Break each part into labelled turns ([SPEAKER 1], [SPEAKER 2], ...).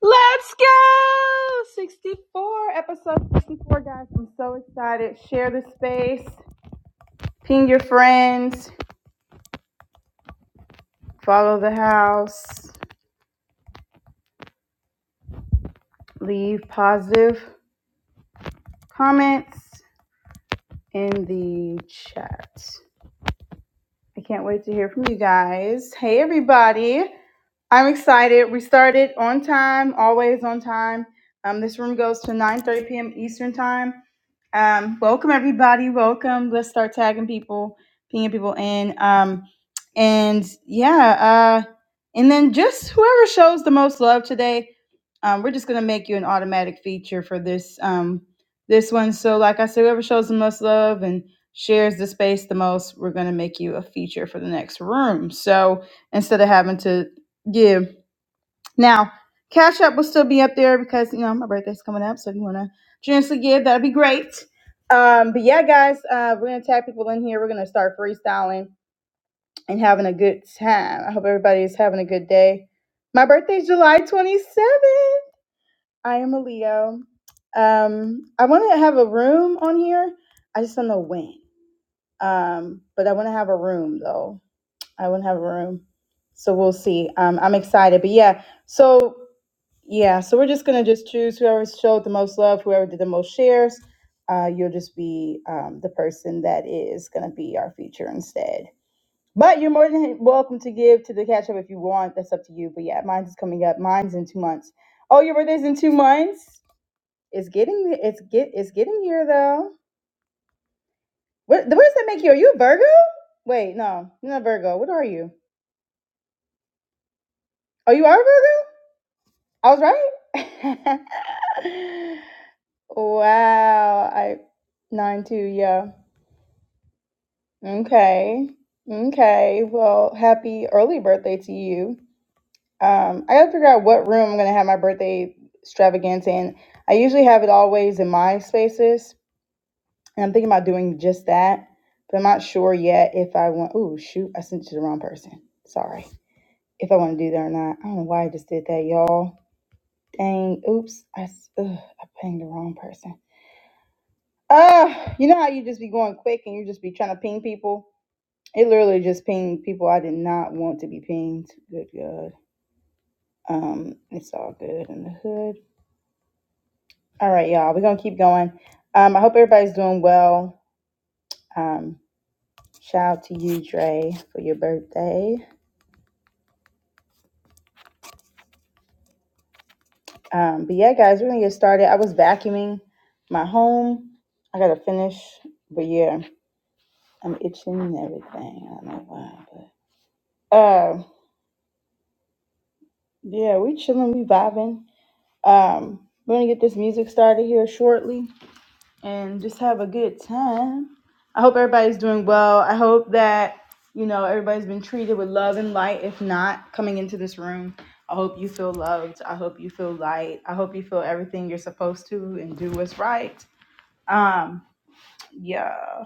[SPEAKER 1] Let's go! 64, episode 64, guys. I'm so excited. Share the space, ping your friends, follow the house, leave positive comments in the chat. I can't wait to hear from you guys. Hey, everybody. I'm excited. We started on time, always on time. Um, this room goes to 9:30 p.m. Eastern Time. Um, welcome, everybody. Welcome. Let's start tagging people, pinging people in. Um, and yeah, uh, and then just whoever shows the most love today, um, we're just gonna make you an automatic feature for this um, this one. So, like I said, whoever shows the most love and shares the space the most, we're going to make you a feature for the next room. So instead of having to give. Now, Cash App will still be up there because, you know, my birthday's coming up. So if you want to generously give, that'd be great. Um, but yeah, guys, uh, we're going to tag people in here. We're going to start freestyling and having a good time. I hope everybody is having a good day. My birthday's July 27th. I am a Leo. Um, I want to have a room on here. I just don't know when. Um, but I want to have a room though. I want to have a room. So we'll see. Um, I'm excited. But yeah, so yeah, so we're just gonna just choose whoever showed the most love, whoever did the most shares. Uh, you'll just be um, the person that is gonna be our feature instead. But you're more than welcome to give to the catch up if you want. That's up to you. But yeah, mine's is coming up. Mine's in two months. Oh, your birthday's in two months. It's getting it's get it's getting here though. What, what does that make you? Are you a Virgo? Wait, no, you're not Virgo. What are you? Oh, you are a Virgo? I was right. wow. I nine two, yeah. Okay. Okay. Well, happy early birthday to you. Um, I gotta figure out what room I'm gonna have my birthday extravaganza in. I usually have it always in my spaces, and I'm thinking about doing just that, but I'm not sure yet if I want. Ooh, shoot! I sent it to the wrong person. Sorry. if I want to do that or not. I don't know why I just did that, y'all. Dang, oops, I, s- ugh, I pinged the wrong person. Uh, you know how you just be going quick and you just be trying to ping people? It literally just pinged people I did not want to be pinged. Good God. Um, it's all good in the hood. All right, y'all, we're going to keep going. Um, I hope everybody's doing well. Um, shout out to you, Dre, for your birthday. Um, but yeah, guys, we're going to get started. I was vacuuming my home. I got to finish, but yeah. I'm itching and everything. I don't know why, but um, yeah, we chilling, we vibing. Um, we're gonna get this music started here shortly and just have a good time. I hope everybody's doing well. I hope that you know everybody's been treated with love and light. If not, coming into this room, I hope you feel loved. I hope you feel light. I hope you feel everything you're supposed to and do what's right. Um, yeah,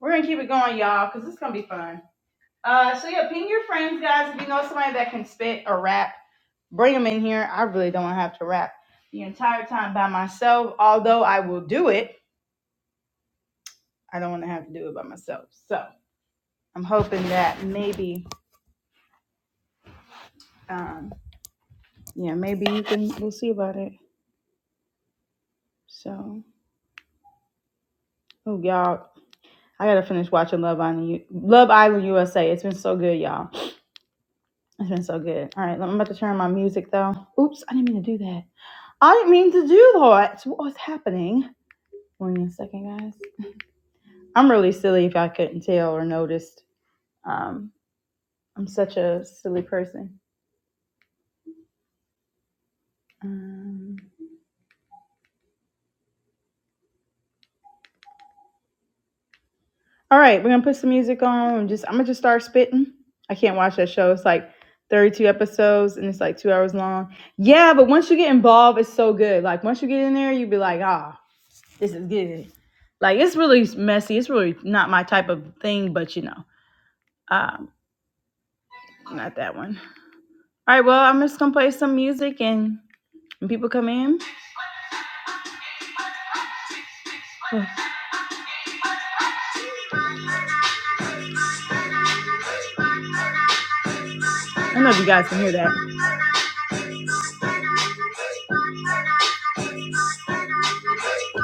[SPEAKER 1] we're gonna keep it going, y'all, cause it's gonna be fun. Uh, so yeah, ping your friends, guys. If you know somebody that can spit or rap, bring them in here. I really don't want to have to rap the entire time by myself. Although I will do it, I don't want to have to do it by myself. So I'm hoping that maybe, um, yeah, maybe you can. We'll see about it. So, oh y'all, I gotta finish watching Love Island, U- Love Island USA. It's been so good, y'all. It's been so good. All right, I'm about to turn on my music though. Oops, I didn't mean to do that. I didn't mean to do that. What was happening? One second, guys. I'm really silly if I couldn't tell or noticed. Um, I'm such a silly person. Um, all right, we're gonna put some music on. and Just I'm gonna just start spitting. I can't watch that show. It's like 32 episodes and it's like two hours long. Yeah, but once you get involved, it's so good. Like once you get in there, you be like, ah, this is good. Like it's really messy. It's really not my type of thing, but you know, um, not that one. All right, well, I'm just gonna play some music and when people come in. I don't know if you guys can hear that.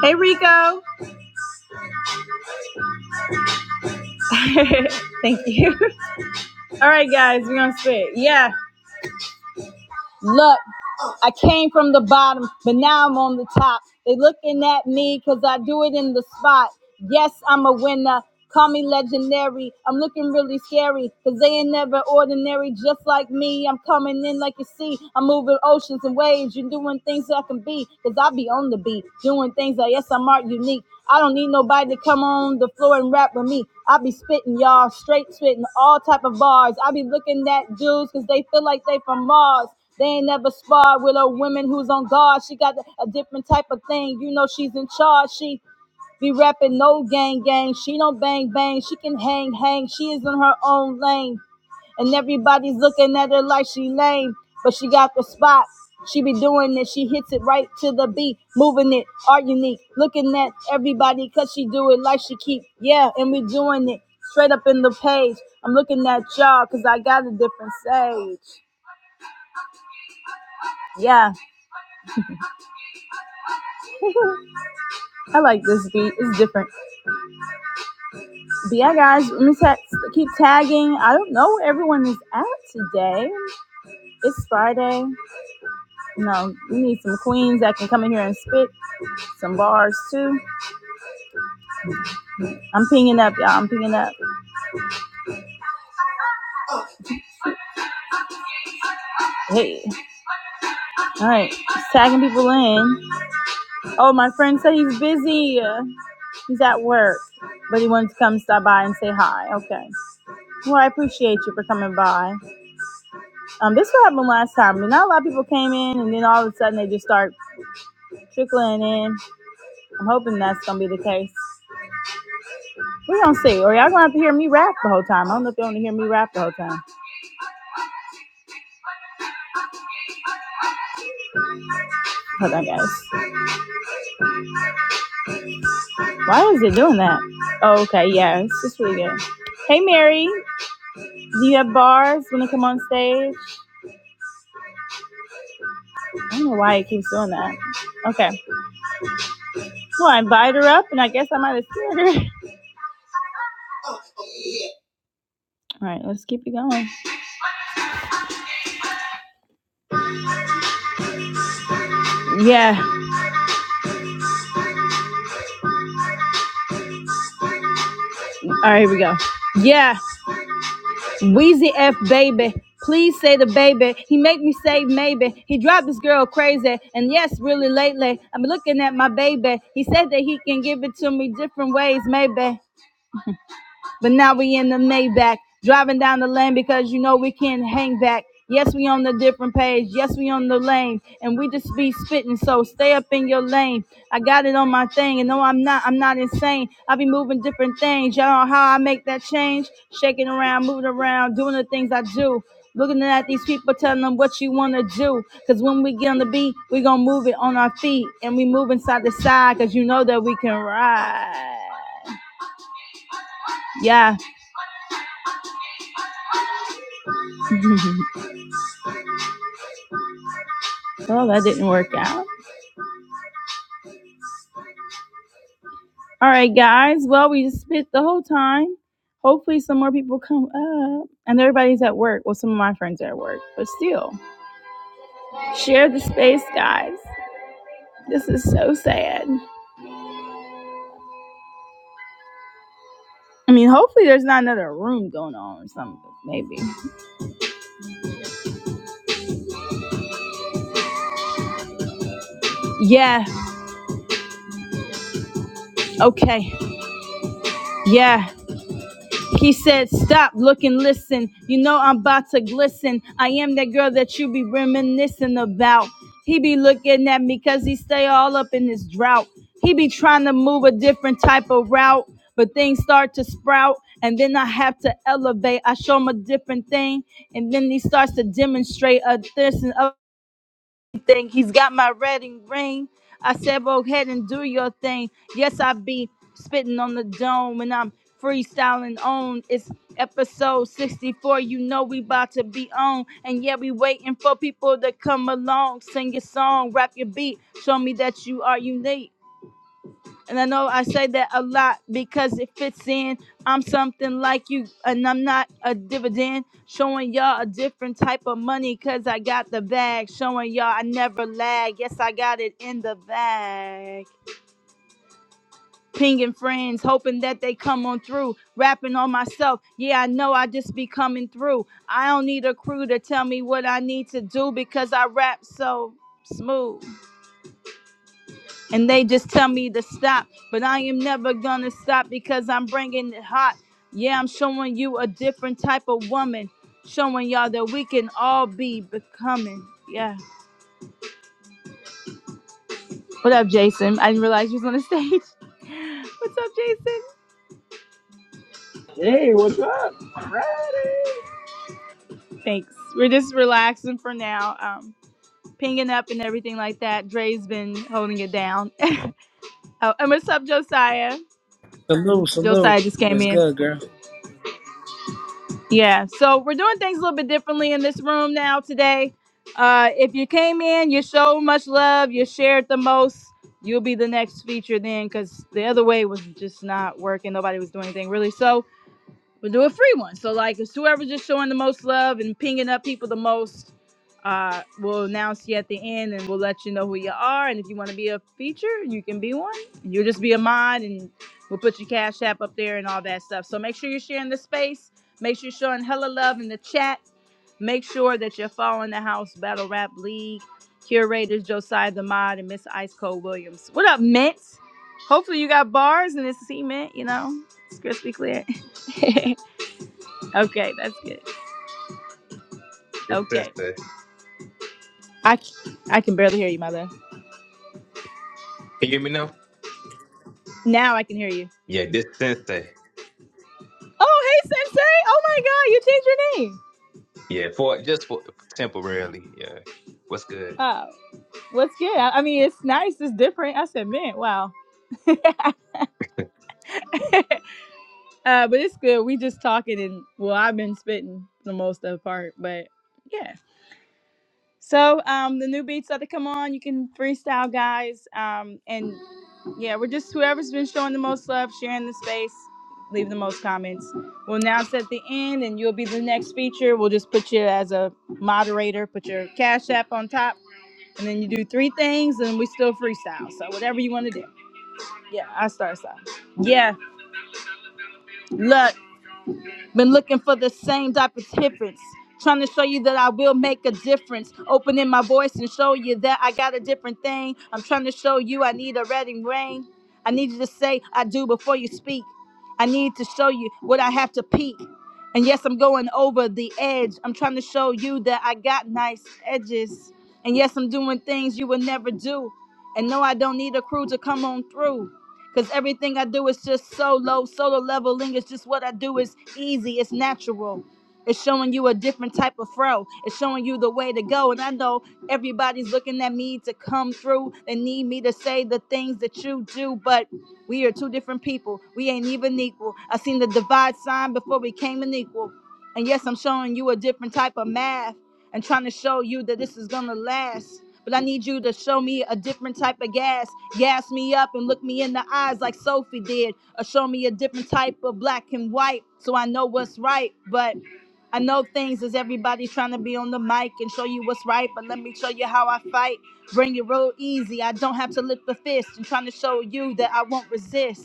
[SPEAKER 1] Hey Rico. Thank you. All right, guys, we're gonna spit. Yeah. Look. I came from the bottom, but now I'm on the top. They looking at me because I do it in the spot. Yes, I'm a winner. Call me legendary. I'm looking really scary because they ain't never ordinary. Just like me, I'm coming in like you see. I'm moving oceans and waves. You're doing things that I can be because I be on the beat, doing things that, yes, I'm art unique. I don't need nobody to come on the floor and rap with me. I be spitting, y'all, straight spitting all type of bars. I be looking at dudes because they feel like they from Mars. They ain't never sparred with a woman who's on guard. She got a different type of thing. You know she's in charge. She be rapping no gang gang. She don't bang bang. She can hang hang. She is in her own lane. And everybody's looking at her like she lame. But she got the spot. She be doing it. She hits it right to the beat, moving it. Are unique, looking at everybody cause she do it like she keep. Yeah, and we doing it straight up in the page. I'm looking at y'all cause I got a different sage. Yeah. I like this beat. It's different. But yeah, guys, let me ta- keep tagging. I don't know where everyone is at today. It's Friday. You know, we need some queens that can come in here and spit some bars too. I'm pinging up, y'all. I'm pinging up. Hey, all right, just tagging people in. Oh, my friend said he's busy. Uh, He's at work, but he wanted to come stop by and say hi. Okay. Well, I appreciate you for coming by. Um, this what happened last time. I mean, not a lot of people came in, and then all of a sudden they just start trickling in. I'm hoping that's gonna be the case. We're gonna see. Or y'all gonna have to hear me rap the whole time. I don't know if y'all wanna hear me rap the whole time. Hold on guys. Why is it doing that? Oh, okay, yeah, it's just really good. Hey Mary, do you have bars when you come on stage? I don't know why it keeps doing that. Okay. Well I invite her up and I guess I might have scared her. All right, let's keep it going. Yeah. All right, here we go. Yeah. Weezy F baby. Please say the baby. He make me say maybe. He dropped this girl crazy. And yes, really lately, I'm looking at my baby. He said that he can give it to me different ways, maybe. But now we in the Maybach, driving down the lane because you know we can't hang back. Yes, we on the different page. Yes, we on the lane, and we just be spitting. So stay up in your lane. I got it on my thing, and no, I'm not. I'm not insane. I be moving different things. Y'all know how I make that change? Shaking around, moving around, doing the things I do. Looking at these people, telling them what you want to do. Because when we get on the beat, we going to move it on our feet. And we moving side to side because you know that we can ride. Yeah. Well, that didn't work out. All right, guys. Well, we just spit the whole time. Hopefully, some more people come up. And everybody's at work. Well, some of my friends are at work, but still, share the space, guys. This is so sad. I mean, hopefully, there's not another room going on or something. Maybe. Yeah. Okay. Yeah. He said, Stop, look, and listen. You know I'm about to glisten. I am that girl that you be reminiscing about. He be looking at me because he stay all up in his drought. He be trying to move a different type of route, but things start to sprout. And then I have to elevate. I show him a different thing. And then he starts to demonstrate a this and thing. He's got my red and green. I said, go ahead and do your thing. Yes, I be spitting on the dome and I'm freestyling on. It's episode 64. You know we about to be on. And yeah, we waiting for people to come along. Sing your song, rap your beat. Show me that you are unique. And I know I say that a lot because it fits in. I'm something like you, and I'm not a dividend. Showing y'all a different type of money because I got the bag. Showing y'all I never lag. Yes, I got it in the bag. Pinging friends, hoping that they come on through. Rapping on myself. Yeah, I know I just be coming through. I don't need a crew to tell me what I need to do because I rap so smooth. and they just tell me to stop. But I am never gonna stop because I'm bringing it hot. Yeah, I'm showing you a different type of woman, showing y'all that we can all be becoming. Yeah. What up, Jason? I didn't realize you was on the stage. What's up, Jason?
[SPEAKER 2] Hey, what's up? It's Friday.
[SPEAKER 1] Thanks. We're just relaxing for now, um, pinging up and everything like that. Dre's been holding it down. oh, and what's up, Josiah?
[SPEAKER 3] Salute, salute.
[SPEAKER 1] Josiah just came
[SPEAKER 3] What's
[SPEAKER 1] in.
[SPEAKER 3] good, girl?
[SPEAKER 1] Yeah, so we're doing things a little bit differently in this room now today. Uh, if you came in, you showed much love, you shared the most, you'll be the next feature then, because the other way was just not working. Nobody was doing anything really. so. We'll do a free one. So like it's whoever's just showing the most love and pinging up people the most, uh, we'll announce you at the end and we'll let you know who you are. And if you want to be a feature, you can be one. You'll just be a mod and we'll put your cash app up there and all that stuff. So make sure you're sharing the space. Make sure you're showing hella love in the chat. Make sure that you're following the House Battle Rap League curators Josiah the Mod and Miss Ice Cold Williams. What up, Mint? Hopefully you got bars and it's cement, you know, it's crispy clear. Okay, that's good.
[SPEAKER 4] This
[SPEAKER 1] Okay.
[SPEAKER 4] sensei.
[SPEAKER 1] I I can barely hear you, my love.
[SPEAKER 4] Can you hear me now?
[SPEAKER 1] Now I can hear you.
[SPEAKER 4] Yeah, this sensei.
[SPEAKER 1] Oh, hey, Sensei. Oh, my God. You changed your name.
[SPEAKER 4] Yeah, for just for temporarily. Yeah. What's good?
[SPEAKER 1] Oh, what's good? I, I mean, it's nice. It's different. I said, man, wow. uh, but it's good. We just talking and, well, I've been spitting for the most of the part, but yeah. So um, the new beats that to come on. You can freestyle, guys. Um, and Yeah, we're just whoever's been showing the most love, sharing the space, leave the most comments. We'll announce at the end, and you'll be the next feature. We'll just put you as a moderator, put your cash app on top, and then you do three things, and we still freestyle. So whatever you want to do. Yeah, I start so. Yeah, look. Been looking for the same type of difference. Trying to show you that I will make a difference. Opening my voice and show you that I got a different thing. I'm trying to show you I need a reading rain. I need you to say I do before you speak. I need to show you what I have to peak. And yes, I'm going over the edge. I'm trying to show you that I got nice edges. And yes, I'm doing things you would never do. And no, I don't need a crew to come on through. Cause everything I do is just solo, solo leveling is just what I do It's easy, it's natural. It's showing you a different type of fro. It's showing you the way to go. And I know everybody's looking at me to come through. They need me to say the things that you do, but we are two different people. We ain't even equal. I seen the divide sign before we came an equal. And yes, I'm showing you a different type of math and trying to show you that this is gonna last. But I need you to show me a different type of gas. Gas me up and look me in the eyes like Sophie did. Or show me a different type of black and white so I know what's right. But I know things is everybody's trying to be on the mic and show you what's right, but let me show you how I fight. Bring it real easy. I don't have to lift a fist and trying to show you that I won't resist.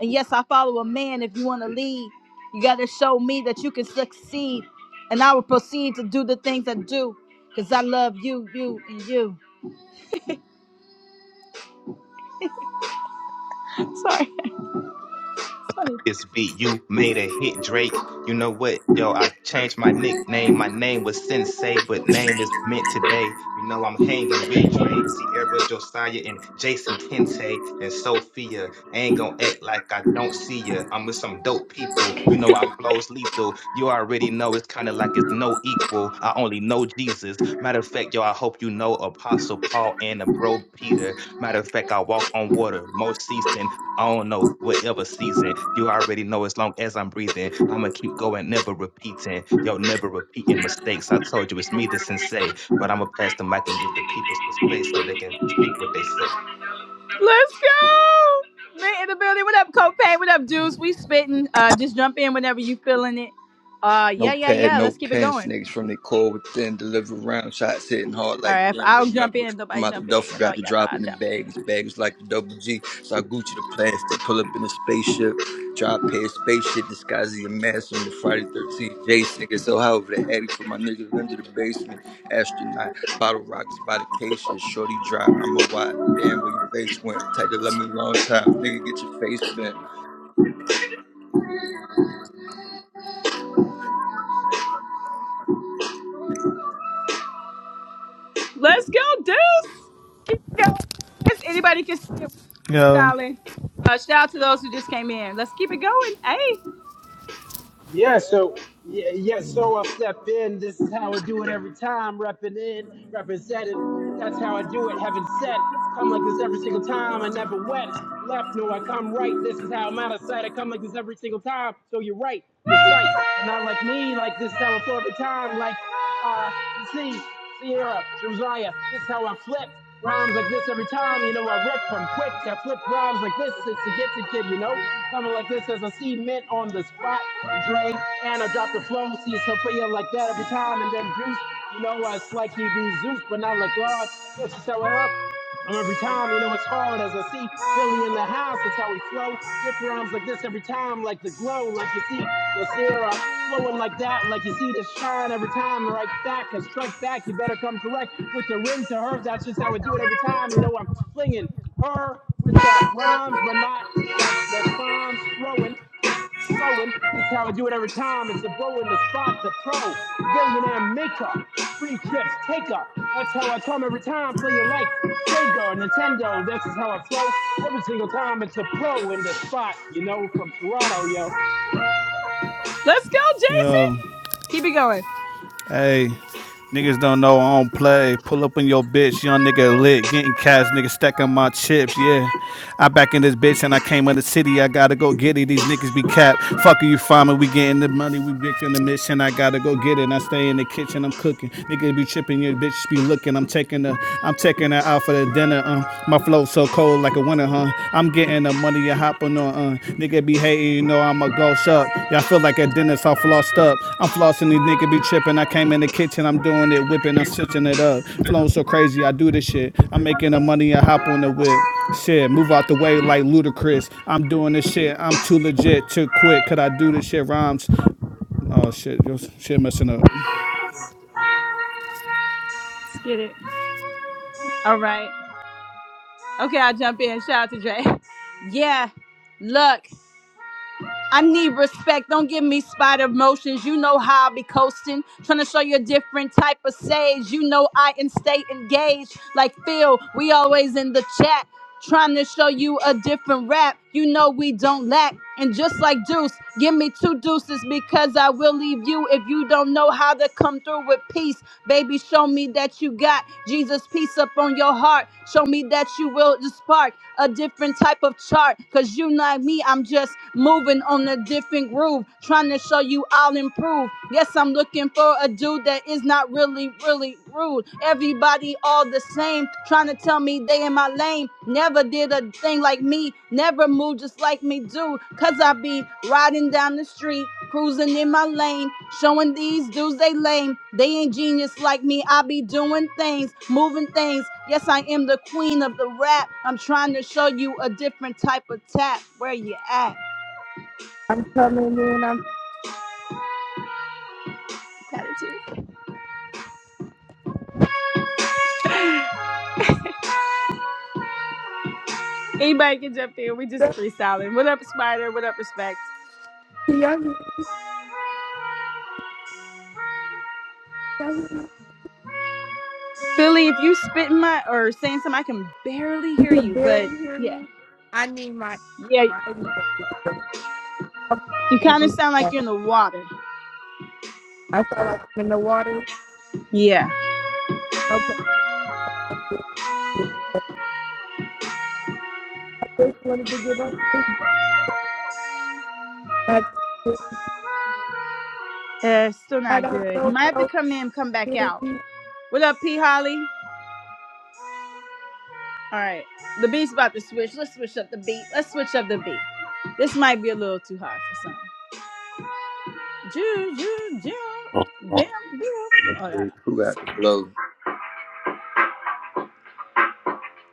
[SPEAKER 1] And yes, I follow a man if you want to lead. You got to show me that you can succeed, and I will proceed to do the things I do because I love you, you, and you. Sorry, it's funny.
[SPEAKER 4] This beat you made a hit, Drake. You know what? Yo, I changed my nickname. My name was Sensei, but name is Mint today. You know I'm hanging with Drake, Sierra Josiah, and Jason Kente and Sophia. I ain't gonna act like I don't see ya. I'm with some dope people. You know I flows lethal. You already know it's kind of like it's no equal. I only know Jesus. Matter of fact, yo, I hope you know Apostle Paul and the bro Peter. Matter of fact, I walk on water more seas than I don't know whatever season. You already know as long as I'm breathing, I'ma keep going, never repeating. Yo, never repeating mistakes. I told you it's me that's insane, but I'ma pass the mic and give the people some space so they can speak what they say.
[SPEAKER 1] Let's go. Man in the building. What up, Copay? What up, Juice? We spitting. Uh, just jump in whenever you feeling it. Uh,
[SPEAKER 5] No
[SPEAKER 1] yeah, yeah,
[SPEAKER 5] pad,
[SPEAKER 1] yeah.
[SPEAKER 5] no
[SPEAKER 1] Let's keep it
[SPEAKER 5] pen,
[SPEAKER 1] going.
[SPEAKER 5] snakes from the core within, deliver round shots hitting hard
[SPEAKER 1] All
[SPEAKER 5] like
[SPEAKER 1] right, if
[SPEAKER 5] Jim.
[SPEAKER 1] I'll jump
[SPEAKER 5] Remember,
[SPEAKER 1] in. If
[SPEAKER 5] from
[SPEAKER 1] nobody
[SPEAKER 5] out the
[SPEAKER 1] jump in,
[SPEAKER 5] duffel,
[SPEAKER 1] you know,
[SPEAKER 5] got the
[SPEAKER 1] y'all know
[SPEAKER 5] drop in
[SPEAKER 1] I'll
[SPEAKER 5] the
[SPEAKER 1] jump
[SPEAKER 5] bags.
[SPEAKER 1] in.
[SPEAKER 5] Bags like the double G, so I Gucci the plastic, pull up in a spaceship, drop pair spaceship, disguising your mask. I'm a Friday 13th, J singer, so however, the attic for my niggas under the basement. Astronaut, bottle rockets by the cases, shorty drop, I'm a wide. Damn, where your face went. Tight to love me a long time. Nigga, get your face bent.
[SPEAKER 1] Let's go, Deuce. Keep it going, guys. Anybody can spit. We just keep
[SPEAKER 6] Yo,
[SPEAKER 1] dialing. Uh, shout out to those who just came in. Let's keep it going. Hey.
[SPEAKER 2] Yeah, so yeah, yeah, so I step in. This is how I do it every time. Repping in, representing. That's how I do it. Heaven sent. Come like this every single time. I never went left. No, I come right. This is how I'm out of sight. I come like this every single time. So you're right. Recite, but not like me. Like this is how I flow every time. Like. uh, Z, Sierra, Josiah. This is how I flip rhymes like this every time. You know, I rip them quick. I flip rhymes like this. It's a gifted kid, you know. Coming like this as a cement on the spot. Dre, and I drop the flow. See Sophia like that every time. And then Juice, you know, it's like he be Zeus, but not like God. This is how it up. Um, every time, you know, it's hard as I see Philly in the house. That's how we flow. Rip rhymes like this every time, like the glow, like you see the Sierra flowing like that, like you see the shine every time. Right back, and strike back. You better come correct with the ring to her. That's just how I do it every time. You know, I'm flinging her with the rhymes, but not like the crimes throwing. just flowing. This is how I do it every time. It's the bro in the spot, the pro, the billionaire maker free trips, take up. That's how I come every time, playing like Sega or Nintendo. This is how I flow every single time. It's a pro in the spot, you know, from Toronto, yo.
[SPEAKER 1] Let's go,
[SPEAKER 6] yo, hey, niggas don't know I don't play. Pull up on your bitch, young nigga lit, getting cash, nigga stacking my chips, yeah. I back in this bitch and I came in the city, I gotta go get it. These niggas be capped. Fucker, you find me, we getting the money, we making the mission, I gotta go get it. And I stay in the kitchen, I'm cooking. Niggas be tripping, your bitch be looking, I'm taking
[SPEAKER 1] Jason.
[SPEAKER 6] the, I'm taking her out for the dinner, um, my flow so cold. cold like a winter, huh? I'm getting the money you hopping on, uh. Nigga be hating, you know I'm a ghost up. Y'all feel like a dentist, I flossed up. I'm flossing, these niggas be tripping. I came in the kitchen, I'm doing it, whipping, I'm switching it up. Flowing so crazy, I do this shit. I'm making the money, I hop on the whip. Shit, move out the way like ludicrous. I'm doing this shit, I'm too legit, too quick. Could I do this shit? Rhymes. Oh shit, your shit messing up.
[SPEAKER 1] Get it. All right. Okay, I'll jump in. Shout out to Dre. Yeah. Look. I need respect. Don't give me spider emotions. You know how I be coasting. Trying to show you a different type of sage. You know I and stay engaged. Like Phil, we always in the chat. Trying to show you a different rap. You know we don't lack. And just like Deuce, give me two deuces because I will leave you if you don't know how to come through with peace. Baby, show me that you got Jesus' peace up on your heart. Show me that you will the spark a different type of chart. Cause you like me, I'm just moving on a different groove, trying to show you I'll improve. Yes, I'm looking for a dude that is not really, really rude. Everybody all the same, trying to tell me they in my lane. Never did a thing like me, never river move just like me do. Cause I be riding down the street, cruising in my lane, showing these dudes they lame. They ain't genius like me. I be doing things, moving things. Yes, I am the queen of the rap. I'm trying to show you a different type of tap. Where you at?
[SPEAKER 7] I'm coming in. I'm
[SPEAKER 1] Gratitude. Anybody can jump in. We just
[SPEAKER 7] stuck.
[SPEAKER 1] freestyling. What up, Spider? What up, Respect?
[SPEAKER 7] Can y'all hear me? y'all hear me?
[SPEAKER 1] Philly, if you spitting my or saying something, I can barely
[SPEAKER 7] You
[SPEAKER 1] hear
[SPEAKER 7] can
[SPEAKER 1] you. But
[SPEAKER 7] barely hear me. I need my
[SPEAKER 1] yeah,
[SPEAKER 7] my. I'm
[SPEAKER 1] you kind of sound like
[SPEAKER 7] sorry.
[SPEAKER 1] you're in the water.
[SPEAKER 7] I felt like I'm in the water.
[SPEAKER 1] Yeah.
[SPEAKER 7] Okay, just wanted to get on. this. That's
[SPEAKER 1] Uh, still
[SPEAKER 7] I
[SPEAKER 1] not
[SPEAKER 7] don't
[SPEAKER 1] good. You
[SPEAKER 7] know
[SPEAKER 1] might have
[SPEAKER 7] how
[SPEAKER 1] to
[SPEAKER 7] to
[SPEAKER 1] come in, come back
[SPEAKER 7] hear
[SPEAKER 1] out.
[SPEAKER 7] me.
[SPEAKER 1] What up, P Holly? All right, the beat's about to switch. Let's switch up the beat. Let's switch up the beat. This might be a little too hard for some. Ju ju ju, bam bam. Oh, no, no.
[SPEAKER 5] Who got the blow?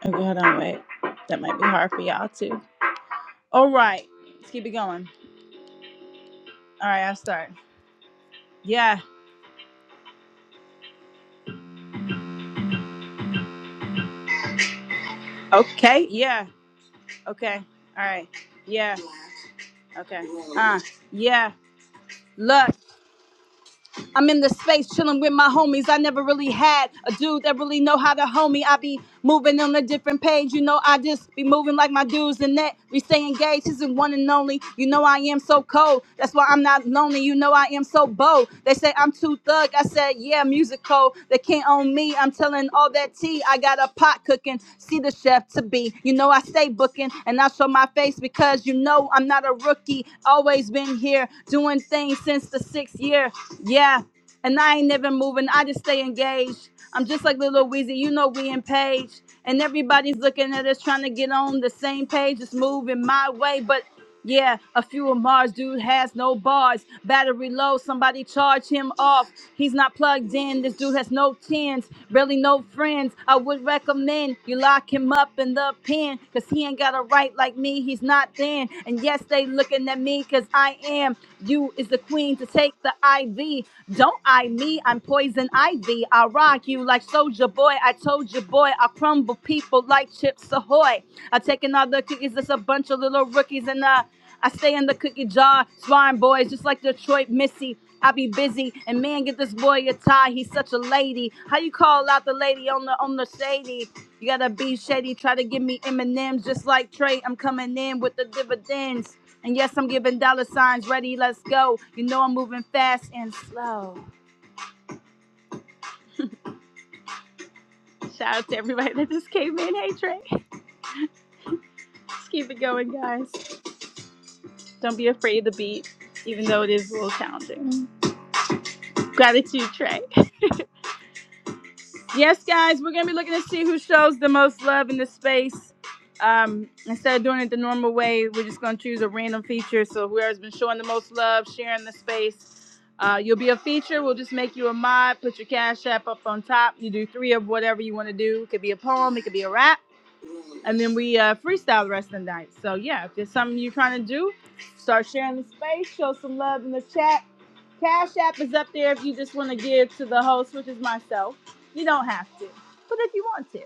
[SPEAKER 1] Okay, hold on, wait. That might be hard for y'all too. All right, let's keep it going. All right, I'll start. Yeah. Okay. Yeah. Okay. All right. Yeah. Okay. Uh. Yeah. Look. I'm in the space chilling with my homies. I never really had a dude that really know how to homie. I be moving on a different page. You know, I just be moving like my dudes and that. We stay engaged. He's the one and only. You know, I am so cold. That's why I'm not lonely. You know, I am so bold. They say I'm too thug. I said, yeah, musical. They can't own me. I'm telling all that tea. I got a pot cooking. See the chef to be. You know I stay booking and I show my face because you know I'm not a rookie. Always been here doing things since the sixth year. Yeah. And I ain't never moving. I just stay engaged. I'm just like Lil Weezy. You know we in page. And everybody's looking at us trying to get on the same page. It's moving my way. but. Yeah, a few of Mars dude has no bars. Battery low, somebody charge him off. He's not plugged in. This dude has no tens, really no friends. I would recommend you lock him up in the pen, cause he ain't got a right like me. He's not thin. And yes, they looking at me, cause I am. You is the queen to take the IV. Don't I me, I'm poison ivy. I rock you like Soldier Boy. I told you, boy, I crumble people like Chips Ahoy. I take another cookies. It's a bunch of little rookies, and uh, I stay in the cookie jar, swine boys just like Detroit Missy. I be busy and man, get this boy a tie. He's such a lady. How you call out the lady on the on the shady? You gotta be shady. Try to give me M and M's just like Trey. I'm coming in with the dividends. And yes, I'm giving dollar signs. Ready, let's go. You know I'm moving fast and slow. Shout out to everybody that just came in. Hey Trey, let's keep it going, guys. Don't be afraid of the beat, even though it is a little challenging. Gratitude, Trey. Yes, guys, we're gonna be looking to see who shows the most love in the space. Um, instead of doing it the normal way, we're just gonna choose a random feature. So whoever's been showing the most love, sharing the space, uh, you'll be a feature. We'll just make you a mod. Put your cash app up on top. You do three of whatever you want to do. It could be a poem, it could be a rap, and then we uh, freestyle the rest of the night. So yeah, if there's something you're trying to do, start sharing the space. Show some love in the chat Cash App is up there if you just want to give to the host, which is myself. You don't have to, but if you want to.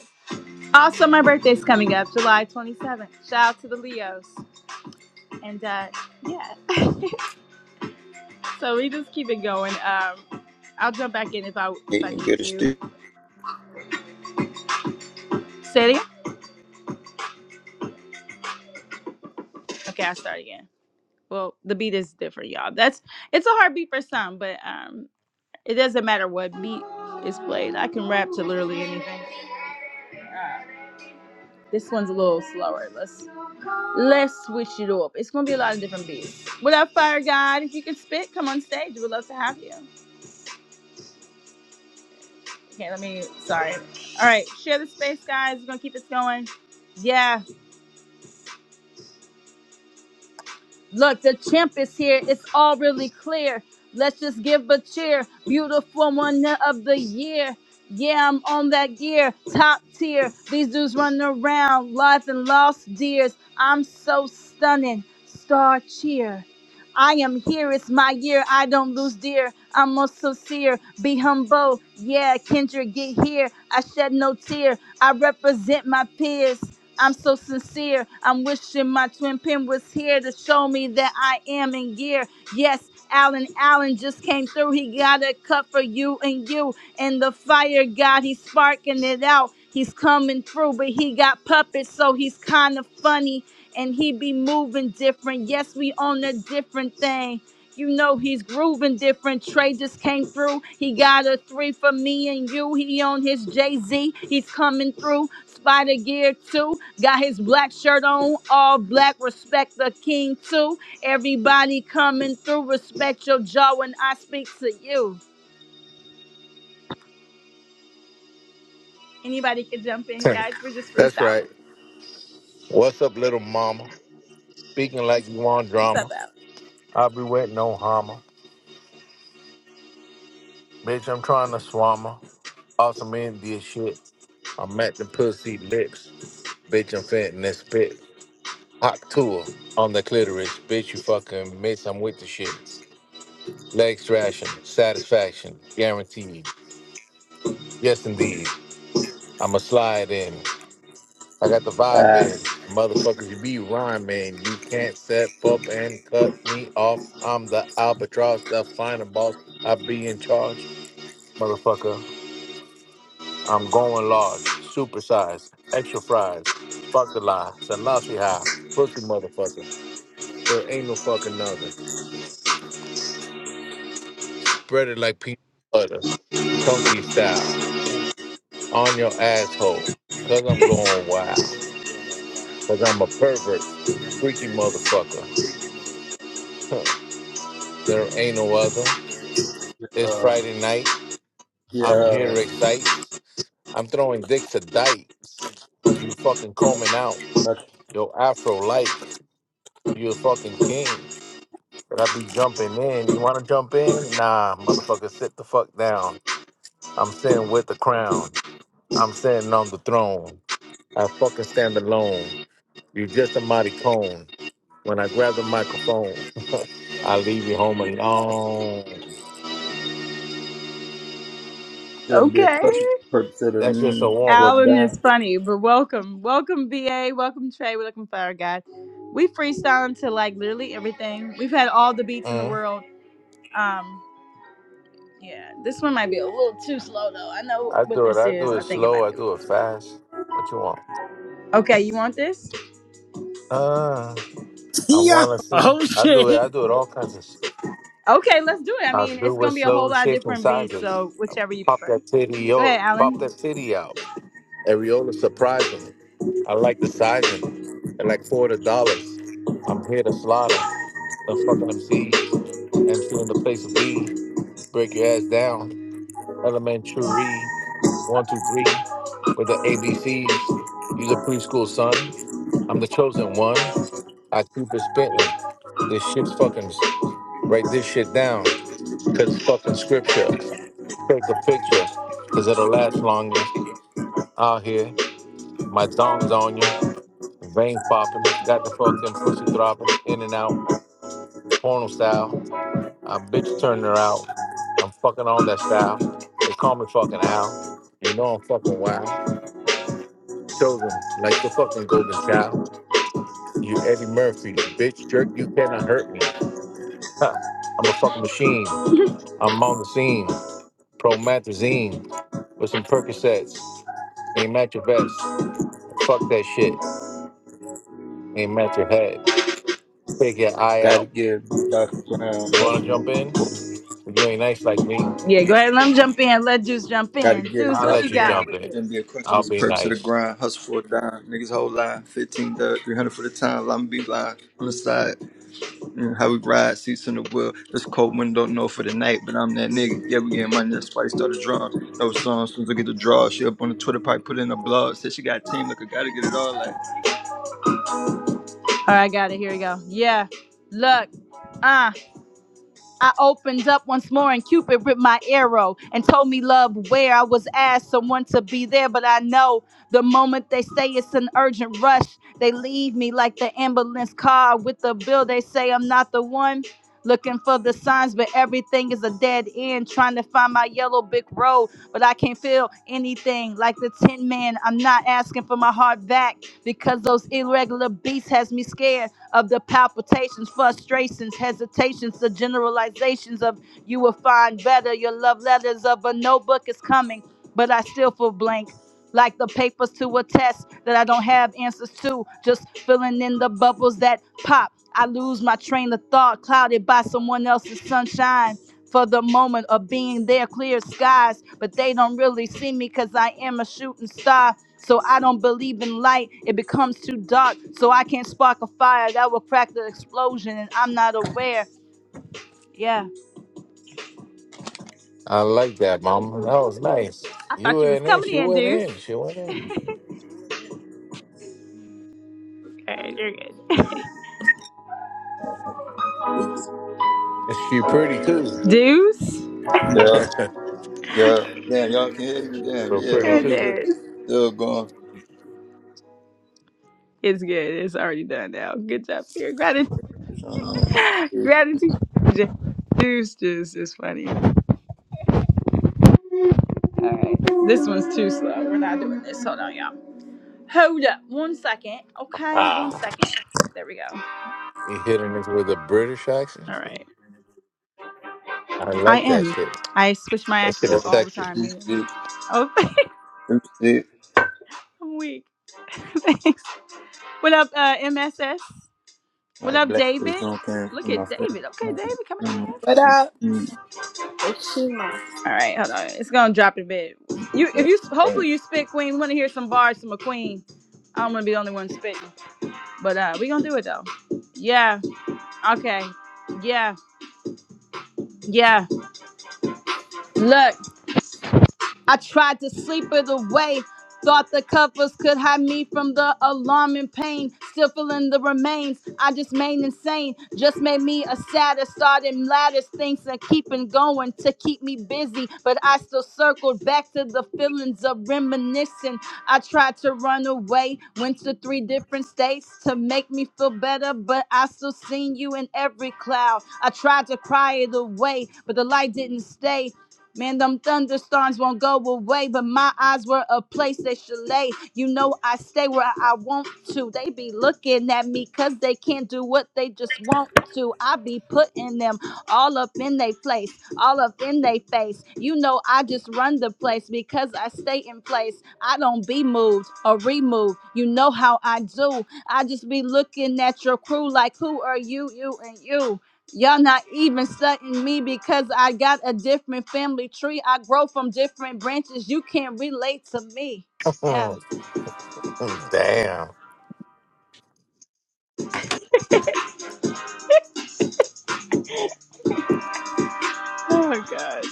[SPEAKER 1] Also, my birthday's coming up, July 27th. Shout out to the Leos. And uh, yeah, so we just keep it going. Um, I'll jump back in if I if I
[SPEAKER 5] Getting
[SPEAKER 1] need
[SPEAKER 5] good as
[SPEAKER 1] to.
[SPEAKER 5] still.
[SPEAKER 1] Say it again. Okay, I'll start again. Well, the beat is different, y'all. That's it's a hard beat for some, but um, it doesn't matter what beat is played. I can rap to literally anything. Uh, this one's a little slower. Let's. Let's switch it up. It's gonna be a lot of different beats. What up, Fire God? If you can spit, come on stage. We'd love to have you. Okay, let me. Sorry. All right, share the space, guys. We're gonna keep this going. Yeah. Look, the champ is here. It's all really clear. Let's just give a cheer. Beautiful one of the year. Yeah, I'm on that gear. Top tier. These dudes running around, life and lost dears. I'm so stunning. Star cheer. I am here. It's my year. I don't lose dear. I'm most sincere. Be humble. Yeah, Kendra, get here. I shed no tear. I represent my peers. I'm so sincere. I'm wishing my twin pin was here to show me that I am in gear. Yes, Alan Allen just came through. He got a cup for you and you. And the fire god, he's sparking it out. He's coming through, but he got puppets, so he's kind of funny and he be moving different. Yes, we on a different thing. You know he's grooving different. Trey just came through. He got a three for me and you. He on his Jay Z. He's coming through. Spider Gear too. Got his black shirt on. All black. Respect the king too. Everybody coming through. Respect your jaw when I speak to you.
[SPEAKER 8] That's right. What's up, little mama? Speaking like you want drama. I be waiting on Hama. Bitch, I'm trying to swama. Awesome India shit. I'm at the pussy lips. Bitch, I'm fitting that spit. Hot tour on the clitoris. Bitch, you fucking miss. I'm with the shit. Leg thrashing. Satisfaction. Guaranteed. Yes, indeed. I'ma slide in. I got the vibe in. Motherfuckers, you be rhyming. You can't step up and cut me off. I'm the albatross, the flying boss. I be in charge. Motherfucker, I'm going large. Super size. Extra fries. Spark the lie. Selassie high. Pussy motherfucker. There ain't no fucking other. Spread it like peanut butter. Chunky style. On your asshole. Cause I'm going wild. Cause I'm a pervert. Freaky motherfucker. there ain't no other. It's
[SPEAKER 5] Uh,
[SPEAKER 8] Friday night. I'm
[SPEAKER 5] Yeah,
[SPEAKER 8] here to excite. I'm throwing dicks to dykes. You fucking combing out.
[SPEAKER 5] that
[SPEAKER 8] Yo, Afro like. You a fucking king. But I be jumping in. You wanna jump in? Nah, motherfucker, sit the fuck down. I'm sitting with the crown. I'm sitting on the throne. I fucking stand alone. You just a mighty cone. When I grab the microphone, I leave you home alone.
[SPEAKER 5] should be a
[SPEAKER 1] Okay.
[SPEAKER 5] question for consider
[SPEAKER 8] That's just
[SPEAKER 5] mm,
[SPEAKER 8] a warm
[SPEAKER 5] for
[SPEAKER 8] up.
[SPEAKER 1] Alan
[SPEAKER 5] that.
[SPEAKER 1] is funny, but welcome. Welcome, BA. Welcome, Trey. We're looking for our guy. We freestyling to like literally everything. We've had all the beats in the world. Um, yeah, this one might be a little too slow though. I know
[SPEAKER 8] I
[SPEAKER 1] what
[SPEAKER 8] do it.
[SPEAKER 1] this
[SPEAKER 8] I do
[SPEAKER 1] is.
[SPEAKER 8] it
[SPEAKER 1] I think it
[SPEAKER 8] slow.
[SPEAKER 1] might
[SPEAKER 8] I
[SPEAKER 1] be a
[SPEAKER 8] do
[SPEAKER 1] little
[SPEAKER 8] it
[SPEAKER 1] too.
[SPEAKER 8] fast. What you want?
[SPEAKER 1] Okay, you want this?
[SPEAKER 8] Uh, I
[SPEAKER 3] Yo,
[SPEAKER 8] want to see.
[SPEAKER 3] Oh
[SPEAKER 8] I do
[SPEAKER 3] shit!
[SPEAKER 8] it. I do it all kinds of. Sh-
[SPEAKER 1] Okay, let's do it. I
[SPEAKER 8] I
[SPEAKER 1] mean, it's
[SPEAKER 8] do it
[SPEAKER 1] gonna be a
[SPEAKER 8] slow,
[SPEAKER 1] whole lot of
[SPEAKER 8] shaking
[SPEAKER 1] different beats,
[SPEAKER 8] sizes.
[SPEAKER 1] so whichever you
[SPEAKER 8] Pop
[SPEAKER 1] prefer.
[SPEAKER 8] that titty
[SPEAKER 1] Go ahead,
[SPEAKER 8] out. Pop
[SPEAKER 1] Alan.
[SPEAKER 8] that titty out. Areola surprising. I like the sizing. I like forty dollars. I'm here to slaughter the fucking MCs. MC in the place of B. Break your ass down. Elementary. one, two, three, with the ABCs. He's a preschool son. I'm the chosen one. I keep it spitting. This shit's fucking write this shit down. Cause it's fucking scripture. Take a picture. Cause it'll last longer. Out here. My dong's on ya. Vein popping. Got the fucking pussy throbbing. In and out. Porno style. I bitch turning her out. I'm fucking on that style. They call me fucking Al. You know I'm fucking wild. chosen like the fucking golden child. You Eddie Murphy, bitch jerk, you cannot hurt me. Ha, I'm a fucking machine. I'm on the scene. Promethazine with some Percocets. Ain't match your vest. Fuck that shit. Ain't match your head. Take your eye
[SPEAKER 5] Gotta
[SPEAKER 8] out.
[SPEAKER 5] get it be Dr. Brown
[SPEAKER 8] You wanna jump
[SPEAKER 5] hustle
[SPEAKER 8] in?
[SPEAKER 5] for
[SPEAKER 8] But you ain't nice like me.
[SPEAKER 1] Yeah, go ahead. Let him jump in. Let Juice jump
[SPEAKER 5] gotta
[SPEAKER 1] in.
[SPEAKER 5] get it
[SPEAKER 1] Juice,
[SPEAKER 8] I'll
[SPEAKER 1] what
[SPEAKER 5] Dr.
[SPEAKER 8] let
[SPEAKER 1] you
[SPEAKER 8] you
[SPEAKER 1] got
[SPEAKER 5] Brown.
[SPEAKER 8] jump
[SPEAKER 1] with
[SPEAKER 8] in.
[SPEAKER 5] Shouldn't
[SPEAKER 1] this?
[SPEAKER 5] be a question
[SPEAKER 8] I'll
[SPEAKER 5] was the
[SPEAKER 8] be
[SPEAKER 5] purpose of the
[SPEAKER 8] nice.
[SPEAKER 5] grind, hustle for a dime. Niggas whole line, fifteen dub, three hundred for the time, I'm be line on the side. Mm, how we ride, seats in the wheel. This cold wind don't know for the night, but I'm that nigga. Yeah, we getting money. That's why they started drawing. No songs, soon as I get the draw. She up on the Twitter pipe, put in a blog. Said she got a team, look, I gotta get it all like.
[SPEAKER 1] All right, got it. Here we go. Yeah. Look. uh, I opened up once more and Cupid ripped my arrow and told me love where I was asked someone to be there, but I know the moment they say it's an urgent rush, they leave me like the ambulance car with the bill. They say I'm not the one looking for the signs, but everything is a dead end. Trying to find my yellow brick road but I can't feel anything like the Tin Man. I'm not asking for my heart back because those irregular beats has me scared of the palpitations, frustrations, hesitations, the generalizations of you will find better. Your love letters of a notebook is coming, but I still feel blank. Like the papers to a test that I don't have answers to, just filling in the bubbles that pop. I lose my train of thought, clouded by someone else's sunshine for the moment of being there, clear skies, but they don't really see me because I am a shooting star. So I don't believe in light. It becomes too dark. So I can't spark a fire that will crack the explosion, and I'm not aware. Yeah.
[SPEAKER 8] I like that, mama. That was nice. You went in. She went in. She went in. She pretty too.
[SPEAKER 1] Deuce.
[SPEAKER 5] yeah. Yeah, damn, y'all can hear me. Damn,
[SPEAKER 8] Real
[SPEAKER 5] yeah,
[SPEAKER 8] pretty
[SPEAKER 5] oh
[SPEAKER 8] too.
[SPEAKER 5] shit,
[SPEAKER 1] Goodness.
[SPEAKER 5] still going.
[SPEAKER 1] It's good. It's already done now. Good job here. Gratitude.
[SPEAKER 5] It's on there.
[SPEAKER 1] Gratitude. Deuce, deuce is funny. All right. This one's too slow. We're not doing this. Hold on, y'all. Hold up. One second. Okay. One
[SPEAKER 8] Ah,
[SPEAKER 1] second. There we go.
[SPEAKER 8] you hitting us with a British accent?
[SPEAKER 1] All right.
[SPEAKER 8] I
[SPEAKER 1] I
[SPEAKER 8] like that
[SPEAKER 1] am.
[SPEAKER 8] shit.
[SPEAKER 1] I switch my
[SPEAKER 8] That shit
[SPEAKER 1] accent up
[SPEAKER 8] is
[SPEAKER 1] all the
[SPEAKER 8] sexy.
[SPEAKER 1] time,
[SPEAKER 5] Two
[SPEAKER 1] you know.
[SPEAKER 5] shit,
[SPEAKER 1] Oh,
[SPEAKER 5] two shit.
[SPEAKER 1] I'm weak. Thanks. What up, uh, MSS? What
[SPEAKER 5] Like
[SPEAKER 1] up,
[SPEAKER 5] black face
[SPEAKER 1] David?
[SPEAKER 5] on camera
[SPEAKER 1] Look
[SPEAKER 5] in
[SPEAKER 1] at
[SPEAKER 5] my
[SPEAKER 1] David. Okay, David
[SPEAKER 5] face.
[SPEAKER 1] coming in
[SPEAKER 5] Mm,
[SPEAKER 1] here.
[SPEAKER 9] What up?
[SPEAKER 5] mm,
[SPEAKER 9] It's Shima.
[SPEAKER 1] All right, hold on. It's gonna drop a bit. You, if you,
[SPEAKER 5] uh,
[SPEAKER 1] hopefully you spit Queen. We want to hear some bars from a Queen. I don't want to be the only one spitting, but uh, we gonna do it though. Yeah. Okay. Yeah. Yeah. Look. I tried to sleep it away. Thought the covers could hide me from the alarming pain. Still feeling the remains. I just made insane. Just made me a sadder. Starting ladders, things and keeping going to keep me busy. But I still circled back to the feelings of reminiscing. I tried to run away. Went to three different states to make me feel better. But I still seen you in every cloud. I tried to cry it away, but the light didn't stay. Man, them thunderstorms won't go away, but my eyes were a place that should lay. You know I stay where I want to. They be looking at me cause they can't do what they just want to. I be putting them all up in they place, all up in they face. You know I just run the place because I stay in place. I don't be moved or removed. You know how I do. I just be looking at your crew like who are you, you and you. Y'all not even studying me because I got a different family tree. I grow from different branches. You can't relate to me. Yeah.
[SPEAKER 8] Damn.
[SPEAKER 1] Oh my God.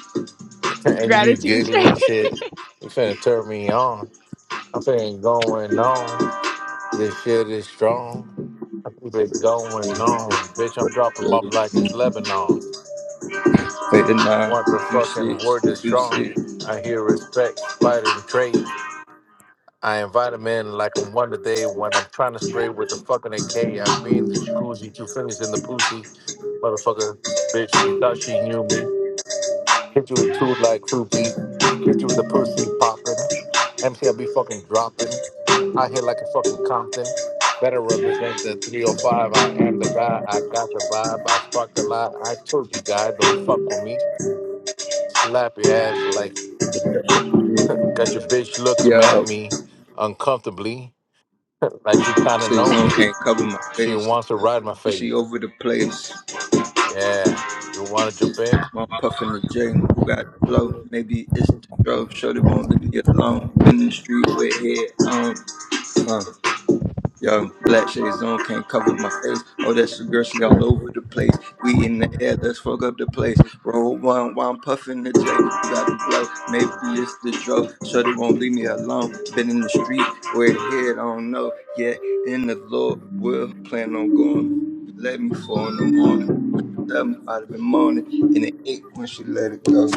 [SPEAKER 8] And you
[SPEAKER 1] Gratitude,
[SPEAKER 8] giggling
[SPEAKER 1] Jay.
[SPEAKER 8] shit. You finna turn me on. I'm finna going on. This shit is strong. I keep it going
[SPEAKER 5] yeah,
[SPEAKER 8] on. Bitch,
[SPEAKER 5] yeah,
[SPEAKER 8] I'm dropping
[SPEAKER 5] yeah,
[SPEAKER 8] off like it's
[SPEAKER 5] mm.
[SPEAKER 8] Lebanon.
[SPEAKER 5] Fade it nine,
[SPEAKER 8] Want the
[SPEAKER 5] two
[SPEAKER 8] fucking
[SPEAKER 5] shits,
[SPEAKER 8] word is
[SPEAKER 5] two
[SPEAKER 8] strong.
[SPEAKER 5] shit.
[SPEAKER 8] I hear respect, spite, and trade. I invite him in like on Wonder Day when I'm trying to spray with the fucking AK. I be in the jacuzzi, two fingers in the pussy. Motherfucker, bitch, you thought she knew me. Hit you with two like crew beat. Hit you with the pussy popping. MC, I be fucking dropping. Out here like a fucking Compton. Better represent the 305. I am the guy. I got the vibe. I sparked a lot. I told you, guy, don't fuck with me. Slap your ass like
[SPEAKER 5] Yeah,
[SPEAKER 8] got your bitch looking at
[SPEAKER 5] yo,
[SPEAKER 8] me uncomfortably like she kind of
[SPEAKER 5] shit,
[SPEAKER 8] know
[SPEAKER 5] zone
[SPEAKER 8] me.
[SPEAKER 5] can't cover my
[SPEAKER 8] She
[SPEAKER 5] face.
[SPEAKER 8] wants to ride my
[SPEAKER 5] And she
[SPEAKER 8] face.
[SPEAKER 5] over the place.
[SPEAKER 8] Yeah. You want to jump in?
[SPEAKER 5] While I'm puffing the J. Who got flow? Maybe it's the drug. Shorty won't leave me alone. Been in the street with head on. Uh, yo, black shades on, can't cover my face. Oh, that's the girl, she all over the place. We in the air, let's fuck up the place. Roll one while I'm puffing the J. Who got the blow? Maybe it's the drug. Shorty won't leave me alone. Been in the street with head on, no. Yeah, in the Lord will plan on going. Let me fall in the morning something out of the morning and it ached when she let it go.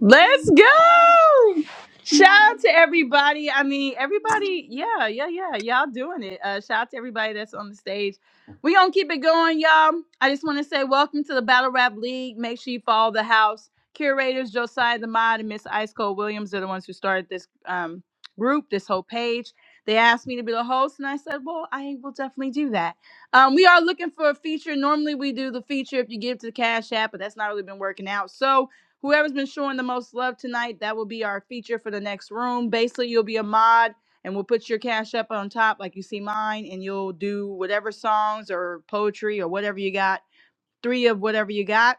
[SPEAKER 1] Let's go! Shout out to everybody. I mean, everybody, yeah, yeah, yeah. Y'all doing it. Uh, shout out to everybody that's on the stage. we going to keep it going, y'all. I just want to say welcome to the Battle Rap League. Make sure you follow the house. Curators Josiah the Mod and Miss Ice Cold Williams are the ones who started this um, group, this whole page. They asked me to be the host, and I said, well, I will definitely do that. Um, we are looking for a feature. Normally, we do the feature if you give to the Cash App, but that's not really been working out. So, Whoever's been showing the most love tonight, that will be our feature for the next room. Basically, you'll be a mod and we'll put your cash up on top like you see mine and you'll do whatever songs or poetry or whatever you got. Three of whatever you got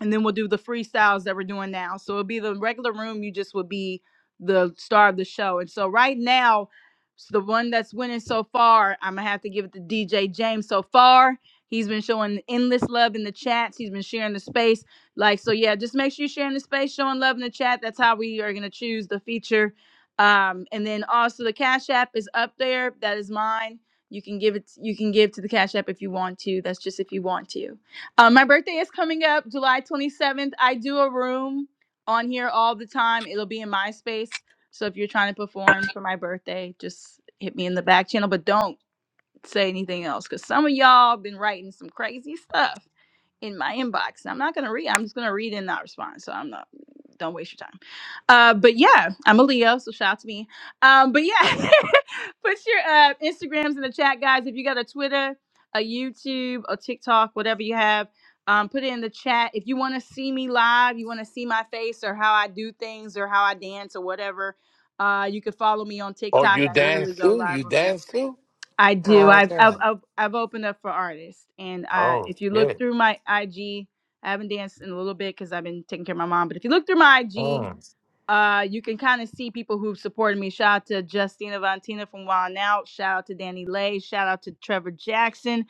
[SPEAKER 1] and then we'll do the freestyles that we're doing now. So it'll be the regular room. You just would be the star of the show. And so right now, s- the one that's winning so far, I'm gonna have to give it to DJ James. So far, he's been showing endless love in the chats. He's been sharing the space. Like so, yeah. Just make sure you're sharing the space, showing love in the chat. That's how we are gonna choose the feature. Um, and then also the Cash App is up there. That is mine. You can give it. You can give to the Cash App if you want to. That's just if you want to. Um, my birthday is coming up July 27th. I do a room on here all the time. It'll be in MySpace. So if you're trying to perform for my birthday, just hit me in the back channel, but don't say anything else because some of y'all been writing some crazy stuff in my inbox. I'm not going to read. I'm just going to read and not respond. So I'm not, don't waste your time. Uh, but yeah, I'm a Leo, so shout out to me. Um, but yeah, put your uh, Instagrams in the chat, guys. If you got a Twitter, a YouTube, a TikTok, whatever you have, um, put it in the chat. If you want to see me live, you want to see my face or how I do things or how I dance or whatever, uh, you can follow me on
[SPEAKER 8] Oh,
[SPEAKER 1] TikTok.
[SPEAKER 8] you
[SPEAKER 1] I
[SPEAKER 8] dance
[SPEAKER 1] literally go
[SPEAKER 8] too?
[SPEAKER 1] live
[SPEAKER 8] You
[SPEAKER 1] on there.
[SPEAKER 8] dance too?
[SPEAKER 1] I do.
[SPEAKER 8] Ah,
[SPEAKER 1] I've I've
[SPEAKER 8] damn.
[SPEAKER 1] I've, I've opened up for artists, and uh,
[SPEAKER 8] Oh,
[SPEAKER 1] if you look
[SPEAKER 8] shit.
[SPEAKER 1] through my IG, I haven't danced in a little bit because I've been taking care of my mom. But if you look through my IG,
[SPEAKER 8] Mm.
[SPEAKER 1] uh, you can kind of see people who've supported me. Shout out to Justina Vantina from Wild N Out. Shout out to Danny Lay. Shout out to Trevor Jackson.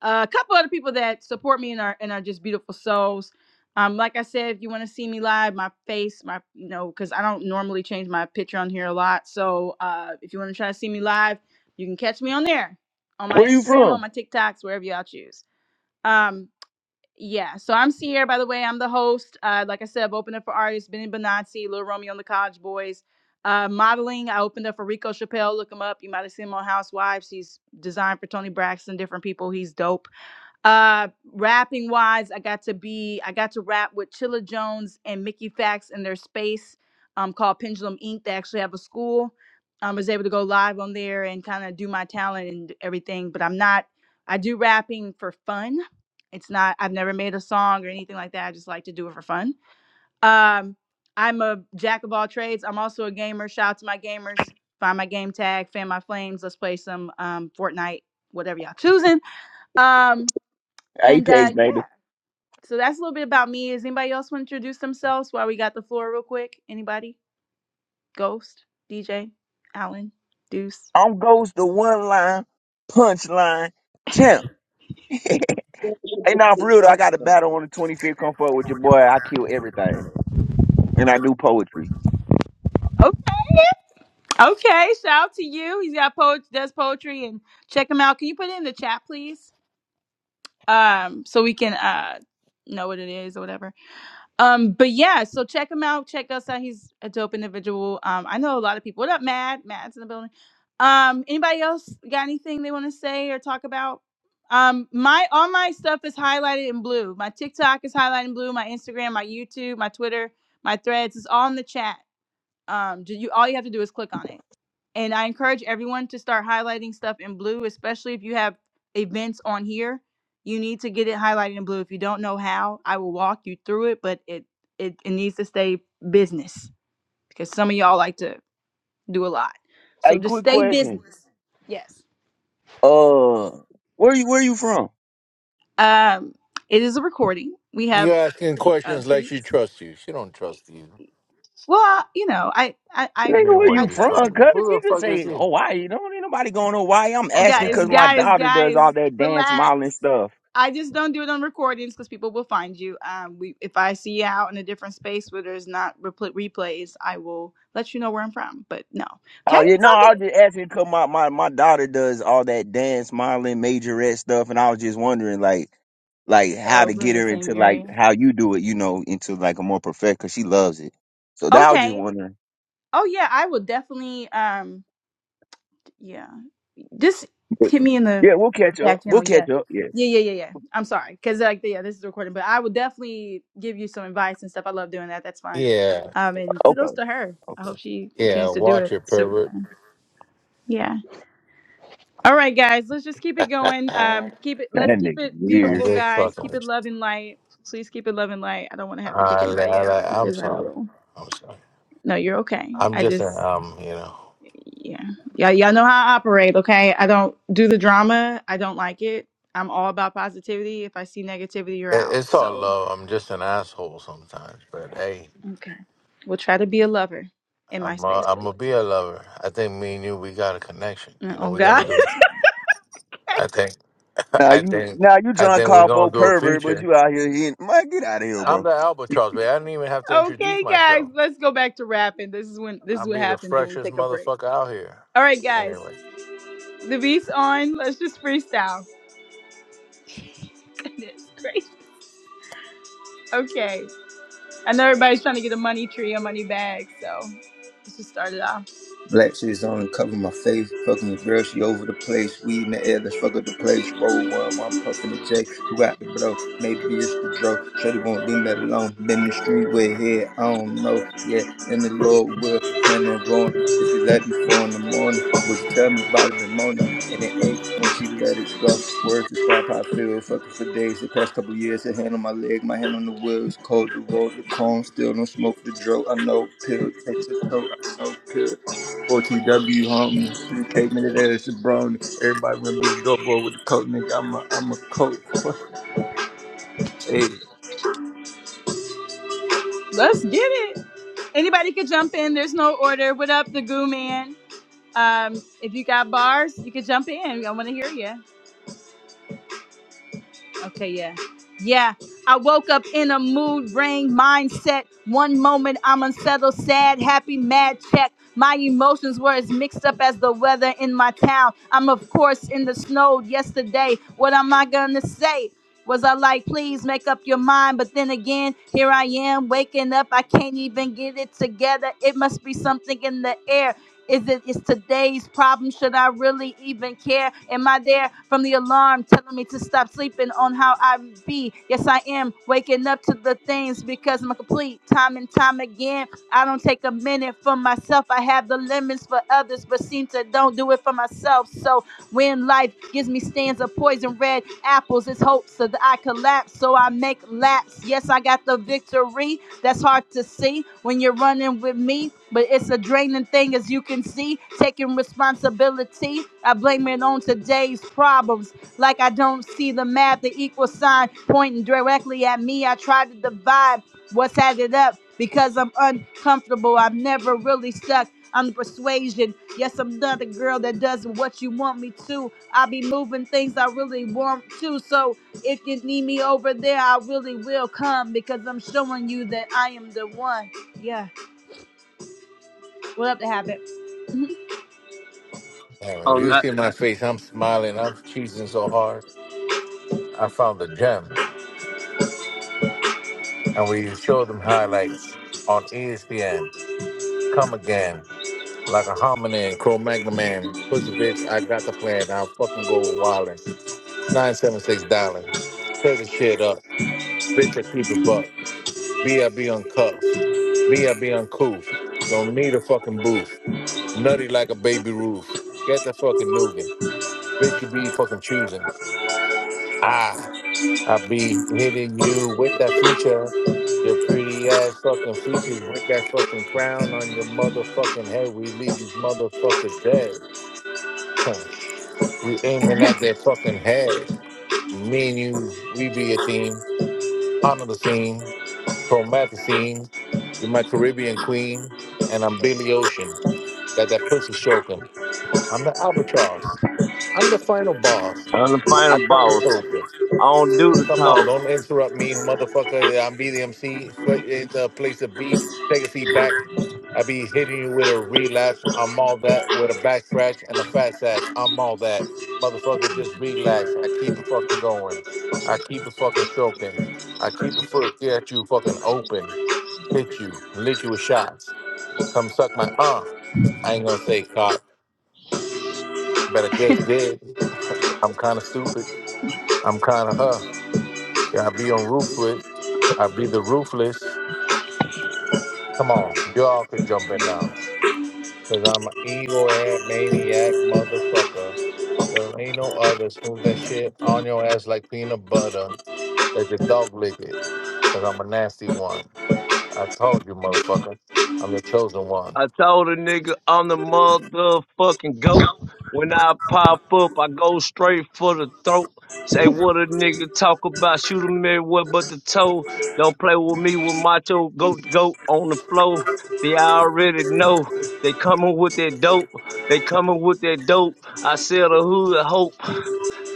[SPEAKER 1] Uh, a couple other people that support me and are and are just beautiful souls. Um, like I said, if you want to see me live, my face, my you know, because I don't normally change my picture on here a lot. So uh, if you want to try to see me live, you can catch me on there, on my
[SPEAKER 10] Where you
[SPEAKER 1] Instagram, on
[SPEAKER 10] from?
[SPEAKER 1] my TikToks, wherever y'all choose. Um. Yeah, so I'm Sierra, by the way. I'm the host. Uh, like I said, I've opened up for artists Benny Benazzi, Lil Romeo and the College Boys. Uh, modeling, I opened up for Rico Chappelle. Look him up. You might have seen him on Housewives. He's designed for Tony Braxton, different people. He's dope. Uh rapping wise, I got to be I got to rap with Chilla Jones and Mickey Fax in their space um called Pendulum Inc. They actually have a school. Um, I was able to go live on there and kind of do my talent and everything, but I'm not I do rapping for fun. It's not I've never made a song or anything like that. I just like to do it for fun. Um I'm a jack of all trades. I'm also a gamer. Shout out to my gamers. Find my game tag, fan my flames. Let's play some um Fortnite, whatever y'all choosing. Um and uh,
[SPEAKER 10] Apex,
[SPEAKER 1] yeah,
[SPEAKER 10] baby.
[SPEAKER 1] so that's a little bit about me. Does anybody else want to introduce themselves while we got the floor real quick? Anybody? Ghost, DJ, Alan, Deuce.
[SPEAKER 10] I'm Ghost, the one line, punchline, champ.
[SPEAKER 11] Thank
[SPEAKER 10] Hey, now for real though, I got a
[SPEAKER 11] you.
[SPEAKER 10] battle on the 25th. Come forward with your boy. I kill everything, and I do poetry.
[SPEAKER 1] Okay, okay. Shout out to you. He's got po- does poetry and check him out. Can you put it in the chat, please? Um, so we can uh know what it is or whatever. Um, but yeah, so check him out. Check us out. He's a dope individual. Um, I know a lot of people. What up, Matt? Matt's in the building. Um, anybody else got anything they want to say or talk about? Um, my all my stuff is highlighted in blue. My TikTok is highlighted in blue. My Instagram, my YouTube, my Twitter, my Threads is all in the chat. Um, do you all you have to do is click on it. And I encourage everyone to start highlighting stuff in blue, especially if you have events on here. You need to get it highlighted in blue. If you don't know how, I will walk you through it, but it it, it needs to stay business because some of y'all like to do a lot.
[SPEAKER 10] Hey,
[SPEAKER 1] So just
[SPEAKER 10] quick
[SPEAKER 1] stay
[SPEAKER 10] question.
[SPEAKER 1] business. Yes.
[SPEAKER 10] Uh, where you where you from?
[SPEAKER 1] Um, it is a recording. We have
[SPEAKER 8] You asking
[SPEAKER 1] um,
[SPEAKER 8] questions like she
[SPEAKER 1] creeps.
[SPEAKER 8] trusts you. She don't trust you.
[SPEAKER 1] Well, you know, I I I,
[SPEAKER 8] I
[SPEAKER 10] Nigga,
[SPEAKER 8] mean,
[SPEAKER 10] where
[SPEAKER 8] where
[SPEAKER 1] I
[SPEAKER 10] you
[SPEAKER 8] you
[SPEAKER 10] from?
[SPEAKER 1] trust
[SPEAKER 8] from?
[SPEAKER 1] them.
[SPEAKER 10] Cause
[SPEAKER 8] Who the
[SPEAKER 10] you can
[SPEAKER 8] fuck is
[SPEAKER 10] say
[SPEAKER 8] he?
[SPEAKER 10] Hawaii. Don't ain't nobody going to Hawaii. I'm
[SPEAKER 8] Fuck
[SPEAKER 10] asking
[SPEAKER 8] that
[SPEAKER 1] guys,
[SPEAKER 10] cause
[SPEAKER 8] here.
[SPEAKER 10] my
[SPEAKER 1] guys,
[SPEAKER 10] daughter does all
[SPEAKER 1] guys,
[SPEAKER 10] that dance
[SPEAKER 1] relax.
[SPEAKER 10] modeling stuff.
[SPEAKER 1] I just don't do it on recordings because people will find you. Um, we, if I see you out in a different space where there's not repl- replays, I will let you know where I'm from. But no,
[SPEAKER 10] Oh
[SPEAKER 1] okay,
[SPEAKER 10] yeah,
[SPEAKER 1] it's
[SPEAKER 10] no,
[SPEAKER 1] all
[SPEAKER 10] I
[SPEAKER 1] good.
[SPEAKER 10] was just asking because my, my, my daughter does all that dance, modeling, majorette stuff, and I was just wondering like like how
[SPEAKER 1] Oh,
[SPEAKER 10] to
[SPEAKER 1] we're in
[SPEAKER 10] get
[SPEAKER 1] the
[SPEAKER 10] her into
[SPEAKER 1] same
[SPEAKER 10] like
[SPEAKER 1] area.
[SPEAKER 10] how you do it, you know, into like a more perfect because she loves it. So that I was just
[SPEAKER 1] Okay.
[SPEAKER 10] wondering.
[SPEAKER 1] Oh yeah, I will definitely. Um, yeah. Just
[SPEAKER 10] But
[SPEAKER 1] hit me in the
[SPEAKER 10] yeah, we'll catch up.
[SPEAKER 1] back
[SPEAKER 10] We'll
[SPEAKER 1] channel.
[SPEAKER 10] catch
[SPEAKER 1] Yeah.
[SPEAKER 10] up. Yeah.
[SPEAKER 1] Yeah, yeah, yeah, yeah. I'm sorry. Because, like, yeah, this is recording, but I would definitely give you some advice and stuff. I love doing that. That's fun.
[SPEAKER 8] Yeah,
[SPEAKER 1] Um, and
[SPEAKER 10] Okay.
[SPEAKER 1] kudos to her. I
[SPEAKER 10] Okay.
[SPEAKER 1] hope she
[SPEAKER 8] yeah.
[SPEAKER 1] continues to do
[SPEAKER 8] Watch
[SPEAKER 1] it.
[SPEAKER 8] it,
[SPEAKER 1] Super
[SPEAKER 8] pervert.
[SPEAKER 1] fun. Yeah. All right, guys. Let's just keep it going.
[SPEAKER 8] I-
[SPEAKER 1] Um, keep it.
[SPEAKER 10] That
[SPEAKER 1] Let's keep
[SPEAKER 10] nigga
[SPEAKER 1] it
[SPEAKER 8] I'm
[SPEAKER 10] weird.
[SPEAKER 1] beautiful,
[SPEAKER 8] just
[SPEAKER 1] guys.
[SPEAKER 8] fucking
[SPEAKER 1] Keep it
[SPEAKER 8] with you.
[SPEAKER 1] love and light. Please keep it love and light. I don't want to have to kick
[SPEAKER 8] Uh, I,
[SPEAKER 1] anybody out
[SPEAKER 8] I, I'm
[SPEAKER 1] because I
[SPEAKER 8] sorry.
[SPEAKER 1] will.
[SPEAKER 8] I'm sorry.
[SPEAKER 1] No, you're okay.
[SPEAKER 8] I'm
[SPEAKER 1] I
[SPEAKER 8] just a
[SPEAKER 1] just
[SPEAKER 8] um, you know.
[SPEAKER 1] yeah, yeah, y'all know how I operate. Okay, I don't do the drama. I don't like it. I'm all about positivity. If I see negativity, you're
[SPEAKER 8] It-
[SPEAKER 1] out.
[SPEAKER 8] It's all
[SPEAKER 1] So
[SPEAKER 8] love. I'm just an asshole sometimes, but hey,
[SPEAKER 1] okay, we'll try to be a lover in my
[SPEAKER 8] I'm a,
[SPEAKER 1] space,
[SPEAKER 8] I'm
[SPEAKER 1] please.
[SPEAKER 8] gonna be a lover. I think me and you, we got a connection.
[SPEAKER 1] Uh,
[SPEAKER 8] You know,
[SPEAKER 1] Oh
[SPEAKER 8] we gonna
[SPEAKER 1] God.
[SPEAKER 8] do. I think,
[SPEAKER 10] Now
[SPEAKER 8] I
[SPEAKER 10] you
[SPEAKER 8] think,
[SPEAKER 10] now you
[SPEAKER 8] I
[SPEAKER 10] trying to
[SPEAKER 8] think we're
[SPEAKER 10] call for
[SPEAKER 8] gonna
[SPEAKER 10] a
[SPEAKER 8] do a
[SPEAKER 10] pervert, but
[SPEAKER 8] feature.
[SPEAKER 10] you out here hitting. Man, get out of here,
[SPEAKER 8] I'm
[SPEAKER 10] bro.
[SPEAKER 1] okay,
[SPEAKER 8] the albatross, man. I didn't even have to introduce
[SPEAKER 1] okay, guys,
[SPEAKER 8] myself.
[SPEAKER 1] let's go back to rapping. This is when this
[SPEAKER 8] I'll
[SPEAKER 1] is what
[SPEAKER 8] be the
[SPEAKER 1] happens when we
[SPEAKER 8] freshest
[SPEAKER 1] take a break.
[SPEAKER 8] motherfucker out here.
[SPEAKER 1] All right, guys,
[SPEAKER 8] Anyway,
[SPEAKER 1] the beat's on. Let's just freestyle. It's crazy. Okay, I know everybody's trying to get a money tree, a money bag, so let's just start it off.
[SPEAKER 5] Black shades on, and cover my face. Fucking your girl, she over the place. Weed in the air, let's fuck up the place. Roll one, while I'm puffing the J. Who got the blow? Maybe it's the dro. Shorty won't leave me alone. Been the street with head, I don't know. Yeah, and the Lord will plan on going. If you let me four in the morning, would you tell me about it the morning? And it ate when she let it go. Words describe how I feel. Fucking for days. The past couple years, the hand on my leg, my hand on the wheel. It's cold, the road, the chrome. Still don't smoke the dro. I know pill takes a toll. I know pill. 4TW homie, 3K minute ass jabroni. Everybody wanna be the dope boy with the coat, nigga. I'm a I'm a coat. boy. hey,
[SPEAKER 1] Let's get it. Anybody could jump in. There's no order. What up, the goo man? Um, if you got bars, you could jump in. I want to hear you. Okay, yeah. Yeah. I woke up in a mood ring mindset. One moment I'm unsettled, sad, happy, mad, check. My emotions were as mixed up as the weather in my town. I'm, of course, in the snow yesterday. What am I going to say? Was I like, please make up your mind? But then again, here I am waking up. I can't even get it together. It must be something in the air. Is it is today's problem? Should I really even care? Am I there from the alarm telling me to stop sleeping on how I be? Yes, I am waking up to the things because I'm complete time and time again. I don't take a minute for myself. I have the lemons for others, but seem to don't do it for myself. So when life gives me stands of poison red apples, it's hope so that I collapse. So I make laps. Yes, I got the victory that's hard to see when you're running with me, but it's a draining thing as you can see. Taking responsibility, I blame it on today's problems. Like I don't see the math, the equal sign pointing directly at me. I try to divide what's added up because I'm uncomfortable. I'm never really stuck. I'm the persuasion. Yes, I'm another girl that does what you want me to. I be moving things I really want to. So if you need me over there, I really will come because I'm showing you that I am the one. Yeah, what up to happen?
[SPEAKER 8] anyway,
[SPEAKER 12] I'm
[SPEAKER 8] you
[SPEAKER 12] not.
[SPEAKER 8] see my face. I'm smiling. I'm cheesing so hard. I found a gem, and we showed them highlights on ESPN. Come again. Like a hominin, Cro-Magnon man, pussy bitch, I got the plan. I'll fucking go wildin'. 976 dialing. Tear the shit up. Bitch, I keep it buck. B.I.B. uncuffed. B.I.B. uncouth. Don't need a fucking booth. Nutty like a baby roof. Get the fucking nougat, Bitch, you be fucking choosing. Ah, I be hitting you with that feature. Your pretty ass fucking features with that fucking crown on your motherfucking head. We leave these motherfuckers dead. We aiming at their fucking head. Me and you, we be a team. Hana the scene, Tomat the scene. You're my Caribbean queen, and I'm Billy Ocean. Got that pussy choking. I'm the albatross. I'm the final boss.
[SPEAKER 12] I'm the
[SPEAKER 8] I
[SPEAKER 12] final
[SPEAKER 8] thought I
[SPEAKER 12] boss.
[SPEAKER 8] told you.
[SPEAKER 12] I don't do the
[SPEAKER 8] Come on,
[SPEAKER 12] talk.
[SPEAKER 8] don't interrupt me, motherfucker. Yeah, I'm be BDMC for- in the place to be. Take a seat back. I be hitting you with a relapse. I'm all that with a back scratch and a fat sack. I'm all that. Motherfucker, just relax. I keep it fucking going. I keep it fucking stroking. I keep it foot at you fucking open. Hit you. Lick you with shots. Come suck my uh. I ain't gonna say caught, but I just did. I'm kinda stupid. I'm kinda her. Yeah, I be on rooflet. I be the roofless. Come on, y'all could jump in now. Cause I'm an ego ad maniac motherfucker. There ain't no other. Smooth that shit on your ass like peanut butter. Let the dog lick it. Cause I'm a nasty one. I told you, motherfucker. I'm the chosen one.
[SPEAKER 12] I told a nigga I'm the motherfucking goat. When I pop up, I go straight for the throat. Say what a nigga talk about. Shoot him everywhere but the toe. Don't play with me with macho goat goat on the floor. They already know. They coming with that dope. They coming with that dope. I sell the hood hope.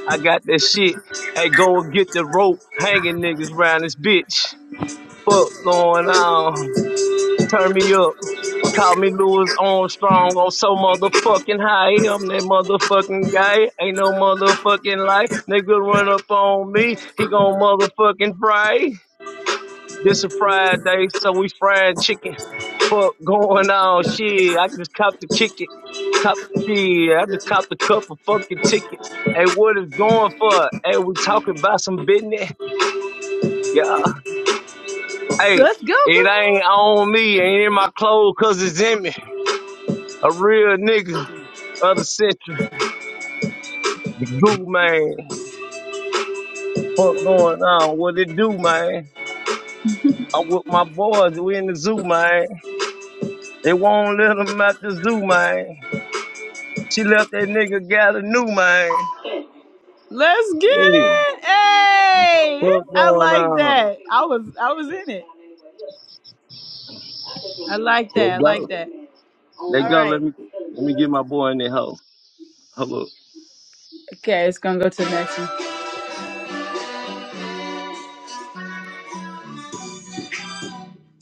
[SPEAKER 12] I got that shit. Hey, go and get the rope. Hanging niggas round this bitch. fuck going on? Turn me up. Call me Louis Armstrong. I'm so motherfucking high. I'm that motherfucking guy. Ain't no motherfucking life. Nigga run up on me. He gon' motherfucking fry. This a Friday, so we frying chicken. Fuck going on? Shit, I just cop the kick it. Cop shit. I just copped a couple fucking tickets. Hey, what is going for? Hey, we talking about some business. Yeah, Hey,
[SPEAKER 1] Let's go,
[SPEAKER 12] it
[SPEAKER 1] girl.
[SPEAKER 12] ain't on me, ain't in my clothes 'cause it's in me. A real nigga of the century. The goo man. What going on? What it do, man? I'm with my boys. We in the zoo, man. They won't let 'em out the zoo, man. She left that nigga got a new man.
[SPEAKER 1] Let's get
[SPEAKER 12] Yeah.
[SPEAKER 1] it. Hey,
[SPEAKER 12] What
[SPEAKER 1] I
[SPEAKER 12] going
[SPEAKER 1] like
[SPEAKER 12] on?
[SPEAKER 1] that. I was I was in it. I like that.
[SPEAKER 12] Let
[SPEAKER 1] I like
[SPEAKER 12] go.
[SPEAKER 1] that.
[SPEAKER 12] Let
[SPEAKER 1] All
[SPEAKER 12] go. Let
[SPEAKER 1] right.
[SPEAKER 12] me let me get my boy in the hoe. Hold up.
[SPEAKER 1] Okay, it's gonna go to the next one.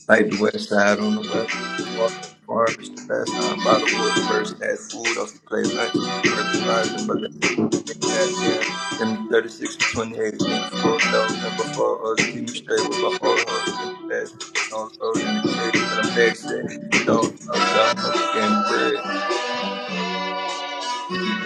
[SPEAKER 5] like the west side on the west farm, farm is the best. I'm by the water, bursting that food off. You play lunch, you burger fries and burger. Take that jam. Give me 36 and 28. Need a four though, and before us, keep me straight with my four hoes in the best. On road in the case that I'm back set. you don't know, don't know. Getting bread, you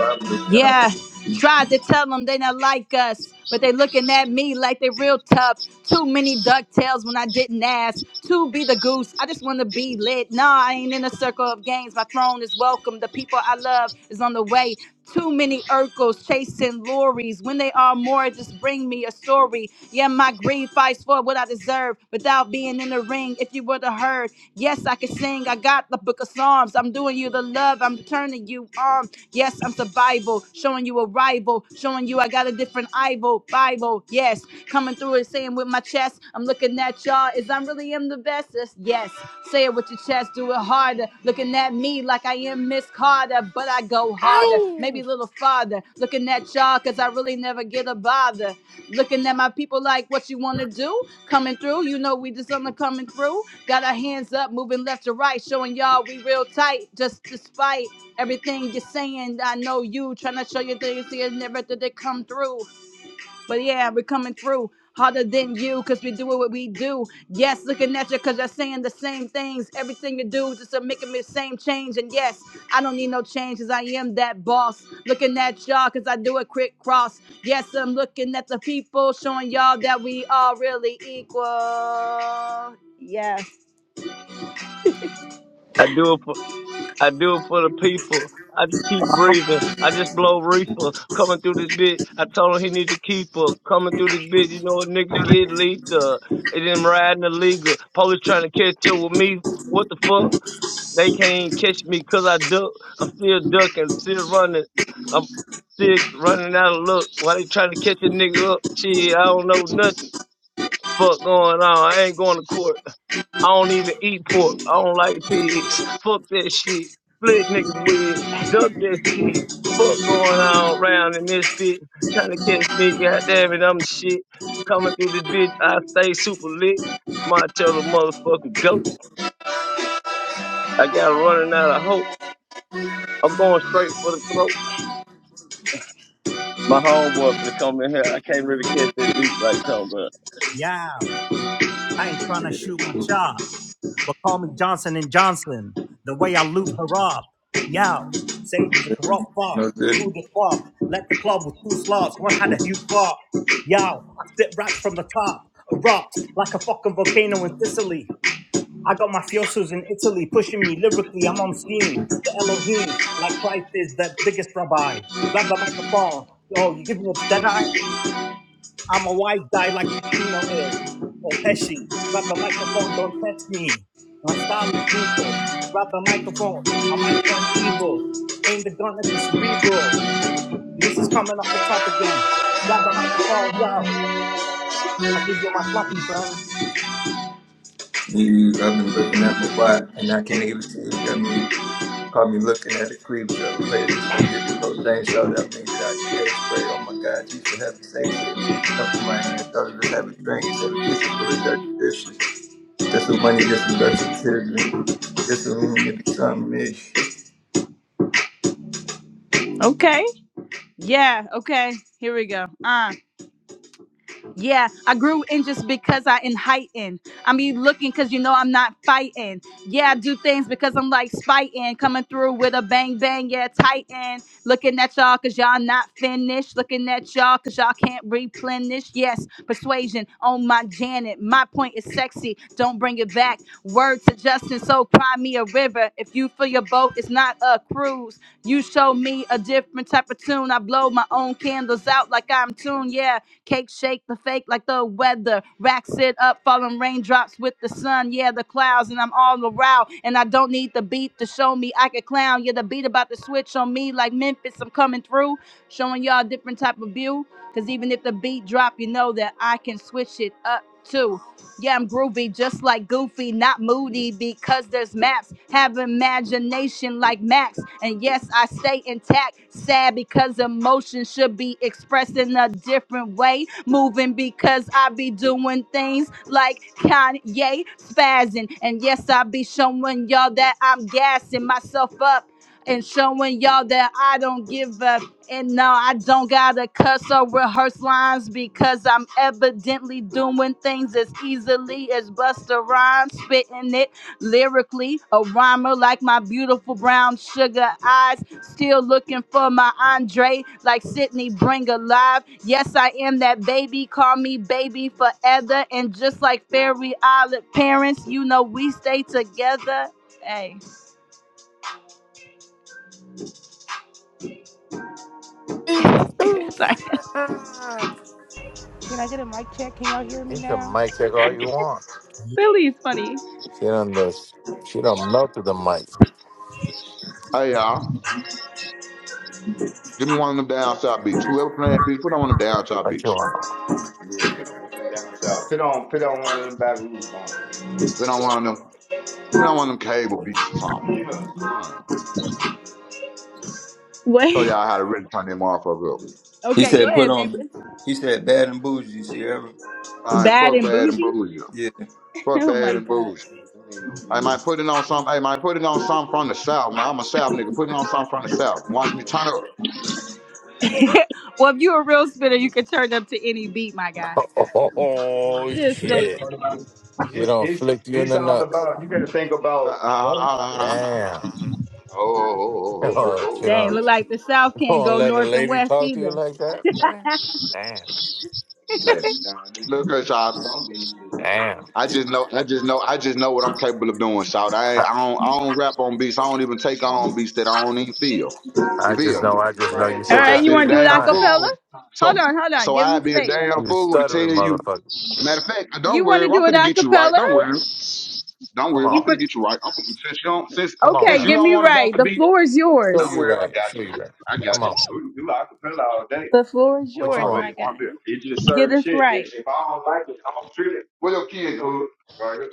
[SPEAKER 5] down.
[SPEAKER 1] Yeah, Tried to tell them they not like us, but they looking at me like they real tough. Too many ducktails when I didn't ask. To be the goose, I just wanna be lit. Nah, I ain't in a circle of games. My throne is welcome. The people I love is on the way. Too many Urkels chasing lorries. When they are more, just bring me a story. Yeah, my greed fights for what I deserve without being in the ring. If you would have heard, yes, I can sing. I got the book of Psalms. I'm doing you the love. I'm turning you on. Yes, I'm survival, showing you a rival, showing you I got a different Bible. Bible, yes, coming through and saying with my chest, I'm looking at y'all is I really am the best. Yes, yes, say it with your chest, do it harder. Looking at me like I am Miss Carter, but I go harder, maybe a little farther. Looking at y'all because I really never get a bother. Looking at my people like what you want to do, coming through. You know, we just on the coming through. Got our hands up, moving left to right, showing y'all we real tight, just despite everything you're saying. I know you trying to show your things to you never did it come through. But yeah, we're coming through harder than you because we do what we do. Yes, looking at you because you're saying the same things. Everything you do just to making me the same change. And yes, I don't need no change because I am that boss. Looking at y'all because I do a quick cross. Yes, I'm looking at the people showing y'all that we are really equal. Yes.
[SPEAKER 12] I do it for I do it for the people. I just keep breathing. I just blow reefer coming through this bitch. I told him he need to keep her coming through this bitch. You know a nigga get lethal. It didn't riding illegal. Police trying to catch up with me. What the fuck? They can't catch me 'cause I duck. I'm still ducking, still running. I'm still running out of luck. Why they trying to catch a nigga up? Shit, I don't know nothing. Fuck going on. I ain't going to court. I don't even eat pork. I don't like pigs. Fuck that shit. Split niggas with. Duck that shit. Fuck going on around in this bitch. Trying to catch me. God damn it, I'm the shit. Coming through this bitch. I stay super lit. Martello motherfucking goat. I got running out of hope. I'm going straight for the throat. My homeboy finna come in here. I can't really catch that beat like Tom, but
[SPEAKER 13] Yeah, I ain't trying to shoot my shot, but call me Johnson and Johnson. The way I lube her up. Yeah, Sage is a
[SPEAKER 5] Yeah,
[SPEAKER 13] corrupt fuck.
[SPEAKER 5] no good.
[SPEAKER 13] You the fuck. Let the club with two slots. One had a huge fuck. Yeah, I spit raps from the top. Erupt like a fucking volcano in Sicily. I got my fiosos in Italy pushing me lyrically. I'm on scene. The Elohim, like Christ is the biggest rabbi. Grab the microphone. Oh, you give me a dead eye? I'm a white guy like Pacino is, or Pesci. Grab the microphone, don't test me. My style is lethal. Grab the microphone, I might turn evil. Aim the gun at the cerebral. And this is coming off the top again. Grab the microphone, yo. I'll give you my floppy, friend.
[SPEAKER 5] Niggas, I've been looking at my watch and I can't even see it. Got me, caught me looking at the cleavage of a players that's gonna get this whole thing showed up. Made it out the A spray. Oh my God, you for heaven's sake, sitting with the cup in my hand. So let's have a drink. You said a kitchen full of dirty dishes. Just some money, get some dirty children. Get some, give me something, nigga.
[SPEAKER 1] Okay. Yeah. Okay. Here we go. Uh Yeah, I grew in just because I in heightened. I mean, looking because you know I'm not fighting. Yeah, I do things because I'm like spiting, coming through with a bang bang, yeah, tighten. Looking at y'all because y'all not finished. Looking at y'all because y'all can't replenish. Yes, persuasion on my Janet. My point is sexy. Don't bring it back. Word to Justin, so cry me a river. If you feel your boat, it's not a cruise. You show me a different type of tune. I blow my own candles out like I'm tuned. Yeah, Cake shake the fake like the weather. Rack sit up, falling raindrops with the sun. Yeah, the clouds, and I'm all around. And I don't need the beat to show me I can clown. Yeah, the beat about to switch on me like Memphis. I'm coming through, showing y'all a different type of view. Cause even if the beat drop, you know that I can switch it up too. Yeah, I'm groovy, just like Goofy, not moody, because there's maps. Have imagination like Max. And yes, I stay intact. Sad because emotion should be expressed in a different way. Moving because I be doing things like Kanye spazzing. And yes, I be showing y'all that I'm gassing myself up. And showing y'all that I don't give a and no, I don't gotta cuss or rehearse lines because I'm evidently doing things as easily as Buster Rhymes, spitting it lyrically. A rhymer like my beautiful brown sugar eyes, still looking for my Andre like Sydney Bring Alive. Yes, I am that baby, call me baby forever. And just like Fairy Island parents, you know we stay together. Hey,
[SPEAKER 8] you
[SPEAKER 1] sorry.
[SPEAKER 7] Can I get a mic check? Can y'all hear me
[SPEAKER 8] can
[SPEAKER 7] now?
[SPEAKER 8] mic check all you want. She done, she done melted the mic.
[SPEAKER 14] Hey y'all, give me one of them down south beach. Whoever playing beach, put on one of them down south
[SPEAKER 8] What you
[SPEAKER 14] beach.
[SPEAKER 8] want?
[SPEAKER 14] Yeah, put on one of them down south. Put on, put on one of them Baton Rouge ones. Put on one of them. Put on one of them cable beats or something. Yeah. I don't know. So
[SPEAKER 1] Wait.
[SPEAKER 14] y'all how to really turn them motherfucker up.
[SPEAKER 5] he
[SPEAKER 1] Okay, go
[SPEAKER 5] said, put
[SPEAKER 1] ahead,
[SPEAKER 5] on,
[SPEAKER 1] man.
[SPEAKER 5] he said, bad and bougie, Sierra.
[SPEAKER 14] All right,
[SPEAKER 1] Bad
[SPEAKER 14] fuck
[SPEAKER 1] and
[SPEAKER 14] bad and
[SPEAKER 1] bougie?
[SPEAKER 14] bougie.
[SPEAKER 5] Yeah.
[SPEAKER 14] Fuck
[SPEAKER 1] Oh my
[SPEAKER 14] bad and
[SPEAKER 1] god.
[SPEAKER 14] bougie. That ain't no I good. might put it on some. I might put it on some from the south. Man, I'm a south nigga. Put it on some from the south. Watch me turn up.
[SPEAKER 1] Well, if you're a real spitter, you can turn up to any beat, my guy.
[SPEAKER 8] Oh,
[SPEAKER 1] Just say
[SPEAKER 8] shit.
[SPEAKER 1] it.
[SPEAKER 8] She
[SPEAKER 14] It's
[SPEAKER 8] don't
[SPEAKER 14] it's
[SPEAKER 8] flick you in
[SPEAKER 14] it's
[SPEAKER 8] the
[SPEAKER 14] all
[SPEAKER 8] nuts.
[SPEAKER 14] about you got to think Uh, about uh, other hold on, hold on, hold on,
[SPEAKER 8] Damn.
[SPEAKER 14] hold on, hold on. Oh, oh, oh, oh, oh. oh.
[SPEAKER 8] Or
[SPEAKER 14] oh,
[SPEAKER 8] she
[SPEAKER 1] Dang,
[SPEAKER 14] oh.
[SPEAKER 8] don't
[SPEAKER 1] look like the South can't
[SPEAKER 8] gonna
[SPEAKER 1] go
[SPEAKER 8] let a
[SPEAKER 1] north and
[SPEAKER 8] lady
[SPEAKER 1] west
[SPEAKER 8] talk to you
[SPEAKER 1] either.
[SPEAKER 8] like that? man? Damn.
[SPEAKER 14] Hey, Nah, this look at y'all. some things. is crazy.
[SPEAKER 8] Damn.
[SPEAKER 14] I just know, I just know, I just know what I'm capable of doing, shout. I,
[SPEAKER 8] I
[SPEAKER 14] ain't- I don't, I don't rap on beats. I don't even take on beats that I don't even feel. Yeah,
[SPEAKER 8] I
[SPEAKER 14] You feel
[SPEAKER 8] just
[SPEAKER 14] me?
[SPEAKER 8] know, I
[SPEAKER 14] i
[SPEAKER 8] just know you
[SPEAKER 1] All
[SPEAKER 14] So that
[SPEAKER 8] said that
[SPEAKER 1] right,
[SPEAKER 14] I'd
[SPEAKER 1] you
[SPEAKER 14] be a
[SPEAKER 8] shit
[SPEAKER 1] want to
[SPEAKER 8] three
[SPEAKER 1] do it a
[SPEAKER 14] damn
[SPEAKER 8] times.
[SPEAKER 1] cappella?
[SPEAKER 14] fool.
[SPEAKER 1] Hold
[SPEAKER 14] So,
[SPEAKER 1] on, hold on.
[SPEAKER 14] so
[SPEAKER 1] Give him
[SPEAKER 14] I'd be a
[SPEAKER 1] space.
[SPEAKER 14] damn
[SPEAKER 8] You was
[SPEAKER 14] fool to
[SPEAKER 8] stuttering,
[SPEAKER 14] tell you.
[SPEAKER 8] motherfucker.
[SPEAKER 14] Matter of fact, don't
[SPEAKER 1] You want
[SPEAKER 14] worry,
[SPEAKER 1] to
[SPEAKER 14] I'm
[SPEAKER 1] do it
[SPEAKER 14] finna
[SPEAKER 1] a
[SPEAKER 14] get you right.
[SPEAKER 1] cappella?
[SPEAKER 14] Don't worry. Don't worry,
[SPEAKER 8] Come
[SPEAKER 14] I'm
[SPEAKER 1] You
[SPEAKER 8] on.
[SPEAKER 14] finna
[SPEAKER 1] want?
[SPEAKER 14] get you right. I'm finna, since you don't since
[SPEAKER 8] Come on
[SPEAKER 1] Okay,
[SPEAKER 14] since you
[SPEAKER 8] now.
[SPEAKER 1] get
[SPEAKER 14] don't
[SPEAKER 1] me
[SPEAKER 14] want to bump
[SPEAKER 1] right.
[SPEAKER 14] the
[SPEAKER 1] The
[SPEAKER 14] beach,
[SPEAKER 1] floor is
[SPEAKER 8] Show
[SPEAKER 14] don't
[SPEAKER 1] yours.
[SPEAKER 8] you
[SPEAKER 14] worry, I
[SPEAKER 8] right.
[SPEAKER 14] got
[SPEAKER 8] Show you
[SPEAKER 14] you.
[SPEAKER 8] right.
[SPEAKER 14] I
[SPEAKER 8] Come
[SPEAKER 14] got you.
[SPEAKER 8] on.
[SPEAKER 14] You you like a fella all day.
[SPEAKER 1] The floor is
[SPEAKER 14] I'm fucking
[SPEAKER 8] What you
[SPEAKER 1] yours,
[SPEAKER 8] want?
[SPEAKER 14] already
[SPEAKER 1] my
[SPEAKER 14] one
[SPEAKER 1] guy.
[SPEAKER 14] bill. It's just
[SPEAKER 1] Get
[SPEAKER 14] certain
[SPEAKER 1] us
[SPEAKER 14] shit. If,
[SPEAKER 1] right.
[SPEAKER 14] if I don't like it, I'm gonna treat it. What your kid hood? Right here.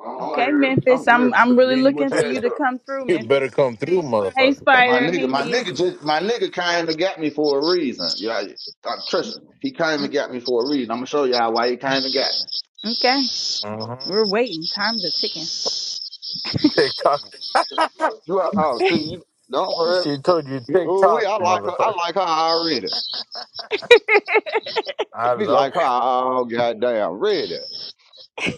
[SPEAKER 14] If I I'm do like it,
[SPEAKER 1] Okay,
[SPEAKER 14] aware. I'm
[SPEAKER 1] Memphis. I'm
[SPEAKER 14] aware. I'm
[SPEAKER 1] I'm
[SPEAKER 14] finna
[SPEAKER 1] really
[SPEAKER 14] get you what
[SPEAKER 1] looking for
[SPEAKER 14] you
[SPEAKER 1] you
[SPEAKER 14] asked
[SPEAKER 1] to
[SPEAKER 14] for.
[SPEAKER 1] come through,
[SPEAKER 8] You better
[SPEAKER 1] Memphis.
[SPEAKER 8] come through,
[SPEAKER 1] Hey,
[SPEAKER 8] motherfucker.
[SPEAKER 14] But my
[SPEAKER 1] Spider. Hey,
[SPEAKER 14] nigga, my
[SPEAKER 1] Nace.
[SPEAKER 14] nigga just my nigga came and got me for a reason. Yeah, I- I- trust me. He came and
[SPEAKER 1] Mm,
[SPEAKER 14] got me for a reason. I'm gonna show y'all why he came and got me.
[SPEAKER 1] Okay,
[SPEAKER 8] Mm-hmm.
[SPEAKER 1] we're waiting. Time's a ticking.
[SPEAKER 8] TikTok.
[SPEAKER 14] You are, oh, see, you don't worry.
[SPEAKER 8] she told you
[SPEAKER 14] Oh, we,
[SPEAKER 8] TikTok,
[SPEAKER 14] I like her. I
[SPEAKER 8] motherfucker.
[SPEAKER 14] like her already.
[SPEAKER 8] I
[SPEAKER 14] She
[SPEAKER 8] love
[SPEAKER 14] like her all goddamn ready.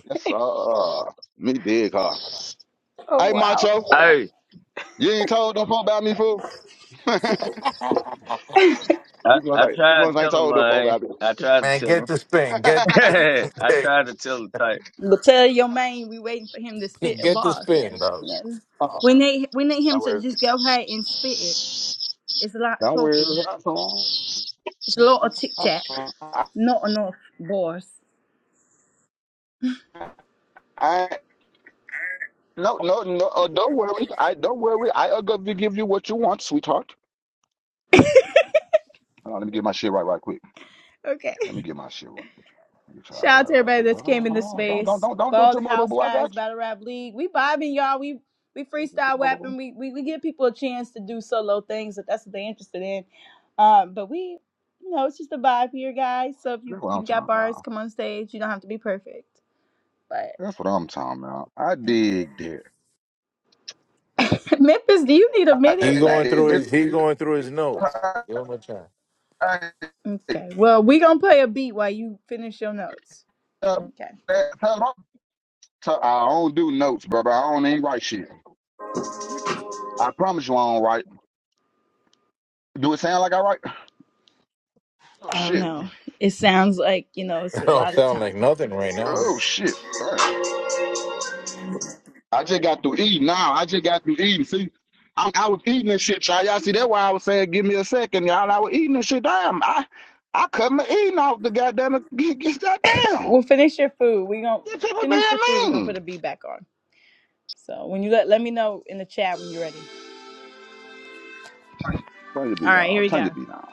[SPEAKER 14] That's uh, me dig her.
[SPEAKER 1] Oh
[SPEAKER 14] Hey,
[SPEAKER 1] wow.
[SPEAKER 14] macho,
[SPEAKER 12] hey,
[SPEAKER 14] you ain't told them folk about me, fool.
[SPEAKER 8] it.
[SPEAKER 12] I,
[SPEAKER 14] you must
[SPEAKER 12] I
[SPEAKER 14] ain't you
[SPEAKER 12] tried to
[SPEAKER 14] must ain't
[SPEAKER 12] tell him,
[SPEAKER 14] told them folk
[SPEAKER 12] man.
[SPEAKER 14] about me.
[SPEAKER 12] I tried to
[SPEAKER 8] Man,
[SPEAKER 12] tell
[SPEAKER 8] get
[SPEAKER 12] him.
[SPEAKER 8] the spin. Get
[SPEAKER 12] I
[SPEAKER 8] get,
[SPEAKER 12] tried to tell him, type.
[SPEAKER 1] But tell your man we waiting for him to spit a
[SPEAKER 8] get the
[SPEAKER 1] bar
[SPEAKER 8] spin,
[SPEAKER 1] too.
[SPEAKER 8] dog.
[SPEAKER 1] Yeah.
[SPEAKER 14] Uh-uh.
[SPEAKER 1] We need we need him
[SPEAKER 14] Don't
[SPEAKER 1] to
[SPEAKER 14] worry,
[SPEAKER 1] just go ahead and spit it. It's a lot of
[SPEAKER 14] don't
[SPEAKER 1] talking.
[SPEAKER 14] worry. That's all.
[SPEAKER 1] It's a lot of tic
[SPEAKER 14] I,
[SPEAKER 1] tac, not enough bars.
[SPEAKER 14] I no no no. Uh, don't worry. I don't worry. I uh, gonna give you what you want, sweetheart. Hold on, let me get my shit right, right quick.
[SPEAKER 1] Okay.
[SPEAKER 14] Let me get my shit right. Get your
[SPEAKER 1] Shout out to
[SPEAKER 14] right, right
[SPEAKER 1] everybody
[SPEAKER 14] quick.
[SPEAKER 1] that's
[SPEAKER 14] Hold on,
[SPEAKER 1] came in
[SPEAKER 14] hold
[SPEAKER 1] this
[SPEAKER 14] on. Don't don't
[SPEAKER 1] space.
[SPEAKER 14] don't don't
[SPEAKER 1] For
[SPEAKER 14] do
[SPEAKER 1] all
[SPEAKER 14] too
[SPEAKER 1] the
[SPEAKER 14] much, boo
[SPEAKER 1] house
[SPEAKER 14] boo. I
[SPEAKER 1] guys,
[SPEAKER 14] got you.
[SPEAKER 1] battle rap league. We vibing, y'all. We we
[SPEAKER 14] Don't do too
[SPEAKER 1] freestyle
[SPEAKER 14] much, boo boo.
[SPEAKER 1] rapping. We we, we give people a chance to do solo things if that's what they're interested in. Um, but we you know, it's just a vibe here, guys. So if you
[SPEAKER 14] That's what I'm
[SPEAKER 1] you got
[SPEAKER 14] talking about.
[SPEAKER 1] bars, come on stage. You don't have to be perfect.
[SPEAKER 14] That's what I'm talking about. I dig there.
[SPEAKER 1] Memphis, do you need a
[SPEAKER 8] He
[SPEAKER 1] minute?
[SPEAKER 14] I,
[SPEAKER 8] going
[SPEAKER 1] Like,
[SPEAKER 8] through
[SPEAKER 1] is
[SPEAKER 14] it's,
[SPEAKER 1] you
[SPEAKER 8] his he going through his notes.
[SPEAKER 14] I,
[SPEAKER 8] Give him a chance.
[SPEAKER 14] I,
[SPEAKER 1] okay? Well, we gonna play a beat while you finish your notes.
[SPEAKER 14] tell-
[SPEAKER 1] Okay.
[SPEAKER 14] tell my- tell- I don't do notes, brother. I don't even write shit. I promise you I don't write. Do it sound like I write? Oh
[SPEAKER 1] Oh
[SPEAKER 14] shit.
[SPEAKER 1] no, it sounds like you know it's
[SPEAKER 8] I
[SPEAKER 1] a
[SPEAKER 8] don't
[SPEAKER 1] lot of
[SPEAKER 8] sound like
[SPEAKER 1] time.
[SPEAKER 8] nothing right now.
[SPEAKER 14] Oh shit. Damn. I just got through eating. Now I just got through eating. See, I, I was eating this shit, y'all. Y'all see that? Why I was saying, give me a second, y'all. I was eating this shit. Damn. I I cut my eating off the goddamn. Get, get that down.
[SPEAKER 1] We'll finish your food. We gonna
[SPEAKER 14] You people being
[SPEAKER 1] finish your food. We gonna put
[SPEAKER 14] mean.
[SPEAKER 1] a beat back on. So when you let let me know in the chat when you're ready.
[SPEAKER 14] Turn your
[SPEAKER 1] All
[SPEAKER 14] beat
[SPEAKER 1] right, here
[SPEAKER 14] down.
[SPEAKER 1] we
[SPEAKER 14] Turn your
[SPEAKER 1] go.
[SPEAKER 14] beat down.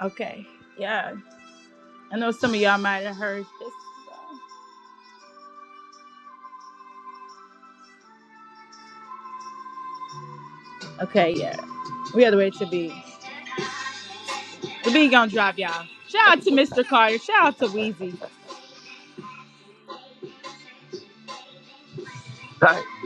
[SPEAKER 1] Okay. Yeah, I know some of y'all might have heard this. so- Okay, yeah, we had to wait to be. The beat gonna drop, y'all. Shout out to Mr. Carter. Shout out to Wheezy.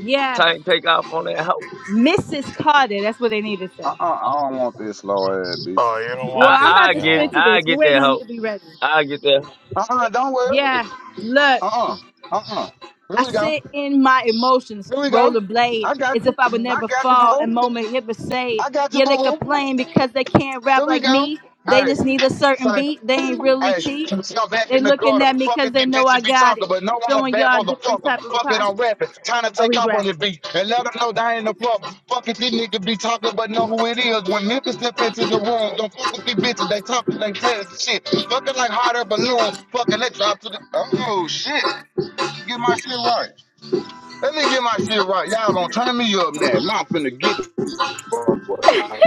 [SPEAKER 1] Yeah,
[SPEAKER 12] Tank take off on that hoe.
[SPEAKER 1] Mrs. Carter. That's what they need to say.
[SPEAKER 14] Uh uh I don't want this slow ass beat.
[SPEAKER 8] Oh, you don't
[SPEAKER 1] Well,
[SPEAKER 12] I
[SPEAKER 8] want
[SPEAKER 1] I'm
[SPEAKER 8] this.
[SPEAKER 1] about
[SPEAKER 12] I
[SPEAKER 8] You
[SPEAKER 1] to
[SPEAKER 8] don't
[SPEAKER 12] get
[SPEAKER 1] spit
[SPEAKER 8] want
[SPEAKER 1] to
[SPEAKER 8] this.
[SPEAKER 12] I
[SPEAKER 1] this. We're
[SPEAKER 12] get
[SPEAKER 1] waiting
[SPEAKER 12] that
[SPEAKER 1] on you
[SPEAKER 12] hoe.
[SPEAKER 1] to be ready.
[SPEAKER 12] I get that
[SPEAKER 14] Uh uh-uh, uh, do not worry.
[SPEAKER 1] Yeah, look,
[SPEAKER 14] Uh uh-uh, uh, uh. Here
[SPEAKER 1] I
[SPEAKER 14] we go.
[SPEAKER 1] sit in my emotions,
[SPEAKER 14] Here we
[SPEAKER 1] roll
[SPEAKER 14] go.
[SPEAKER 1] a blade,
[SPEAKER 14] I got
[SPEAKER 1] as if
[SPEAKER 14] you.
[SPEAKER 1] I would
[SPEAKER 14] I
[SPEAKER 1] never
[SPEAKER 14] got you,
[SPEAKER 1] fall,
[SPEAKER 14] boo
[SPEAKER 1] and
[SPEAKER 14] boo.
[SPEAKER 1] moment never save.
[SPEAKER 14] I got you,
[SPEAKER 1] Yeah,
[SPEAKER 14] boo
[SPEAKER 1] they
[SPEAKER 14] boo.
[SPEAKER 1] complain because they can't rap
[SPEAKER 14] There we
[SPEAKER 1] like
[SPEAKER 14] go.
[SPEAKER 1] me. They just
[SPEAKER 14] Hey,
[SPEAKER 1] need a certain
[SPEAKER 14] son.
[SPEAKER 1] beat. They ain't really
[SPEAKER 14] Hey,
[SPEAKER 1] T.
[SPEAKER 14] let's go back
[SPEAKER 1] They
[SPEAKER 14] in the
[SPEAKER 1] looking
[SPEAKER 14] gutter.
[SPEAKER 1] at me because
[SPEAKER 14] Fucking
[SPEAKER 1] they
[SPEAKER 14] these
[SPEAKER 1] know I
[SPEAKER 14] bitches be
[SPEAKER 1] got
[SPEAKER 14] talking,
[SPEAKER 1] it.
[SPEAKER 14] but no, I'm a
[SPEAKER 1] Showing
[SPEAKER 14] bad
[SPEAKER 1] y'all a different
[SPEAKER 14] motherfucker.
[SPEAKER 1] type of
[SPEAKER 14] Fuck it,
[SPEAKER 1] pie.
[SPEAKER 14] I'm rapping. Time to
[SPEAKER 1] Oh,
[SPEAKER 14] take
[SPEAKER 1] he's
[SPEAKER 14] off on the
[SPEAKER 1] rapping.
[SPEAKER 14] beat and let them know that I ain't a problem. Fuck it, these niggas be talking, but know who it is. When Memphis step into the room, don't fuck with these bitches. They talking, they telling shit. Fucking like hot air balloons. Fucking let drop to the. Oh, shit. Let me get my shit right. Let me get my shit right. Y'all gonna turn me up now. I'm finna get the fuck. right.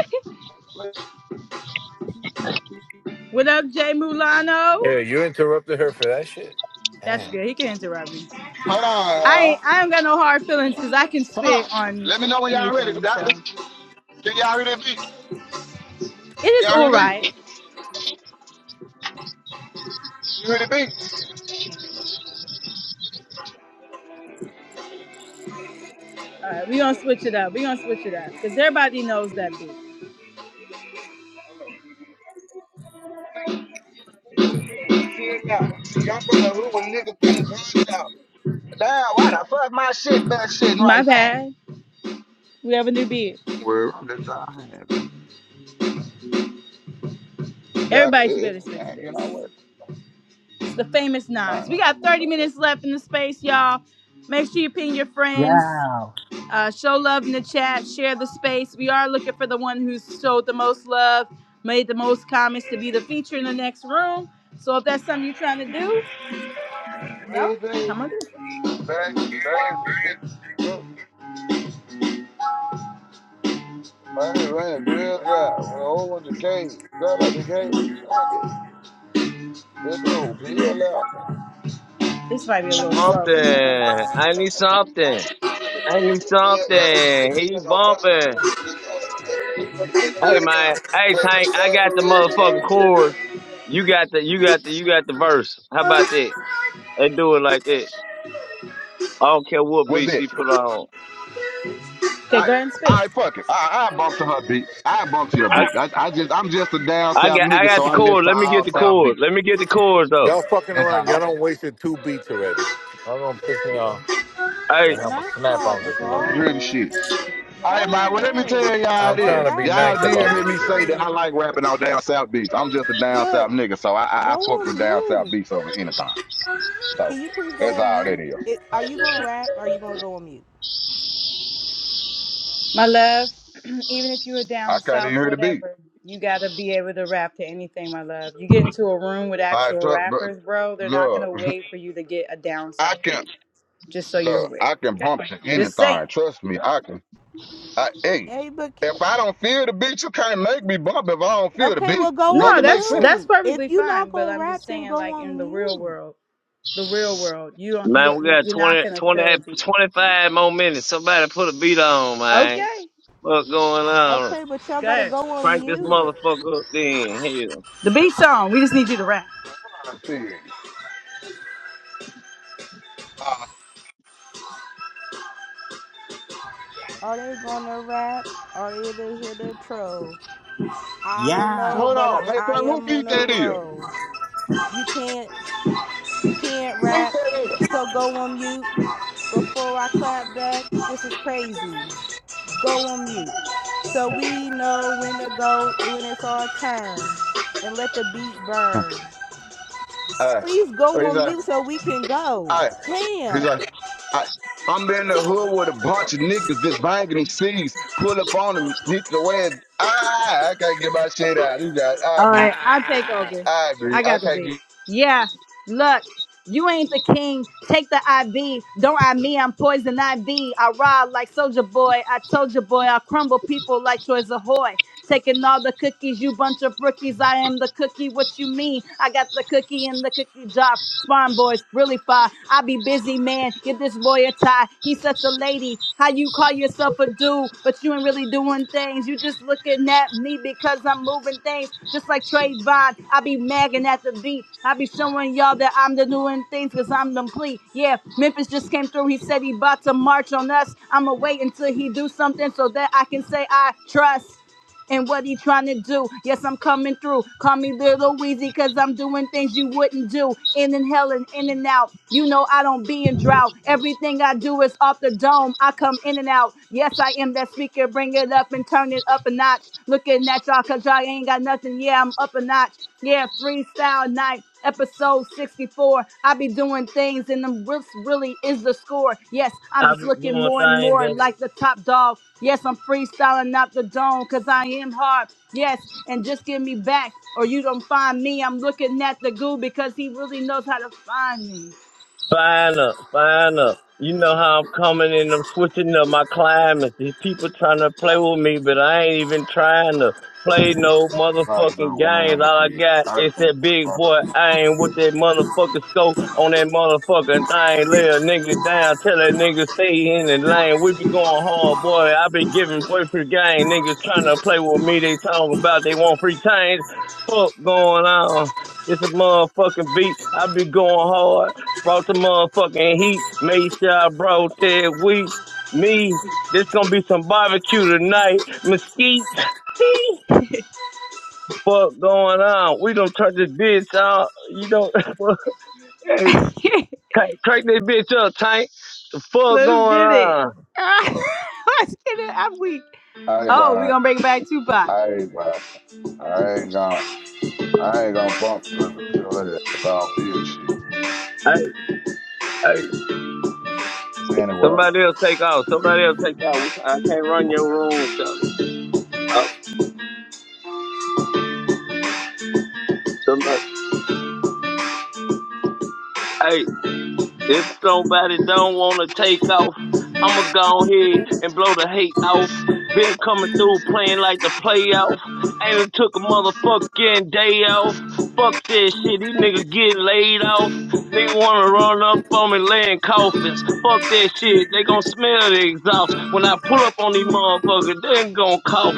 [SPEAKER 1] What up, Jay Mulano?
[SPEAKER 8] Yeah, you interrupted her for that shit.
[SPEAKER 1] That's
[SPEAKER 8] Damn.
[SPEAKER 1] good. He can interrupt me.
[SPEAKER 14] Hold on,
[SPEAKER 1] I
[SPEAKER 14] y'all.
[SPEAKER 1] ain't, I ain't got no hard feelings because I can
[SPEAKER 14] So Come
[SPEAKER 1] spit
[SPEAKER 14] on.
[SPEAKER 1] on
[SPEAKER 14] Let me know when y'all ready for
[SPEAKER 1] anything.
[SPEAKER 14] that.
[SPEAKER 1] So
[SPEAKER 14] Can y'all hear that beat?
[SPEAKER 1] it is
[SPEAKER 14] Y'all hear
[SPEAKER 1] all
[SPEAKER 14] the
[SPEAKER 1] right.
[SPEAKER 14] beat? You hear the beat?
[SPEAKER 1] All right, we gonna switch it up. We gonna switch it up because everybody knows that beat.
[SPEAKER 14] Chill out. See, y'all from the hood when niggas bring guns out. Now, why the fuck my shit best shit
[SPEAKER 1] My
[SPEAKER 14] right now?
[SPEAKER 1] bad. We have a new beat.
[SPEAKER 14] Well, that's all I have. Y'all,
[SPEAKER 1] Everybody
[SPEAKER 14] it,
[SPEAKER 1] should be
[SPEAKER 14] it,
[SPEAKER 1] able to listen to
[SPEAKER 14] and you know
[SPEAKER 1] this.
[SPEAKER 14] what?
[SPEAKER 1] It's the famous
[SPEAKER 14] I
[SPEAKER 1] Nas.
[SPEAKER 14] ain't
[SPEAKER 1] We
[SPEAKER 14] got no
[SPEAKER 1] got 30
[SPEAKER 14] problem about
[SPEAKER 1] minutes left in the space, y'all. Make sure you ping your friends.
[SPEAKER 13] Yeah.
[SPEAKER 1] Uh, show love in the chat. Share the space. We are looking for the one who showed the most love, made the most comments to be the feature in the next room. So if that's something you're trying to do,
[SPEAKER 14] that.
[SPEAKER 1] you know,
[SPEAKER 14] Crazy.
[SPEAKER 1] come on. do it.
[SPEAKER 14] bag of the face with big up. Money ran grills out with a whole bunch of caves. Fell out the caves. Fuck it. Let that whole peel
[SPEAKER 1] This might be a little
[SPEAKER 12] hoe.
[SPEAKER 1] slow for
[SPEAKER 12] something. I need something.
[SPEAKER 14] out.
[SPEAKER 12] I need something. He bumping. Hey man. Hey Tank. I got the motherfucking chorus. You got the you got the you got the verse. How about that? They do it like that. I don't care what
[SPEAKER 14] What's
[SPEAKER 12] beat
[SPEAKER 14] that?
[SPEAKER 12] she put on.
[SPEAKER 1] some.
[SPEAKER 14] I
[SPEAKER 1] Go and speak.
[SPEAKER 14] I fuck it. I I bump to her beat. I bump to your
[SPEAKER 12] I
[SPEAKER 14] beat. I, I just I'm just a down
[SPEAKER 12] I
[SPEAKER 14] south
[SPEAKER 12] got I
[SPEAKER 14] nigga,
[SPEAKER 12] got
[SPEAKER 14] so
[SPEAKER 12] the
[SPEAKER 14] I
[SPEAKER 12] chorus.
[SPEAKER 14] listen to
[SPEAKER 12] Let me get
[SPEAKER 14] all
[SPEAKER 12] the
[SPEAKER 14] south
[SPEAKER 12] chorus.
[SPEAKER 14] beats.
[SPEAKER 12] Let me get the chorus though.
[SPEAKER 8] Y'all fucking
[SPEAKER 14] That's
[SPEAKER 8] around. Y'all
[SPEAKER 14] all.
[SPEAKER 8] don't wasted two beats already. Y'all gonna piss me off, and
[SPEAKER 12] Hey
[SPEAKER 8] I'm gonna
[SPEAKER 7] Not
[SPEAKER 8] snap
[SPEAKER 7] y'all
[SPEAKER 8] on this
[SPEAKER 14] Okay, I
[SPEAKER 8] mother.
[SPEAKER 14] the
[SPEAKER 7] trolling.
[SPEAKER 14] shit. All right,
[SPEAKER 7] Go
[SPEAKER 14] man. Well, let me tell
[SPEAKER 7] away.
[SPEAKER 14] y'all
[SPEAKER 8] I'm
[SPEAKER 7] A
[SPEAKER 8] trying
[SPEAKER 14] this.
[SPEAKER 8] to be
[SPEAKER 7] rap
[SPEAKER 14] Y'all
[SPEAKER 7] or
[SPEAKER 8] nice
[SPEAKER 14] did
[SPEAKER 8] about
[SPEAKER 14] hear
[SPEAKER 8] this
[SPEAKER 14] me
[SPEAKER 8] shit.
[SPEAKER 14] say that I
[SPEAKER 7] something.
[SPEAKER 14] like rapping on down south beats. I'm just a down
[SPEAKER 7] Look,
[SPEAKER 14] south nigga, so I I, I
[SPEAKER 7] go
[SPEAKER 14] fuck
[SPEAKER 7] on
[SPEAKER 14] with down south
[SPEAKER 7] mute.
[SPEAKER 14] beats over anything.
[SPEAKER 7] Can
[SPEAKER 14] So
[SPEAKER 7] you please go
[SPEAKER 14] that's
[SPEAKER 7] on
[SPEAKER 14] all that
[SPEAKER 7] mute?
[SPEAKER 14] is.
[SPEAKER 7] It, are you gonna rap or are you gonna go on mute?
[SPEAKER 1] My love, even if you are down
[SPEAKER 14] I can't even
[SPEAKER 1] south,
[SPEAKER 14] hear the beat.
[SPEAKER 1] whatever, you gotta be able to rap to anything, my love. You get into a room with
[SPEAKER 14] Like,
[SPEAKER 1] actual
[SPEAKER 14] tr- br-
[SPEAKER 1] rappers, bro, they're not
[SPEAKER 14] look,
[SPEAKER 1] gonna wait for you to get a down
[SPEAKER 14] I
[SPEAKER 1] south,
[SPEAKER 14] can
[SPEAKER 1] just so you're
[SPEAKER 14] look.
[SPEAKER 1] aware.
[SPEAKER 14] I can bump to
[SPEAKER 1] Just
[SPEAKER 14] anything.
[SPEAKER 1] saying.
[SPEAKER 14] Trust me, I can. I hey,
[SPEAKER 7] Hey, but
[SPEAKER 14] if I don't feel the beat, you can't make me bump. If I don't feel the
[SPEAKER 7] Okay,
[SPEAKER 14] beat,
[SPEAKER 7] well go
[SPEAKER 14] make
[SPEAKER 7] on
[SPEAKER 1] No,
[SPEAKER 14] it make
[SPEAKER 1] that's
[SPEAKER 14] sense.
[SPEAKER 1] that's
[SPEAKER 7] mute. If
[SPEAKER 1] perfectly
[SPEAKER 7] you're not
[SPEAKER 1] fine. But
[SPEAKER 7] gonna
[SPEAKER 1] I'm
[SPEAKER 7] rap,
[SPEAKER 1] just
[SPEAKER 7] then
[SPEAKER 1] saying,
[SPEAKER 7] go
[SPEAKER 1] like
[SPEAKER 7] on
[SPEAKER 1] in the real
[SPEAKER 7] mute.
[SPEAKER 1] world, the real world, you don't, you
[SPEAKER 12] man,
[SPEAKER 1] don't,
[SPEAKER 12] we
[SPEAKER 1] you,
[SPEAKER 12] got
[SPEAKER 1] you're not
[SPEAKER 12] 20
[SPEAKER 1] gonna
[SPEAKER 12] 20
[SPEAKER 1] feel the beat.
[SPEAKER 12] 25 more minutes. Somebody put a beat on, man.
[SPEAKER 1] Okay,
[SPEAKER 12] What's going on?
[SPEAKER 7] Okay, but y'all gotta
[SPEAKER 1] good.
[SPEAKER 7] go on
[SPEAKER 12] Crank this
[SPEAKER 7] mute.
[SPEAKER 12] motherfucker up then. Hell.
[SPEAKER 1] The
[SPEAKER 7] You,
[SPEAKER 1] beat song. We just need you to rap.
[SPEAKER 14] I see. Uh,
[SPEAKER 7] are they gonna rap? Or Are they they here to troll? I don't
[SPEAKER 14] hey,
[SPEAKER 7] know,
[SPEAKER 14] hold
[SPEAKER 7] but I,
[SPEAKER 14] on, hey,
[SPEAKER 7] I
[SPEAKER 14] Prime, who
[SPEAKER 7] am on
[SPEAKER 14] beat
[SPEAKER 7] a
[SPEAKER 14] that is? Who
[SPEAKER 7] roll. You can't you can't
[SPEAKER 14] beat
[SPEAKER 7] rap,
[SPEAKER 14] that is?
[SPEAKER 7] so go on mute. Before I clap back, this is crazy. Go on mute, so we know when to go when it's our turn, and let the beat burn.
[SPEAKER 14] Uh,
[SPEAKER 7] Please go
[SPEAKER 14] he's
[SPEAKER 7] on
[SPEAKER 14] like,
[SPEAKER 7] mute so we can go.
[SPEAKER 14] I. He's
[SPEAKER 7] Damn.
[SPEAKER 14] like, I. I'm in the hood with a bunch of niggas just banging these C's, pull up on them, hit the way. Ah, I can't get my shit out. He's like,
[SPEAKER 1] All
[SPEAKER 14] ah,
[SPEAKER 1] right, I'll take
[SPEAKER 8] Ah!
[SPEAKER 1] over.
[SPEAKER 14] I agree.
[SPEAKER 1] I
[SPEAKER 14] I
[SPEAKER 1] got the
[SPEAKER 14] can't
[SPEAKER 1] beat.
[SPEAKER 14] get
[SPEAKER 1] Yeah, look. You ain't the king. Take the IV. Don't I me? I'm poison IV. I ride like Soldier Boy. I told you, boy. I crumble people like Troy Zahoy. Taking all the cookies, you bunch of rookies. I am the cookie. What you mean? I got the cookie in the cookie jar. Spawn boys, really far. I be busy, man. Give this boy a tie. He's such a lady. How you call yourself a dude, but you ain't really doing things. You just looking at me because I'm moving things. Just like Trayvon, I be magging at the beat. I be showing y'all that I'm the doing things because I'm complete. Yeah, Memphis just came through. He said he about to march on us. I'ma wait until he do something so that I can say I trust and what he trying to do. Yes, I'm coming through. Call me Little Weezy because I'm doing things you wouldn't do. In and hell and in and out. You know I don't be in drought. Everything I do is off the dome. I come in and out. Yes, I am that speaker. Bring it up and turn it up a notch. Looking at y'all because y'all ain't got nothing. Yeah, I'm up a notch. Yeah, freestyle night episode 64. I be doing things, and them rips really is the score. Yes, I'm
[SPEAKER 12] I've
[SPEAKER 1] just
[SPEAKER 12] been
[SPEAKER 1] looking
[SPEAKER 12] doing
[SPEAKER 1] more and
[SPEAKER 12] things
[SPEAKER 1] more
[SPEAKER 12] that
[SPEAKER 1] like the top dog. Yes, I'm freestyling out the dome because I am hard. Yes, and just give me back, or you don't find me. I'm looking at the goo because he really knows how to find me.
[SPEAKER 12] Fine up, fine up. You know how I'm coming and I'm switching up my climate. These people trying to play with me, but I ain't even trying to play no
[SPEAKER 14] Like the
[SPEAKER 12] motherfucking games.
[SPEAKER 14] wine to
[SPEAKER 12] All I
[SPEAKER 14] be.
[SPEAKER 12] got
[SPEAKER 14] I
[SPEAKER 12] is
[SPEAKER 14] go
[SPEAKER 12] that big
[SPEAKER 14] bump.
[SPEAKER 12] boy aim with that motherfucking scope on that motherfucking thing. Lay a nigga down, tell that nigga stay in the lane. We be going hard, boy. I be giving boy free game. Niggas trying to play with me. They talking about they want free change. Fuck going on. It's a motherfucking beat. I be going hard brought the motherfucking heat, made sure I brought that weed. Me, this gonna be some barbecue tonight. Mesquite, fuck going on? We done turn this bitch out. You don't, hey, crack crack this bitch up, tank. The fuck going
[SPEAKER 1] Let's get it.
[SPEAKER 12] on?
[SPEAKER 1] Let's get it. I'm weak.
[SPEAKER 14] I ain't
[SPEAKER 1] Oh, we
[SPEAKER 14] lying.
[SPEAKER 1] gonna bring back Tupac.
[SPEAKER 14] I ain't lying. I ain't gonna. I ain't gonna bump because of that if I don't feel shit.
[SPEAKER 12] Hey, hey,
[SPEAKER 14] It's anywhere.
[SPEAKER 12] somebody else take off. Somebody else take off. I can't run your room, Charlie. Oh, somebody. Hey. If somebody don't wanna take off, I'ma go ahead and blow the hate off. Been coming through playing like the playoff. Ain't took a motherfucking day off. Fuck this shit, these niggas get laid off. Nigga wanna run up on me laying coffins. Fuck that shit, they gon' smell the exhaust. When I pull up on these motherfuckers, they ain't gon' cough.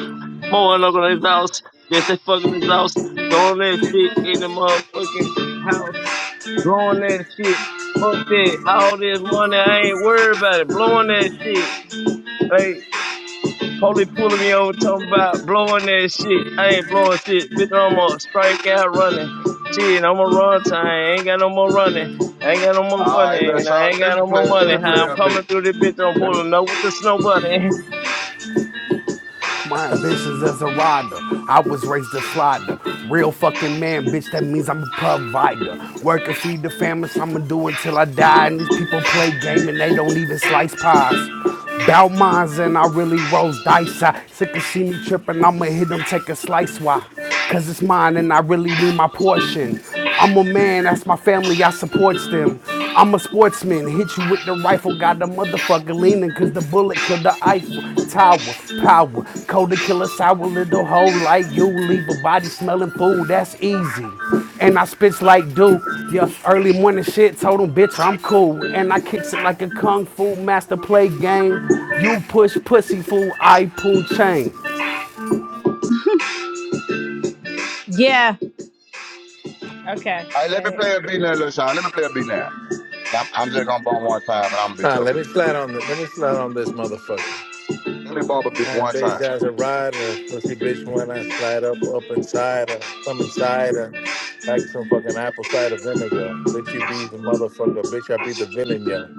[SPEAKER 12] More than gonna exhaust. That's they fucking exhaust. Throwing that shit in the motherfucking house blowing that shit. Fuck that. All this money, I ain't worried about it. Blowing that shit. Hey, police pulling me over talking about blowing that shit. I ain't blowing shit. Bitch, I'm gonna strike out running. Shit, I'm gonna run time. I ain't got no more running. I ain't got no more
[SPEAKER 14] all right,
[SPEAKER 12] funny,
[SPEAKER 14] little
[SPEAKER 12] and I
[SPEAKER 14] Sean.
[SPEAKER 12] ain't
[SPEAKER 14] Let
[SPEAKER 12] got
[SPEAKER 14] me
[SPEAKER 12] no
[SPEAKER 14] play
[SPEAKER 12] more
[SPEAKER 14] let me
[SPEAKER 12] money.
[SPEAKER 14] play
[SPEAKER 12] How I'm
[SPEAKER 14] a
[SPEAKER 12] coming
[SPEAKER 14] beat.
[SPEAKER 12] through this bitch, I'm
[SPEAKER 14] Let me
[SPEAKER 12] pulling up with the snow bunny.
[SPEAKER 15] My ambitions as a rider. I was raised a slider. Real fucking man, bitch. That means I'm a provider. Work and feed the family. so I'ma do until I die. And these people play game and they don't even slice pies. Bout mines and I really rolls dice. I sick of see me tripping. I'ma hit them, take a slice. Why? Cause it's mine and I really need my portion. I'm a man, that's my family, I supports them. I'm a sportsman, hit you with the rifle, got the motherfucker leaning. 'Cause the bullet killed the Eiffel Tower. Power, cold to kill a sour little hoe like you, leave a body smelling food, that's easy. And I spits like do, yeah, early morning shit, told him, bitch, I'm cool. And I kicks it like a kung fu master play game. You push pussy fool, I pull chain.
[SPEAKER 1] Yeah. Okay.
[SPEAKER 14] all right, let me
[SPEAKER 1] Wait.
[SPEAKER 14] play a beat now, little Sean. Let me play a beat now. And I'm I'm just gonna bump one time and I'm gonna be
[SPEAKER 8] Nah, let
[SPEAKER 14] through.
[SPEAKER 8] me slide on the, let me slide on this motherfucker.
[SPEAKER 14] Let me bump a beat
[SPEAKER 8] And
[SPEAKER 14] one
[SPEAKER 8] bitch
[SPEAKER 14] time.
[SPEAKER 8] as a rider, pussy bitch when I slide up up inside her, come inside her, like some fucking apple cider vinegar. Bitch, you be the motherfucker. Bitch, I be the villain, yo.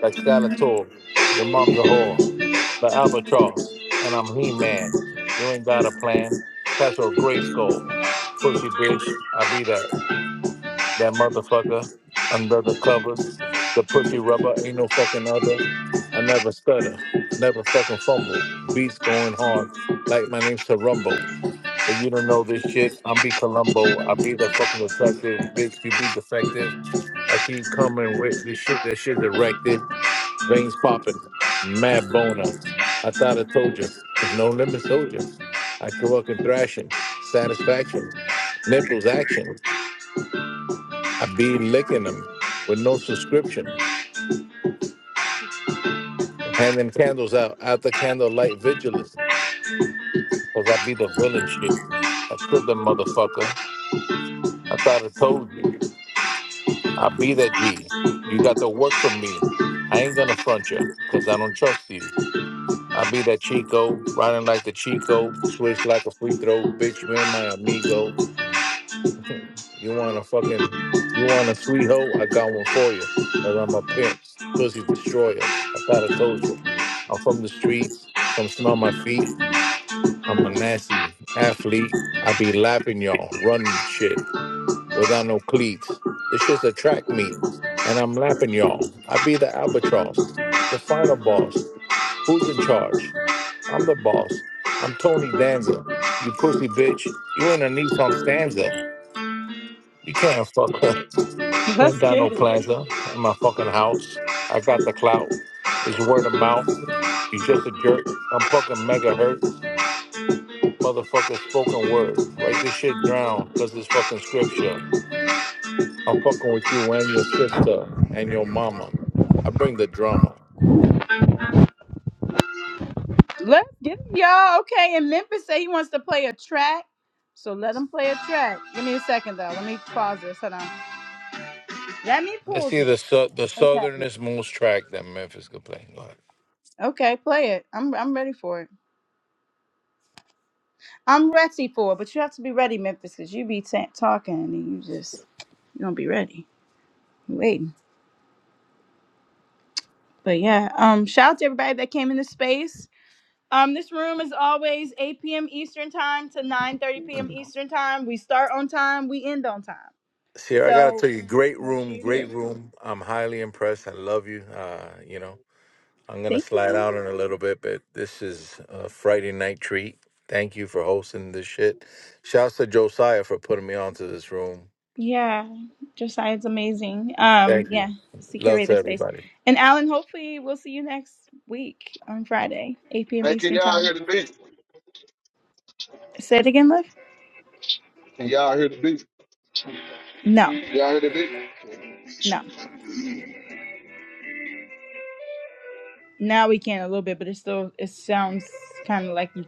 [SPEAKER 8] Like Skeletor, your mom's a whore, the albatross, and I'm He Man. You ain't got a plan. That's your gray skull, pussy bitch. I be that. That motherfucker under the covers, the pussy rubber, ain't no fucking other. I never stutter, never fucking fumble. Beats going hard, like my name's Tarumbo. But you don't know this shit. I'm be Columbo. I be the fucking detective, bitch. You be defective. I keep coming with this shit. That shit's erected, veins popping, mad boner. I thought I told you, no limit soldier. I can work in thrashing, satisfaction, nipples action. I be licking them with no subscription, handing candles out after candlelight vigilance, because I be the villain shit. I killed them motherfucker. I thought I told you. I be that G. You got to work from me. I ain't gonna front you, because I don't trust you. I be that Chico, riding like the Chico, switch like a free throw, bitch, you ain't my amigo. You want a fucking, you want a sweet hoe? I got one for you. Cause I'm a pimp, pussy destroyer. I thought I told you. I'm from the streets. Come smell my feet. I'm a nasty athlete. I be lapping y'all, running shit without no cleats. This shit's a track meet, and I'm lapping y'all. I be the albatross, the final boss. Who's in charge? I'm the boss. I'm Tony Danza. You pussy bitch. You in a Nissan Stanza. You can't fuck. I ain't
[SPEAKER 1] Let's
[SPEAKER 8] got no
[SPEAKER 1] get
[SPEAKER 8] plaza in my fucking house. I got the clout. It's word of mouth. You just a jerk. I'm fucking megahertz. Motherfucker spoken word. Write this shit down because it's fucking scripture. I'm fucking with you and your sister and your mama. I bring the
[SPEAKER 1] it.
[SPEAKER 8] drama.
[SPEAKER 1] Let's get it, y'all. Okay, and Memphis say he wants to play a track. So let him play a track. Give me a second though. Let me pause this. Hold on. Let me
[SPEAKER 8] Let's
[SPEAKER 1] pause
[SPEAKER 8] see the
[SPEAKER 1] it.
[SPEAKER 8] su- the
[SPEAKER 1] Okay.
[SPEAKER 8] southernest most track that Memphis could play. Go ahead.
[SPEAKER 1] Okay, play it. I'm I'm ready for it. I'm ready for it, but you have to be ready, Memphis, because you be ta talking and you just you don't be ready. You waiting. But yeah, um, shout out to everybody that came into space. Um, this room is always 8 p.m. Eastern time to 9:30 p.m. Eastern time. We start on time, we end on time.
[SPEAKER 8] Sierra, I gotta
[SPEAKER 1] So
[SPEAKER 8] tell you, great
[SPEAKER 1] make sure
[SPEAKER 8] room,
[SPEAKER 1] you're
[SPEAKER 8] great
[SPEAKER 1] here.
[SPEAKER 8] room. I'm highly impressed. I love you. Uh, you know. I'm gonna
[SPEAKER 1] Thank you.
[SPEAKER 8] slide out
[SPEAKER 1] Ellen.
[SPEAKER 8] in a little bit, but this is a Friday night treat. Thank you for hosting this shit. Shouts to Josiah for putting me onto this room.
[SPEAKER 1] Yeah, Josiah's amazing. Um,
[SPEAKER 8] Thank
[SPEAKER 1] yeah,
[SPEAKER 8] you. Love
[SPEAKER 1] curator
[SPEAKER 8] to
[SPEAKER 1] space.
[SPEAKER 8] everybody.
[SPEAKER 1] And Alan, hopefully we'll see you next week on Friday, 8 p.m.
[SPEAKER 14] Hey, can
[SPEAKER 1] Eastern
[SPEAKER 14] y'all
[SPEAKER 1] time.
[SPEAKER 14] hear the beat?
[SPEAKER 1] Say it again, Liv.
[SPEAKER 14] Can y'all hear the beat?
[SPEAKER 1] No,
[SPEAKER 14] Y'all hear the beat?
[SPEAKER 1] no. Now we can a little bit, but it still it sounds kind of like you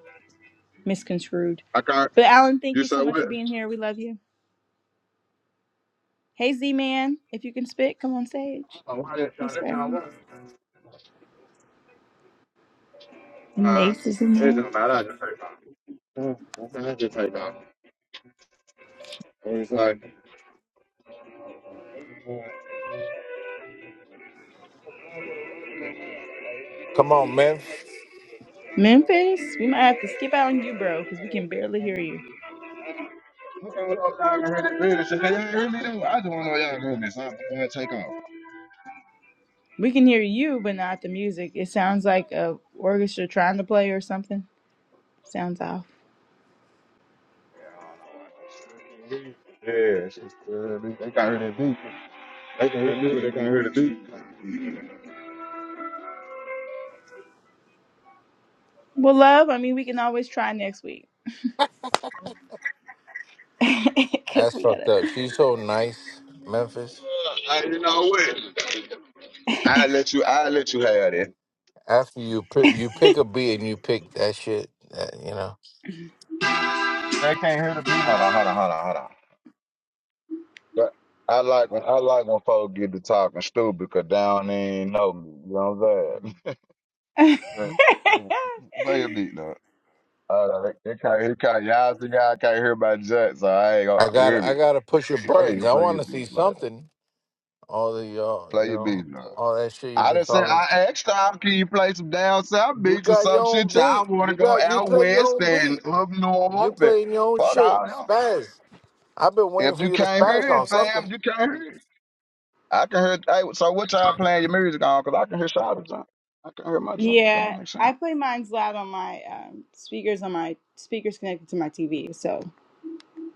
[SPEAKER 1] misconstrued.
[SPEAKER 14] I can't
[SPEAKER 1] But Alan, thank
[SPEAKER 14] you
[SPEAKER 1] you so
[SPEAKER 14] said
[SPEAKER 1] much
[SPEAKER 14] what?
[SPEAKER 1] for being here. We love you. Hey Z Man, if you can spit, come on stage.
[SPEAKER 14] Oh, why that
[SPEAKER 1] Hey
[SPEAKER 14] Sean? That Sean
[SPEAKER 1] Spider-Man.
[SPEAKER 14] what?
[SPEAKER 1] And
[SPEAKER 14] Uh,
[SPEAKER 1] Nace is in
[SPEAKER 14] it
[SPEAKER 1] there.
[SPEAKER 14] don't matter. right now. It's like
[SPEAKER 8] Come on, Memphis.
[SPEAKER 1] Memphis, we might have to skip out on you, bro, because we can barely hear you.
[SPEAKER 14] I'm trying to upload and run the building. like, y'all really do. I just want to know y'all doing this. I'm gonna take off.
[SPEAKER 1] We can hear you, but not the music. It sounds like a orchestra trying to play or something. Sounds off.
[SPEAKER 14] Yeah, it's just, uh, they they got rid of the beat. They can hear me, but they can't hear the beat.
[SPEAKER 1] Well, love. I mean, we can always try next week because
[SPEAKER 8] That's
[SPEAKER 1] we
[SPEAKER 8] fucked
[SPEAKER 1] gotta.
[SPEAKER 8] up. She's so nice, Memphis.
[SPEAKER 14] Uh, you know what? I let you. I let you have it.
[SPEAKER 8] After you pick, you pick a beat and you pick that shit. That, you know.
[SPEAKER 14] They can't hear the beat. Hold on, hold on, hold on, hold on. But I like when I like when folks get to talking stupid because they don't even know me. You know what I'm saying? But, yeah, Play a beat, though. Oh, no, they, they can't, he can't, y'all see me, I can't hear my jet, so I ain't gonna
[SPEAKER 8] I got
[SPEAKER 14] hear
[SPEAKER 8] to I
[SPEAKER 14] me.
[SPEAKER 8] got to push your
[SPEAKER 14] Go ahead,
[SPEAKER 8] buttons. I
[SPEAKER 14] play
[SPEAKER 8] want
[SPEAKER 14] your
[SPEAKER 8] to
[SPEAKER 14] beat,
[SPEAKER 8] see
[SPEAKER 14] man.
[SPEAKER 8] something. All the uh, you
[SPEAKER 14] Play your
[SPEAKER 8] know,
[SPEAKER 14] beat, man.
[SPEAKER 8] all that shit you've
[SPEAKER 14] I
[SPEAKER 8] been
[SPEAKER 14] done said,
[SPEAKER 8] talking.
[SPEAKER 14] I asked y'all, can you play some down south
[SPEAKER 8] You
[SPEAKER 14] beats or
[SPEAKER 8] got your
[SPEAKER 14] some
[SPEAKER 8] own
[SPEAKER 14] shit? Y'all
[SPEAKER 8] beat.
[SPEAKER 14] wanna
[SPEAKER 8] You
[SPEAKER 14] go
[SPEAKER 8] got you
[SPEAKER 14] out
[SPEAKER 8] play your
[SPEAKER 14] west
[SPEAKER 8] own beat.
[SPEAKER 14] and up
[SPEAKER 8] You
[SPEAKER 14] north and
[SPEAKER 8] playing your own
[SPEAKER 14] fuck
[SPEAKER 8] shit.
[SPEAKER 14] all y'all.
[SPEAKER 8] Spaz. I've been waiting
[SPEAKER 14] If
[SPEAKER 8] for
[SPEAKER 14] you
[SPEAKER 8] you to
[SPEAKER 14] can't
[SPEAKER 8] spaz
[SPEAKER 14] hear it,
[SPEAKER 8] on
[SPEAKER 14] fam,
[SPEAKER 8] something.
[SPEAKER 14] you can't hear it. I can hear, hey, so what y'all playing your music on? Cause I can hear Shawty's joint. I can hear my joint. Don't that
[SPEAKER 1] yeah,
[SPEAKER 14] make
[SPEAKER 1] I
[SPEAKER 14] sense?
[SPEAKER 1] play mine loud on my um, speakers on my speakers connected to my TV, so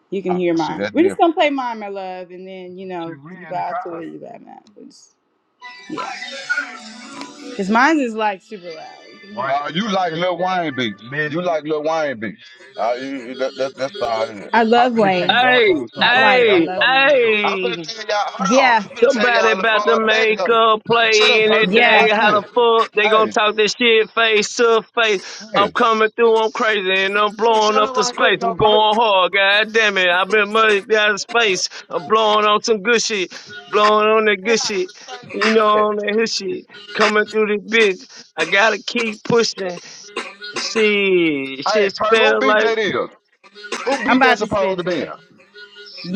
[SPEAKER 1] you can
[SPEAKER 14] Ah,
[SPEAKER 1] hear
[SPEAKER 14] see,
[SPEAKER 1] mine.
[SPEAKER 14] that's
[SPEAKER 1] We're just
[SPEAKER 14] different.
[SPEAKER 1] gonna play mine, my love, and then you
[SPEAKER 14] Shit,
[SPEAKER 1] know
[SPEAKER 14] we
[SPEAKER 1] you
[SPEAKER 14] in the
[SPEAKER 1] bow to
[SPEAKER 14] car.
[SPEAKER 1] it, you bow not. We yeah, because mine is like super loud. You can hear
[SPEAKER 14] Right. Uh,
[SPEAKER 1] it.
[SPEAKER 14] you like Lil Wayne beats. Mid. You like Lil Wayne beats. Yeah. Uh, you, you- that, that, that's how it is.
[SPEAKER 1] I
[SPEAKER 14] I
[SPEAKER 1] love
[SPEAKER 14] really can't
[SPEAKER 1] Wayne.
[SPEAKER 14] rap on
[SPEAKER 12] Hey,
[SPEAKER 14] some
[SPEAKER 1] Not
[SPEAKER 14] somebody
[SPEAKER 1] like I
[SPEAKER 14] else.
[SPEAKER 12] hey,
[SPEAKER 14] stuff.
[SPEAKER 1] love Wayne.
[SPEAKER 14] You I'm gonna
[SPEAKER 12] hey.
[SPEAKER 14] tell y'all. Hold on.
[SPEAKER 1] Yeah,
[SPEAKER 14] I'm gonna tell
[SPEAKER 12] Somebody
[SPEAKER 14] y'all the
[SPEAKER 12] about to
[SPEAKER 14] fun fact
[SPEAKER 12] make
[SPEAKER 14] though.
[SPEAKER 12] a
[SPEAKER 14] Shut
[SPEAKER 12] play
[SPEAKER 14] up,
[SPEAKER 12] any
[SPEAKER 14] Perk.
[SPEAKER 1] yeah.
[SPEAKER 12] day.
[SPEAKER 14] Watch
[SPEAKER 12] How
[SPEAKER 14] this.
[SPEAKER 12] the fuck they gonna
[SPEAKER 14] Hey,
[SPEAKER 12] talk this shit face to face? I'm
[SPEAKER 14] hey.
[SPEAKER 12] coming through, I'm crazy, and I'm blowing
[SPEAKER 14] Shut
[SPEAKER 12] up
[SPEAKER 14] up
[SPEAKER 12] the
[SPEAKER 14] right
[SPEAKER 12] space.
[SPEAKER 14] quick
[SPEAKER 12] I'm
[SPEAKER 14] though, Perk.
[SPEAKER 12] going hard, god damn it. I've been muddy out of space. I'm blowing on some good shit, blowing on that
[SPEAKER 14] Yeah,
[SPEAKER 12] good shit.
[SPEAKER 14] I
[SPEAKER 12] You
[SPEAKER 14] ain't
[SPEAKER 12] know,
[SPEAKER 14] doing
[SPEAKER 12] on that his shit. Coming through this bitch. I gotta keep pushing. Shit,
[SPEAKER 14] that. Hey,
[SPEAKER 12] shit
[SPEAKER 14] Perk, who
[SPEAKER 12] spell
[SPEAKER 14] beat
[SPEAKER 12] like.
[SPEAKER 14] that is? Who
[SPEAKER 1] I'm
[SPEAKER 14] beat that
[SPEAKER 1] about to
[SPEAKER 14] supposed
[SPEAKER 1] spit
[SPEAKER 14] to
[SPEAKER 1] to
[SPEAKER 14] be?
[SPEAKER 1] it.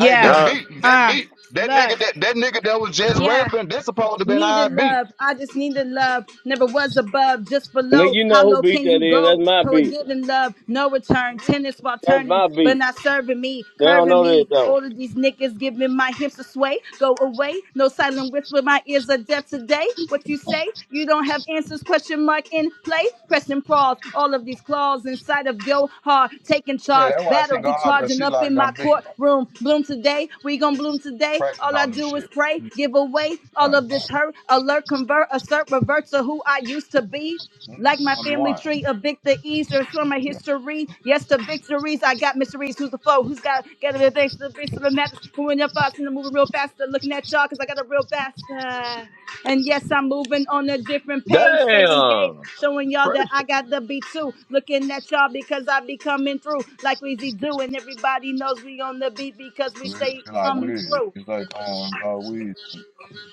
[SPEAKER 14] Hey, that
[SPEAKER 12] Uh,
[SPEAKER 14] beat, that
[SPEAKER 1] Uh,
[SPEAKER 14] beat, that
[SPEAKER 1] look.
[SPEAKER 14] nigga, that, that nigga that was just
[SPEAKER 1] Yeah.
[SPEAKER 14] rapping, that's supposed to been our
[SPEAKER 1] Needed
[SPEAKER 14] beat.
[SPEAKER 1] love, I just needed love. Never was above, just
[SPEAKER 12] nigga,
[SPEAKER 1] below.
[SPEAKER 12] you
[SPEAKER 1] How
[SPEAKER 12] know who
[SPEAKER 1] low
[SPEAKER 12] beat
[SPEAKER 1] can you
[SPEAKER 12] that is.
[SPEAKER 1] go?
[SPEAKER 12] That's my
[SPEAKER 1] For a
[SPEAKER 12] beat.
[SPEAKER 1] given love, no return. Tennis while
[SPEAKER 12] That's
[SPEAKER 1] turning,
[SPEAKER 12] my
[SPEAKER 1] but
[SPEAKER 12] beat.
[SPEAKER 1] not serving me,
[SPEAKER 12] They don't
[SPEAKER 1] curving
[SPEAKER 12] know that
[SPEAKER 1] me.
[SPEAKER 12] though.
[SPEAKER 1] All of these niggas giving my hips a sway. Go away, no silent whisper. My ears are deaf today. What you say? You don't have answers? Question mark in play. Pressing pause, all of these claws inside of your heart. Taking
[SPEAKER 14] Yeah,
[SPEAKER 1] charge,
[SPEAKER 14] that's why she
[SPEAKER 1] battery
[SPEAKER 14] gone out, cause
[SPEAKER 1] charging
[SPEAKER 14] she
[SPEAKER 1] up
[SPEAKER 14] like
[SPEAKER 1] in my
[SPEAKER 14] them beats.
[SPEAKER 1] courtroom. Bloom today, we gon' bloom today.
[SPEAKER 14] practice
[SPEAKER 1] All I
[SPEAKER 14] on them
[SPEAKER 1] do is
[SPEAKER 14] shit.
[SPEAKER 1] pray.
[SPEAKER 14] You
[SPEAKER 1] Give away all
[SPEAKER 14] fine.
[SPEAKER 1] of this hurt, alert, convert, assert, revert to who I used to be.
[SPEAKER 14] You just
[SPEAKER 1] Like my
[SPEAKER 14] can't be
[SPEAKER 1] family
[SPEAKER 14] wine.
[SPEAKER 1] tree, evict the easters from my history. Yes, to victories. I got mysteries. Who's the foe? Who's got gather the things to the base of the map? Who in your thoughts and I'm moving real fast? I'm Looking at y'all because I got a real bastard. And yes, I'm moving on a different page. Stay engaged,
[SPEAKER 12] Damn.
[SPEAKER 1] showing y'all
[SPEAKER 12] What
[SPEAKER 1] that I got the beat too. Looking at y'all because I be coming through like Weezy do. And everybody knows we on the beat because we
[SPEAKER 14] It's
[SPEAKER 1] stay
[SPEAKER 14] like
[SPEAKER 1] coming
[SPEAKER 14] Weezy.
[SPEAKER 1] through.
[SPEAKER 14] It's like um, uh, Weezy.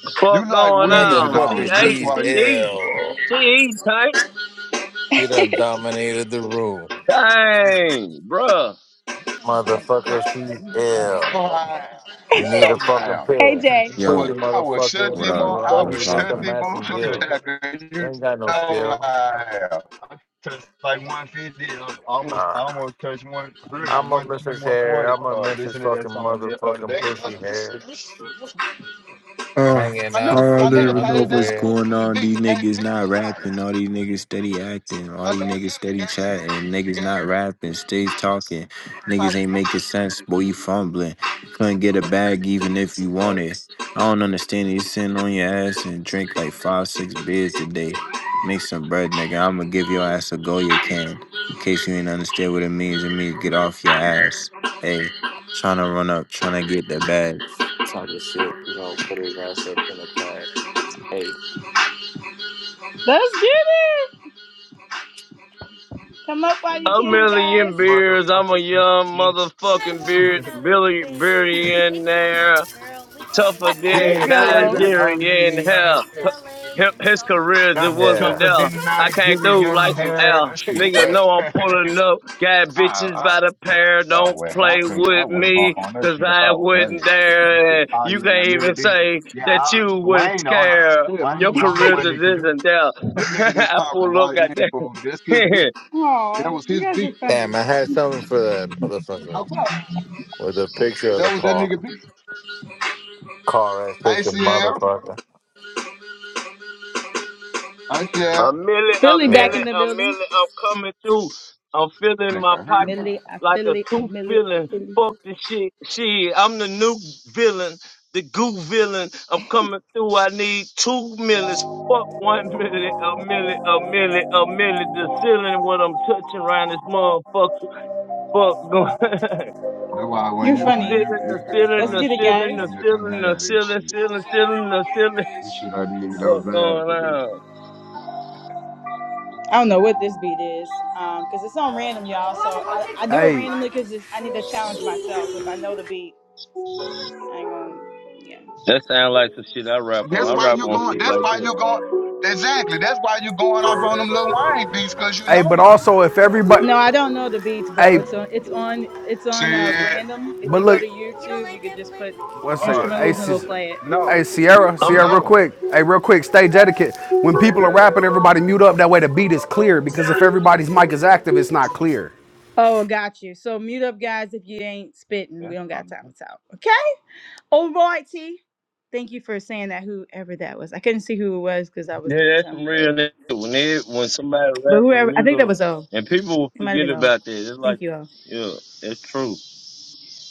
[SPEAKER 12] the fuck
[SPEAKER 14] You like
[SPEAKER 12] going
[SPEAKER 14] Weezy,
[SPEAKER 12] on? She
[SPEAKER 8] Motherfucker,
[SPEAKER 14] darling. That's
[SPEAKER 12] ate.
[SPEAKER 8] she's
[SPEAKER 12] She
[SPEAKER 14] why you.
[SPEAKER 12] eating.
[SPEAKER 8] ill.
[SPEAKER 12] She eating tight.
[SPEAKER 8] You done dominated the room.
[SPEAKER 14] No,
[SPEAKER 12] Dang, bruh.
[SPEAKER 14] I'm not gonna. Look,
[SPEAKER 8] Motherfucker, she's
[SPEAKER 14] you know, you know how
[SPEAKER 8] ill.
[SPEAKER 14] I am.
[SPEAKER 8] You
[SPEAKER 14] You
[SPEAKER 8] need
[SPEAKER 14] know
[SPEAKER 8] a
[SPEAKER 14] how
[SPEAKER 8] fucking
[SPEAKER 14] I am.
[SPEAKER 1] Hey,
[SPEAKER 8] pill.
[SPEAKER 1] Jay.
[SPEAKER 14] I was,
[SPEAKER 8] Pussy
[SPEAKER 16] Yo,
[SPEAKER 14] I was shut
[SPEAKER 8] motherfucker.
[SPEAKER 16] what
[SPEAKER 14] them
[SPEAKER 16] up?
[SPEAKER 14] on.
[SPEAKER 8] You
[SPEAKER 14] I
[SPEAKER 8] out
[SPEAKER 12] Fuck.
[SPEAKER 16] What's
[SPEAKER 14] was
[SPEAKER 8] here with the
[SPEAKER 14] shut
[SPEAKER 16] poppin'?
[SPEAKER 14] them
[SPEAKER 8] mass and
[SPEAKER 14] motherfucking
[SPEAKER 8] gill.
[SPEAKER 14] down. You
[SPEAKER 8] You
[SPEAKER 14] know
[SPEAKER 8] ain't got no
[SPEAKER 14] how
[SPEAKER 8] skill.
[SPEAKER 14] I am. Touched like 150, um, almost,
[SPEAKER 8] Uh,
[SPEAKER 14] almost touched one, really? like
[SPEAKER 8] I'm a
[SPEAKER 14] 120,
[SPEAKER 8] Mrs. Hair.
[SPEAKER 14] 140.
[SPEAKER 8] I'm a
[SPEAKER 14] Uh,
[SPEAKER 8] Mrs.
[SPEAKER 14] listen to that
[SPEAKER 8] fucking
[SPEAKER 14] song the other
[SPEAKER 8] motherfucking
[SPEAKER 14] day.
[SPEAKER 8] pussy hair.
[SPEAKER 16] Uh,
[SPEAKER 8] Hanging
[SPEAKER 14] My
[SPEAKER 16] I
[SPEAKER 14] nigga,
[SPEAKER 8] out
[SPEAKER 14] my
[SPEAKER 8] in
[SPEAKER 16] don't
[SPEAKER 8] your
[SPEAKER 14] nigga
[SPEAKER 16] even know
[SPEAKER 14] paid
[SPEAKER 16] what's
[SPEAKER 14] damn
[SPEAKER 8] underwear.
[SPEAKER 14] food
[SPEAKER 16] going
[SPEAKER 14] for the
[SPEAKER 16] on.
[SPEAKER 14] beat.
[SPEAKER 16] These
[SPEAKER 14] He gave the
[SPEAKER 16] niggas
[SPEAKER 14] victim
[SPEAKER 16] not
[SPEAKER 14] a wire.
[SPEAKER 16] rapping. All these niggas steady acting. All
[SPEAKER 14] My nigga
[SPEAKER 16] these niggas
[SPEAKER 14] literally
[SPEAKER 16] steady
[SPEAKER 14] gave,
[SPEAKER 16] chatting. Niggas
[SPEAKER 14] gave
[SPEAKER 16] not rapping. Stays talking.
[SPEAKER 14] that's how
[SPEAKER 16] Niggas
[SPEAKER 14] he
[SPEAKER 16] ain't
[SPEAKER 14] got.
[SPEAKER 16] making sense. Boy, you fumbling. Couldn't get a
[SPEAKER 14] it.
[SPEAKER 16] bag even if you
[SPEAKER 14] That's crazy.
[SPEAKER 16] wanted. I don't understand. it. You sitting on your ass and drink like five, six beers today. Make some bread, nigga. I'm gonna give your ass a go you can. In case you ain't understand what it means, it means get off your ass. Hey, trying to run up, trying to get the bag talking shit, you know, put his ass up in the past. Hey,
[SPEAKER 1] Let's get it. Come up
[SPEAKER 14] That's
[SPEAKER 1] while
[SPEAKER 14] my
[SPEAKER 1] you
[SPEAKER 12] A
[SPEAKER 1] can,
[SPEAKER 14] shit.
[SPEAKER 1] guys.
[SPEAKER 12] million beers. I'm a
[SPEAKER 14] Motherfucking he,
[SPEAKER 12] young
[SPEAKER 14] he.
[SPEAKER 12] motherfucking beer, Billy billionaire. tougher than
[SPEAKER 14] Yeah, that was that
[SPEAKER 12] Nigerian
[SPEAKER 14] Alhamdulillah.
[SPEAKER 12] hell. Hi- His career just
[SPEAKER 14] Not
[SPEAKER 12] wasn't
[SPEAKER 8] Yeah.
[SPEAKER 14] tougher
[SPEAKER 12] there.
[SPEAKER 14] than
[SPEAKER 12] I came through
[SPEAKER 14] Nigerian
[SPEAKER 12] like some
[SPEAKER 14] hair.
[SPEAKER 12] L.
[SPEAKER 14] That shit
[SPEAKER 12] Nigga
[SPEAKER 14] whack.
[SPEAKER 12] know I'm
[SPEAKER 14] I,
[SPEAKER 12] pulling up. Got bitches
[SPEAKER 14] I,
[SPEAKER 12] by the
[SPEAKER 14] that shit
[SPEAKER 12] pair.
[SPEAKER 14] so
[SPEAKER 12] Don't
[SPEAKER 14] whack. I
[SPEAKER 12] play
[SPEAKER 14] couldn't, I
[SPEAKER 12] with
[SPEAKER 14] wouldn't
[SPEAKER 12] me,
[SPEAKER 14] bump on that
[SPEAKER 12] cause
[SPEAKER 14] shit if I
[SPEAKER 12] I
[SPEAKER 14] was playing
[SPEAKER 12] wouldn't
[SPEAKER 14] that shit. That shit.
[SPEAKER 12] dare.
[SPEAKER 14] whack.
[SPEAKER 12] And
[SPEAKER 14] Oh
[SPEAKER 12] You
[SPEAKER 14] yeah, that
[SPEAKER 12] can't
[SPEAKER 14] Millie
[SPEAKER 12] even
[SPEAKER 14] Dixon.
[SPEAKER 12] say
[SPEAKER 14] Yeah,
[SPEAKER 12] that
[SPEAKER 14] I,
[SPEAKER 12] you wouldn't
[SPEAKER 14] Wayne on.
[SPEAKER 12] scare. Your
[SPEAKER 14] Wayne the only
[SPEAKER 12] career
[SPEAKER 14] one
[SPEAKER 12] just
[SPEAKER 14] that can do.
[SPEAKER 12] isn't there.
[SPEAKER 14] That nigga that's
[SPEAKER 12] I
[SPEAKER 14] talking
[SPEAKER 12] pull up,
[SPEAKER 14] right now
[SPEAKER 12] goddamn.
[SPEAKER 14] for that's his beat. That
[SPEAKER 1] Oh,
[SPEAKER 14] was
[SPEAKER 1] you
[SPEAKER 14] his
[SPEAKER 1] guys are
[SPEAKER 14] beat.
[SPEAKER 1] funny.
[SPEAKER 8] Damn, I had something for
[SPEAKER 14] Mm.
[SPEAKER 8] that motherfucker.
[SPEAKER 14] No doubt.
[SPEAKER 8] with a picture of
[SPEAKER 14] That
[SPEAKER 8] the
[SPEAKER 14] was that
[SPEAKER 8] car.
[SPEAKER 14] nigga beat.
[SPEAKER 8] Car ass picture,
[SPEAKER 14] ICL.
[SPEAKER 8] motherfucker.
[SPEAKER 12] A
[SPEAKER 14] ICL.
[SPEAKER 12] million, a
[SPEAKER 1] Philly back
[SPEAKER 8] Yeah.
[SPEAKER 12] million,
[SPEAKER 1] in the
[SPEAKER 12] a
[SPEAKER 1] building.
[SPEAKER 12] million. I'm coming through. I'm feeling
[SPEAKER 14] Nigga,
[SPEAKER 12] my
[SPEAKER 14] I
[SPEAKER 1] I
[SPEAKER 14] heard
[SPEAKER 12] pockets
[SPEAKER 14] mine.
[SPEAKER 1] Millie, I
[SPEAKER 12] like a
[SPEAKER 1] Philly, I
[SPEAKER 12] tooth
[SPEAKER 1] Millie, I
[SPEAKER 12] feeling.
[SPEAKER 1] Philly.
[SPEAKER 12] Fuck the shit. Shit, I'm the new villain, the goo villain. I'm coming through. I need two millions. Fuck one million, a million, a million, a million. The ceiling, what I'm touching around this motherfucker. Fuck going.
[SPEAKER 14] That's why when
[SPEAKER 1] You're
[SPEAKER 14] you
[SPEAKER 12] The
[SPEAKER 14] when
[SPEAKER 1] funny.
[SPEAKER 12] ceiling,
[SPEAKER 14] you you
[SPEAKER 12] the
[SPEAKER 14] hear the
[SPEAKER 12] ceiling,
[SPEAKER 1] Let's
[SPEAKER 14] same
[SPEAKER 12] the
[SPEAKER 1] get it,
[SPEAKER 14] shit,
[SPEAKER 12] ceiling,
[SPEAKER 1] guys.
[SPEAKER 12] the
[SPEAKER 14] you just don't
[SPEAKER 12] ceiling, the
[SPEAKER 14] have this
[SPEAKER 12] ceiling, ceiling,
[SPEAKER 14] shit.
[SPEAKER 12] ceiling, ceiling, the ceiling.
[SPEAKER 14] This shit I did that was
[SPEAKER 12] Fuck
[SPEAKER 14] bad
[SPEAKER 12] going
[SPEAKER 14] for me.
[SPEAKER 12] on.
[SPEAKER 1] I don't know what this
[SPEAKER 14] Mm.
[SPEAKER 1] beat is, um, cause it's on random, y'all. So I, I do it
[SPEAKER 15] Hey,
[SPEAKER 1] randomly, cause it's, I need to challenge myself. If I know the beat, I ain't gonna, yeah.
[SPEAKER 12] That sound like some shit I rap on.
[SPEAKER 14] That's
[SPEAKER 12] I
[SPEAKER 14] why
[SPEAKER 12] rap
[SPEAKER 14] you
[SPEAKER 12] on
[SPEAKER 14] going
[SPEAKER 12] shit
[SPEAKER 14] that's
[SPEAKER 12] like
[SPEAKER 14] why
[SPEAKER 12] this.
[SPEAKER 14] you going exactly. That's why you going off on them little Wayne beats cause you
[SPEAKER 15] hey,
[SPEAKER 14] know
[SPEAKER 15] but
[SPEAKER 14] 'em.
[SPEAKER 15] also if everybody
[SPEAKER 1] No, I don't know the beats, bro.
[SPEAKER 15] Hey,
[SPEAKER 1] It's on, it's on, it's on uh,
[SPEAKER 14] Shit.
[SPEAKER 1] random. If
[SPEAKER 15] but
[SPEAKER 1] you go to
[SPEAKER 15] look,
[SPEAKER 1] YouTube, you could just put
[SPEAKER 15] one second.
[SPEAKER 14] Oh, the
[SPEAKER 15] Hey,
[SPEAKER 1] instrumentals and it'll
[SPEAKER 14] motherfucker.
[SPEAKER 1] play it.
[SPEAKER 14] No,
[SPEAKER 15] hey, Sierra,
[SPEAKER 12] I'm
[SPEAKER 15] Sierra, real
[SPEAKER 14] no.
[SPEAKER 15] quick. Hey, real quick, stage etiquette. When people are rapping, everybody mute up. That way the beat is clear because if everybody's mic is active, it's not clear.
[SPEAKER 1] Oh, got you. So mute up, guys, if you ain't spitting. We
[SPEAKER 14] That's
[SPEAKER 1] don't got
[SPEAKER 14] promising.
[SPEAKER 1] time to talk. Okay? All righty. Thank you for saying that, whoever that was. I couldn't see who it was because I was
[SPEAKER 12] yeah,
[SPEAKER 1] doing
[SPEAKER 12] that's some
[SPEAKER 1] something,
[SPEAKER 12] real
[SPEAKER 1] but
[SPEAKER 12] nigga. When they, when somebody
[SPEAKER 1] but
[SPEAKER 12] rap on
[SPEAKER 1] whoever, I think that
[SPEAKER 12] music
[SPEAKER 1] was O.
[SPEAKER 12] and people will
[SPEAKER 1] It might have
[SPEAKER 12] forget
[SPEAKER 1] been O.
[SPEAKER 12] about that. It's like
[SPEAKER 1] Thank you, O.
[SPEAKER 12] yeah, it's true.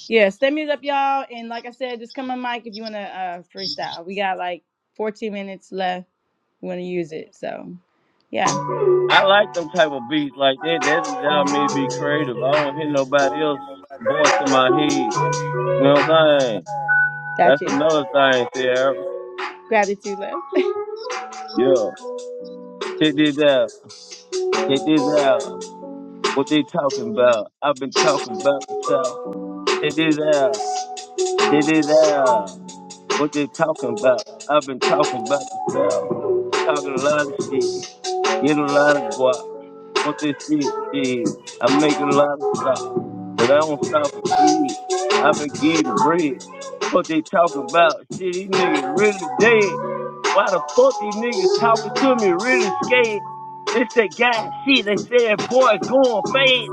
[SPEAKER 1] Yeah, stay muted up, y'all. And like I said, just come on mic if you want to uh, freestyle. We got like 14 minutes left. We want to use it. So, yeah,
[SPEAKER 12] I like them type of beats like that. That allow me to be creative. I don't hear nobody else voice in my head. You know what I'm saying?
[SPEAKER 1] got
[SPEAKER 12] That's
[SPEAKER 1] you.
[SPEAKER 12] another thing, Sierra.
[SPEAKER 1] Gratitude left.
[SPEAKER 12] Yeah. Check this out. Check this out. What they talking about. I've been talking about the South. Check this out. It is um, what they talking about. I've been talking about myself, talking a lot of shit, get a lot of guap. What they shit is, I make a lot of stuff. But I don't stop a shit. I've been getting bread. What they talking about? Shit, these niggas really dead. Why the fuck these niggas talking to me really scared? It's that guy shit. They said, boy, going fast.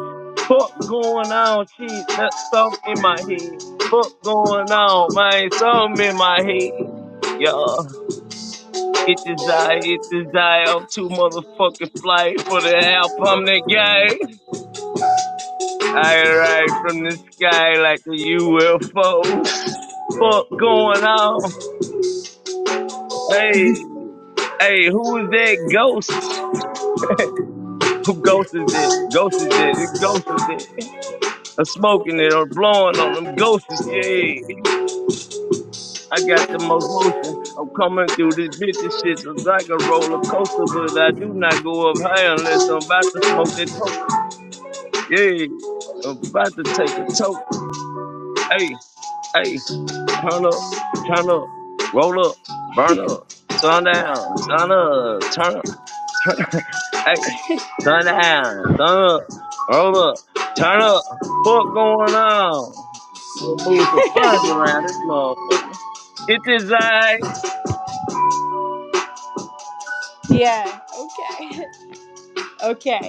[SPEAKER 12] Fuck going on, shit. That's something in my head. Fuck going on, man. Something in my head. Yeah. It desire, it desire. I'm too motherfucking fly for the help. I'm that guy. I ride from the sky like the UFOs. Fuck going on? Hey, hey, who is that ghost? Who ghost is that? Ghost is that? The ghost is that? I'm smoking it or blowing on them ghosts. Yeah, I got the most motion. I'm coming through this bitch. This shit is like a roller coaster, but I do not go up high unless I'm about to smoke that toke. Yeah, I'm about to take a toke. Hey, hey. turn up, turn up, roll up, burn up, sun down, sun up, turn up, turn up, hey, sun down, sun up, roll up, turn up, fuck going on? We'll move some funds around this motherfucker. Get this eye.
[SPEAKER 1] yeah, okay. Okay.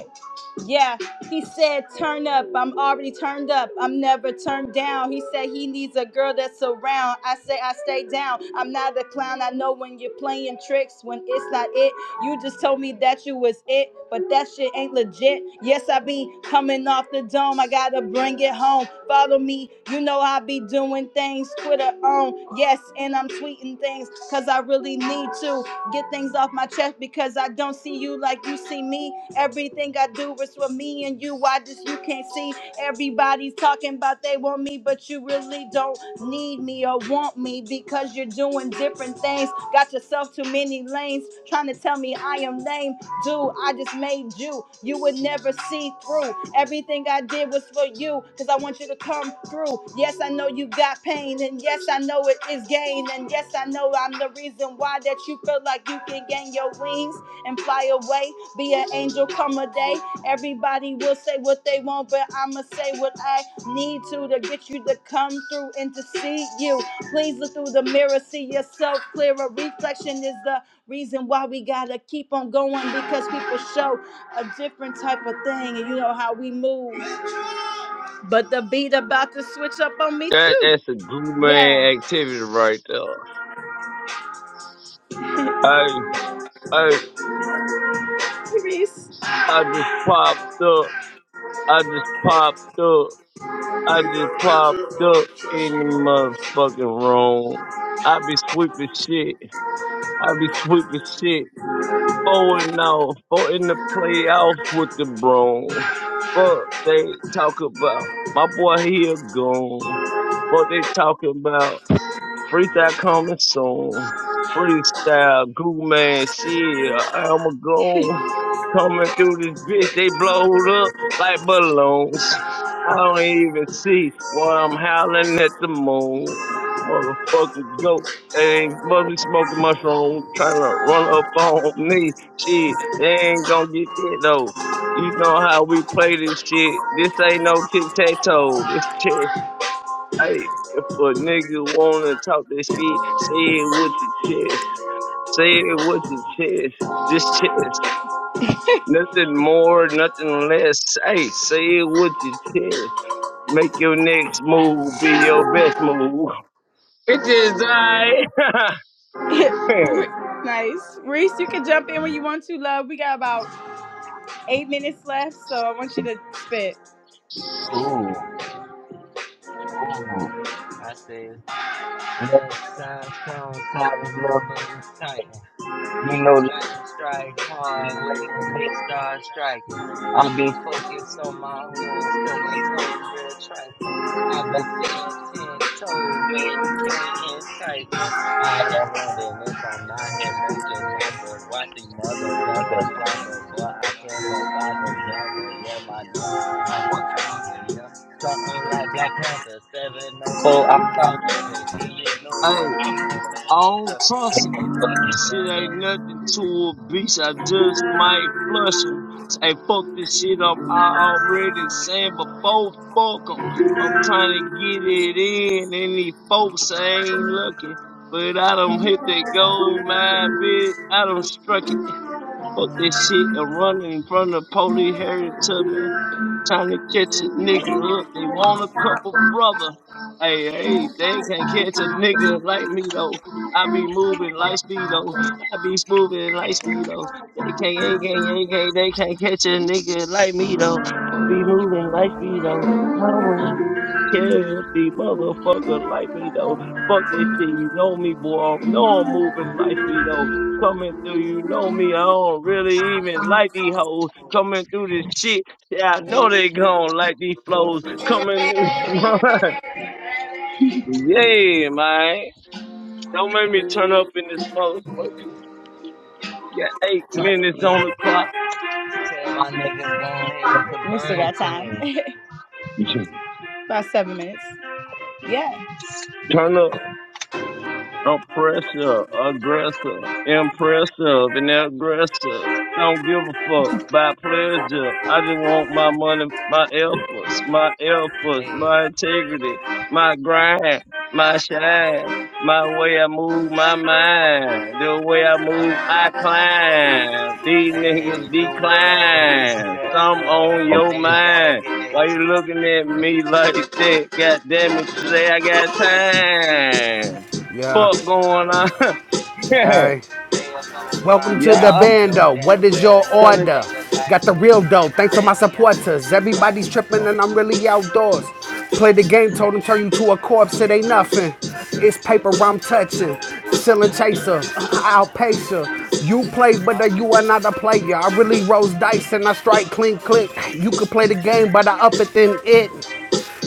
[SPEAKER 1] Yeah, he said, Turn up. I'm already turned up. I'm never turned down. He said he needs a girl that's around. I say, I stay down. I'm not a clown. I know when you're playing tricks, when it's not it. You just told me that you was it, but that shit ain't legit. Yes, I be coming off the dome. I gotta bring it home. Follow me. You know I be doing things. Twitter on. Yes, and I'm tweeting things because I really need to get things off my chest because I don't see you like you see me. Everything I do is for me and you. Why just you can't see? Everybody's talking about they want me, but you really don't need me or want me because you're doing different things. Got yourself too many lanes trying to tell me I am lame. Dude, I just made you. You would never see through. Everything I did was for you because I want you to come through. Yes, I know you got pain, and yes, I know it is gain, and yes, I know I'm the reason why that you feel like you can gain your wings and fly away. Be an angel come a day. Everybody will say what they want, but I'ma say what I need to to get you to come through and to see you. Please look through the mirror, see yourself clearer. Reflection is the reason why we gotta keep on going because people show a different type of thing, and you know how we move. But the beat about to switch up on me
[SPEAKER 12] That,
[SPEAKER 1] too.
[SPEAKER 12] that's a good
[SPEAKER 1] Yeah.
[SPEAKER 12] man activity right there. Hey, hey,
[SPEAKER 1] Reese.
[SPEAKER 12] I just popped up. I just popped up. I just popped up in the motherfucking room. I be sweeping shit. I be sweeping shit. Four and out. Four in the playoffs with the broom. Fuck they talk about. My boy here gone. What they talking about? Freestyle coming soon. Freestyle, goo man, shit. I'm a gone. Coming through this bitch, they blowed up like balloons. I don't even see why I'm howling at the moon. Motherfucking goat. They must be smoking mushroom, trying to run up on me. Shit, they ain't gonna get that though. You know how we play this shit. This ain't no tic tac toe. This chest. Hey, if a nigga wanna talk this shit, say it with your chest. Say it with your chest. This chest. Nothing more, nothing less. Hey, say it with your chest. Make your next move be your best move. It is I. hey,
[SPEAKER 1] nice. Reese, you can jump in when you want to, love. We got about eight minutes left, so I want you to spit.
[SPEAKER 17] Ooh, ooh. I say, left side strong, so I remember the Titans. You know, lightning strike hard when that bitch start striking. i been focused on my hoes, cause these hoes real trifling. i been staying ten toes, man, you can't entice me. I am wondering if I'm out here making numbers. Watch these motherfuckers plunder, boy. I came up out the jungle, yeah, my name is like Wakanda, yeah. Something like Black Panther, 704, I call heaven. Yeah, you know that
[SPEAKER 12] I
[SPEAKER 17] I'm gon' man up
[SPEAKER 12] don't
[SPEAKER 17] to
[SPEAKER 12] trust
[SPEAKER 17] and
[SPEAKER 12] him.
[SPEAKER 17] they fucking
[SPEAKER 12] This shit
[SPEAKER 17] stand
[SPEAKER 12] ain't
[SPEAKER 17] ups.
[SPEAKER 12] nothing to a beast. I just might flush him. Hey, fuck this shit up. I already saying before, fuck him. I'm trying to get it in, and these folks ain't looking. But I don't hit that gold mine, bitch. I don't struck it. Fuck this shit and running in front of police Harry Tubman trying to catch a
[SPEAKER 17] Hey,
[SPEAKER 12] nigga up. They want a couple brother. Hey, hey, they can catch a nigga like me though. I be moving light speed though. I be smoothing light
[SPEAKER 17] huh?
[SPEAKER 12] speed though. They can't, ain't, can't, ain't, can't, they can't catch a nigga like me though. I be moving light speed though. I don't care if the motherfucker like me though. Fuck this shit, you know me, boy. I know I'm moving light speed though coming through. You know me, I don't really even like these hoes coming through this shit. Yeah, I know they gone like these flows coming in. yeah, man. Don't make me turn up in this motherfucker. Yeah, eight
[SPEAKER 17] turn up
[SPEAKER 12] minutes on
[SPEAKER 17] then.
[SPEAKER 12] the clock.
[SPEAKER 17] Tell my niggas go ahead with the
[SPEAKER 1] We still
[SPEAKER 17] burner
[SPEAKER 1] got time.
[SPEAKER 17] twins.
[SPEAKER 12] You should
[SPEAKER 1] about seven minutes. Yeah.
[SPEAKER 17] Hey,
[SPEAKER 12] Turn up. oppressor, aggressor, impressive, and aggressor. Don't give a fuck by pleasure. I just want my money, my efforts, my efforts,
[SPEAKER 17] hey,
[SPEAKER 12] my integrity, my grind, my shine, my way I move, my mind, the way I
[SPEAKER 17] yup.
[SPEAKER 12] move, I climb. These
[SPEAKER 17] Hey,
[SPEAKER 12] niggas
[SPEAKER 17] do whatever to be
[SPEAKER 12] decline. Some on
[SPEAKER 17] successful.
[SPEAKER 12] your
[SPEAKER 17] Nigga gotta
[SPEAKER 12] mind.
[SPEAKER 17] get that,
[SPEAKER 12] Why you looking at
[SPEAKER 17] Hey,
[SPEAKER 12] me like that? God damn it, today I got time
[SPEAKER 15] Yeah.
[SPEAKER 12] fuck
[SPEAKER 17] ah,
[SPEAKER 12] going on.
[SPEAKER 15] Hey.
[SPEAKER 17] Stay up on my
[SPEAKER 15] Welcome to
[SPEAKER 12] yeah,
[SPEAKER 15] the
[SPEAKER 17] grind.
[SPEAKER 12] I'm
[SPEAKER 17] Knowing
[SPEAKER 15] bando. What
[SPEAKER 17] damn
[SPEAKER 15] is
[SPEAKER 17] well a
[SPEAKER 15] your
[SPEAKER 17] young
[SPEAKER 12] trying
[SPEAKER 15] order?
[SPEAKER 17] nigga like
[SPEAKER 15] Got the real
[SPEAKER 17] me
[SPEAKER 15] dough.
[SPEAKER 17] just
[SPEAKER 15] Thanks for my
[SPEAKER 17] really out
[SPEAKER 15] supporters.
[SPEAKER 17] his mind.
[SPEAKER 15] Everybody's tripping and
[SPEAKER 17] Oh,
[SPEAKER 15] I'm really outdoors. Play the game, told them turn you to a corpse. It ain't nothing.
[SPEAKER 17] okay.
[SPEAKER 15] It's paper I'm touching. Ceiling chaser, outpacer. You play, but uh,
[SPEAKER 17] Uh,
[SPEAKER 15] you are not a player. I really rose dice and I strike clean click. You could play the game, but I up it than it.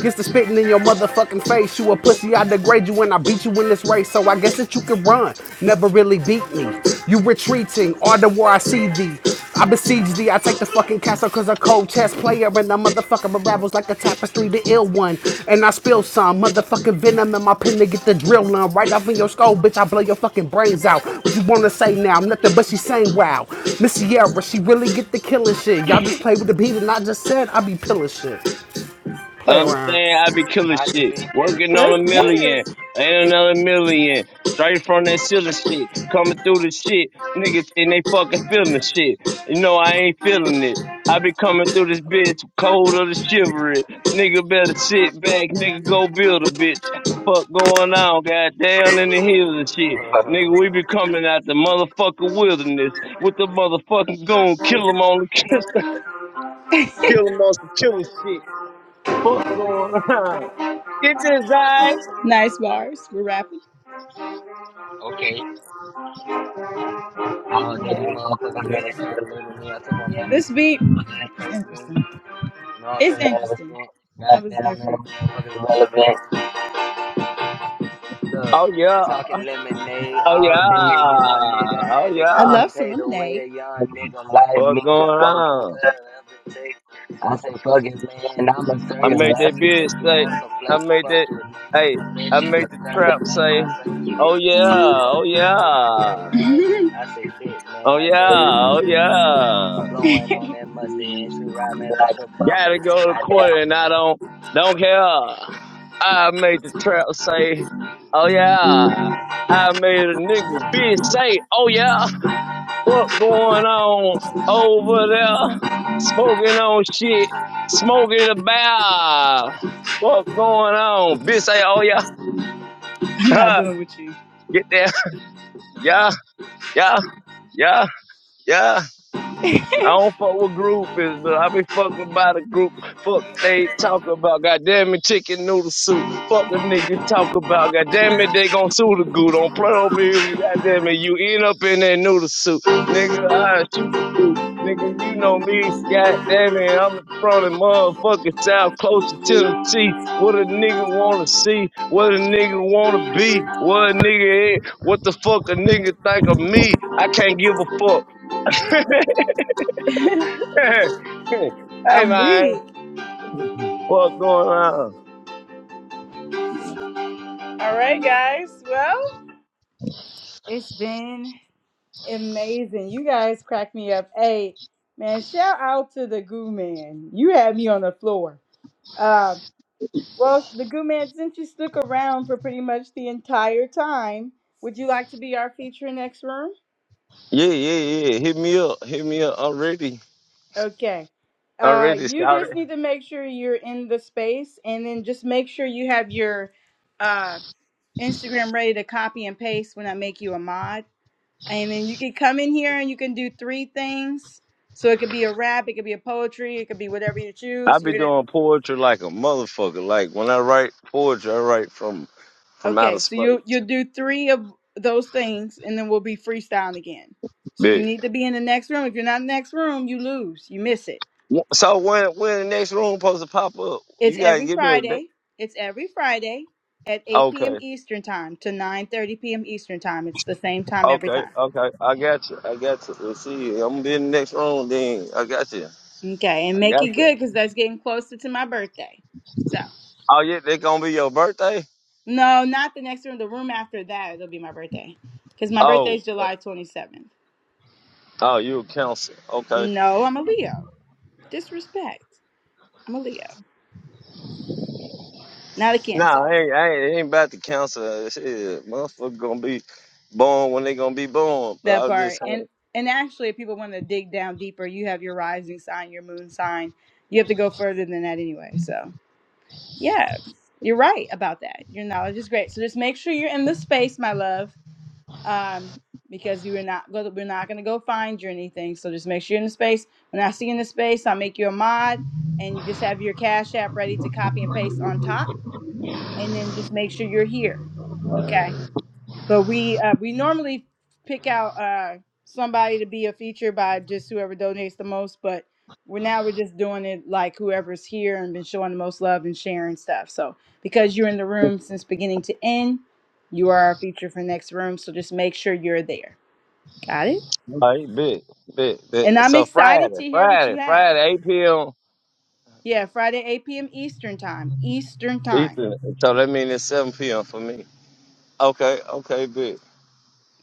[SPEAKER 15] Gets to spitting in your
[SPEAKER 17] okay.
[SPEAKER 15] motherfucking face. You a pussy, I degrade you and I beat you in this race. So I guess that you can run. Never really beat me. You retreating, all the war I see thee. I besiege thee, I take the fucking castle cause a cold chess player and the motherfucker unravels like a tapestry, the ill one. And I spill some motherfucking venom in my pen to get the drill on right off in your skull, bitch. I blow your fucking brains out. What you wanna say now? Nothing but she saying wow. Miss Sierra, she
[SPEAKER 17] Hmm,
[SPEAKER 15] really get the killing shit. Y'all just play with the beat and I just said I be pilling shit.
[SPEAKER 12] to
[SPEAKER 15] Play
[SPEAKER 17] hmm.
[SPEAKER 15] around.
[SPEAKER 12] understand. I be killing
[SPEAKER 17] I just
[SPEAKER 12] shit,
[SPEAKER 17] be killing
[SPEAKER 12] working
[SPEAKER 1] Let's
[SPEAKER 12] on a
[SPEAKER 17] shit,
[SPEAKER 1] get
[SPEAKER 17] god.
[SPEAKER 12] million
[SPEAKER 1] it.
[SPEAKER 12] and another million, straight from that ceiling shit, coming through the shit, niggas and they fucking feeling the shit. You know I ain't feeling it. I be coming through this bitch, cold or the chivalry. Nigga better sit back, nigga go build a bitch. Fuck going on, goddamn in the hills and shit. Nigga, we be coming out the motherfucking wilderness with the motherfucking goon, kill 'em on the Kill him on some killer shit. Fuck going on. Get this guy.
[SPEAKER 1] Nice bars. We're rapping.
[SPEAKER 17] okay. All day, these
[SPEAKER 1] Yeah.
[SPEAKER 17] motherfuckers really try to label me. I told my
[SPEAKER 1] yeah
[SPEAKER 17] mama,
[SPEAKER 1] this
[SPEAKER 17] go on
[SPEAKER 1] beat
[SPEAKER 17] here, just
[SPEAKER 1] is
[SPEAKER 17] pray for me.
[SPEAKER 1] interesting.
[SPEAKER 17] You know what
[SPEAKER 1] It's
[SPEAKER 17] I'm saying? Ever
[SPEAKER 1] interesting.
[SPEAKER 17] since.
[SPEAKER 1] That was
[SPEAKER 17] Goddamn, man, the
[SPEAKER 1] different.
[SPEAKER 17] motherfuckers relevant. Look,
[SPEAKER 12] Oh yeah.
[SPEAKER 17] talking lemonade
[SPEAKER 12] Oh
[SPEAKER 17] all
[SPEAKER 12] yeah.
[SPEAKER 17] day. A young nigga
[SPEAKER 12] Oh
[SPEAKER 17] had to
[SPEAKER 1] I
[SPEAKER 12] yeah.
[SPEAKER 17] go and
[SPEAKER 1] love to
[SPEAKER 17] pay the way
[SPEAKER 1] lemonade.
[SPEAKER 17] a young nigga like
[SPEAKER 12] Fuck
[SPEAKER 17] me just
[SPEAKER 12] going
[SPEAKER 17] gon' do
[SPEAKER 12] on.
[SPEAKER 17] whatever it takes. I say, fuck it, man. I'ma serve
[SPEAKER 12] I
[SPEAKER 17] your
[SPEAKER 12] made
[SPEAKER 17] ass
[SPEAKER 12] that
[SPEAKER 17] and
[SPEAKER 12] bitch
[SPEAKER 17] shake you
[SPEAKER 12] say.
[SPEAKER 17] want some
[SPEAKER 12] I
[SPEAKER 17] plate.
[SPEAKER 12] made
[SPEAKER 17] Fuck
[SPEAKER 12] that.
[SPEAKER 17] it, man. You
[SPEAKER 12] Hey,
[SPEAKER 17] know that
[SPEAKER 12] I
[SPEAKER 17] shit
[SPEAKER 12] made the trap
[SPEAKER 17] disgusting, man. I
[SPEAKER 12] say.
[SPEAKER 17] serve them
[SPEAKER 12] Oh
[SPEAKER 17] niggas
[SPEAKER 12] yeah. Oh
[SPEAKER 17] motherfucking flow.
[SPEAKER 12] yeah.
[SPEAKER 1] I'm
[SPEAKER 17] Irritation. I say, shit,
[SPEAKER 12] Oh
[SPEAKER 17] man. I
[SPEAKER 12] yeah.
[SPEAKER 17] tell that bitch
[SPEAKER 12] Oh
[SPEAKER 17] to suck it. I'm
[SPEAKER 12] yeah.
[SPEAKER 17] blowing on that musty and she ride me like a
[SPEAKER 12] Gotta
[SPEAKER 17] buffet.
[SPEAKER 12] go to court
[SPEAKER 17] Goddamn,
[SPEAKER 12] and I don't don't care. I made the trap
[SPEAKER 17] man.
[SPEAKER 12] say. Oh yeah. I made a nigga bitch say. Oh yeah. What going on over there? Smoking on shit. Smoking about. What going on? Bitch say, oh yeah.
[SPEAKER 1] not
[SPEAKER 12] Huh.
[SPEAKER 1] doing with you.
[SPEAKER 12] Get there. Yeah. Yeah. Yeah. Yeah. I don't fuck with groupies, but I be fucking by the group. Fuck they talk about. Goddamn it, chicken noodle soup. Fuck a nigga talk about. Goddamn it, they gon' sue the goo. Don't play over here. Goddamn it, you end up in that noodle soup. Nigga, I shoot the dude. Nigga, you know me. Goddamn it, I'm from the motherfucking South, close to Tennessee. What a nigga wanna see, what a nigga wanna be, what a nigga is, what the fuck a nigga think of me. I can't give a fuck. hey
[SPEAKER 1] I'm
[SPEAKER 12] man,
[SPEAKER 1] weak.
[SPEAKER 12] what's going on?
[SPEAKER 1] All right, guys. Well, it's been Amazing. You guys crack me up. Hey, man, shout out to the goo man. You had me on the floor. Uh, well, the goo man, since you stuck around for pretty much the entire time, would you like to be our feature next room?
[SPEAKER 12] Yeah, yeah, yeah. Hit me up. Hit me up. I'm ready.
[SPEAKER 1] Okay.
[SPEAKER 12] I'm
[SPEAKER 1] Uh,
[SPEAKER 12] ready,
[SPEAKER 1] you
[SPEAKER 12] shout it.
[SPEAKER 1] just need to make sure you're in the space and then just make sure you have your uh, Instagram ready to copy and paste when I make you a mod And then you can come in here and you can do three things. So it could be a rap, it could be a poetry, it could be whatever you
[SPEAKER 12] I
[SPEAKER 1] choose.
[SPEAKER 12] be
[SPEAKER 1] You're gonna
[SPEAKER 12] doing poetry like a motherfucker. Like when I write poetry, I write from from outer
[SPEAKER 1] okay. So you
[SPEAKER 12] space.
[SPEAKER 1] you'll do three of those things, and then we'll be freestyling again. So you
[SPEAKER 12] Big.
[SPEAKER 1] need to be in the next room. If you're not in the next room, you lose. You miss it.
[SPEAKER 12] So when when the next room supposed to pop up?
[SPEAKER 1] It's
[SPEAKER 12] You gotta
[SPEAKER 1] every
[SPEAKER 12] give me a date.
[SPEAKER 1] Friday. It's every Friday at 8 p.m.
[SPEAKER 12] Okay.
[SPEAKER 1] Eastern time to 9:30 p.m. Eastern time. It's the same time every
[SPEAKER 12] Okay.
[SPEAKER 1] time.
[SPEAKER 12] Okay. I got you. I got you. Let's see. I'm gonna be in the next room then. I got you.
[SPEAKER 1] Okay, and
[SPEAKER 12] I
[SPEAKER 1] make it
[SPEAKER 12] got you.
[SPEAKER 1] good because that's getting closer to my birthday. So.
[SPEAKER 12] Oh yeah, they gonna be your birthday?
[SPEAKER 1] No, not the next room. The room after that, it'll be my birthday. Because my birthday
[SPEAKER 12] Oh.
[SPEAKER 1] is July 27th.
[SPEAKER 12] Oh, you a counselor. Okay.
[SPEAKER 1] No, I'm a Leo. Disrespect. I'm a Leo, not a
[SPEAKER 12] Nah,
[SPEAKER 1] Cancer.
[SPEAKER 12] I ain't, I ain't, it ain't about the counsel. Shit, motherfucker gonna be born when they gonna be born. But I
[SPEAKER 1] That
[SPEAKER 12] was just
[SPEAKER 1] part. And
[SPEAKER 12] saying.
[SPEAKER 1] and actually, if people want to dig down deeper, you have your rising sign, your moon sign. You have to go further than that anyway. So, yeah, you're right about that. Your knowledge is great. So just make sure you're in the space, my love. um, because you are not go, we're not gonna go find you or anything. So just make sure you're in the space. When I see you in the space, I'll make you a mod and just have your cash app ready to copy and paste on top, and then just make sure you're here. Okay. But we uh, we normally pick out uh, somebody to be a feature by just whoever donates the most. But we're now we're just doing it like whoever's here and been showing the most love and sharing stuff. So because you're in the room since beginning to end, you are our feature for next room. So just make sure you're there. Got it.
[SPEAKER 12] All right, bit, bit,
[SPEAKER 1] And
[SPEAKER 12] bit.
[SPEAKER 1] I'm
[SPEAKER 12] So
[SPEAKER 1] excited
[SPEAKER 12] Friday,
[SPEAKER 1] to hear what
[SPEAKER 12] Friday,
[SPEAKER 1] you have.
[SPEAKER 12] Friday, 8 p.m.
[SPEAKER 1] Yeah, Friday 8 p.m. Eastern time. Eastern time.
[SPEAKER 12] Eastern. So that means it's 7 p.m. for me. Okay, okay, bit.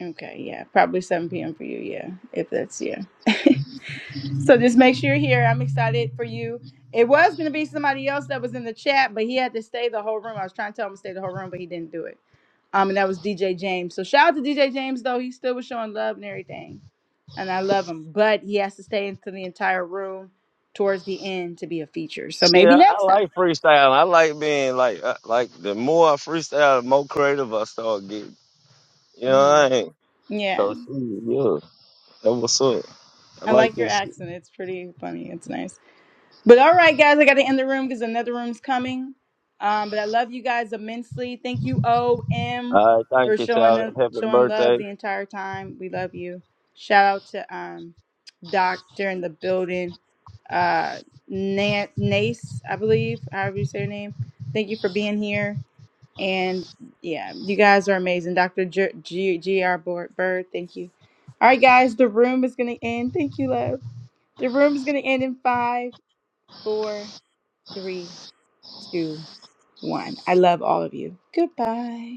[SPEAKER 1] Okay, yeah, probably 7 p.m. for you. Yeah, if that's yeah. So just make sure you're here. I'm excited for you. It was going to be somebody else that was in the chat, but he had to stay the whole room. I was trying to tell him to stay the whole room, but he didn't do it. Um, and that was DJ James. So shout out to DJ James though. He still was showing love and everything, and I love him. But he has to stay into the entire room towards the end to be a feature. So
[SPEAKER 12] Shit,
[SPEAKER 1] maybe
[SPEAKER 12] I,
[SPEAKER 1] next
[SPEAKER 12] I
[SPEAKER 1] time.
[SPEAKER 12] like freestyling. I like being like, uh, like the more I freestyle, the more creative I start getting. You know
[SPEAKER 1] Mm.
[SPEAKER 12] what I mean? So
[SPEAKER 1] Yeah,
[SPEAKER 12] shit, yeah, that what's up. I
[SPEAKER 1] I
[SPEAKER 12] like
[SPEAKER 1] like your
[SPEAKER 12] this shit.
[SPEAKER 1] accent. It's pretty funny. It's nice. But all right, guys, I got to end the room because another room's coming. Um, but I love you guys immensely. Thank you, OM,
[SPEAKER 12] All right,
[SPEAKER 1] for
[SPEAKER 12] thank you,
[SPEAKER 1] showing
[SPEAKER 12] child.
[SPEAKER 1] the
[SPEAKER 12] Happy
[SPEAKER 1] showing
[SPEAKER 12] birthday.
[SPEAKER 1] love the entire time. We love you. Shout out to um Doctor in the building, uh Na- Nace, I believe, however you say your name. Thank you for being here. And yeah, you guys are amazing. Dr. G- G.R. Bor- Bird, thank you. All right, guys, the room is going to end. Thank you, love. The room is going to end in five, four three, two, one. I love all of you. Goodbye.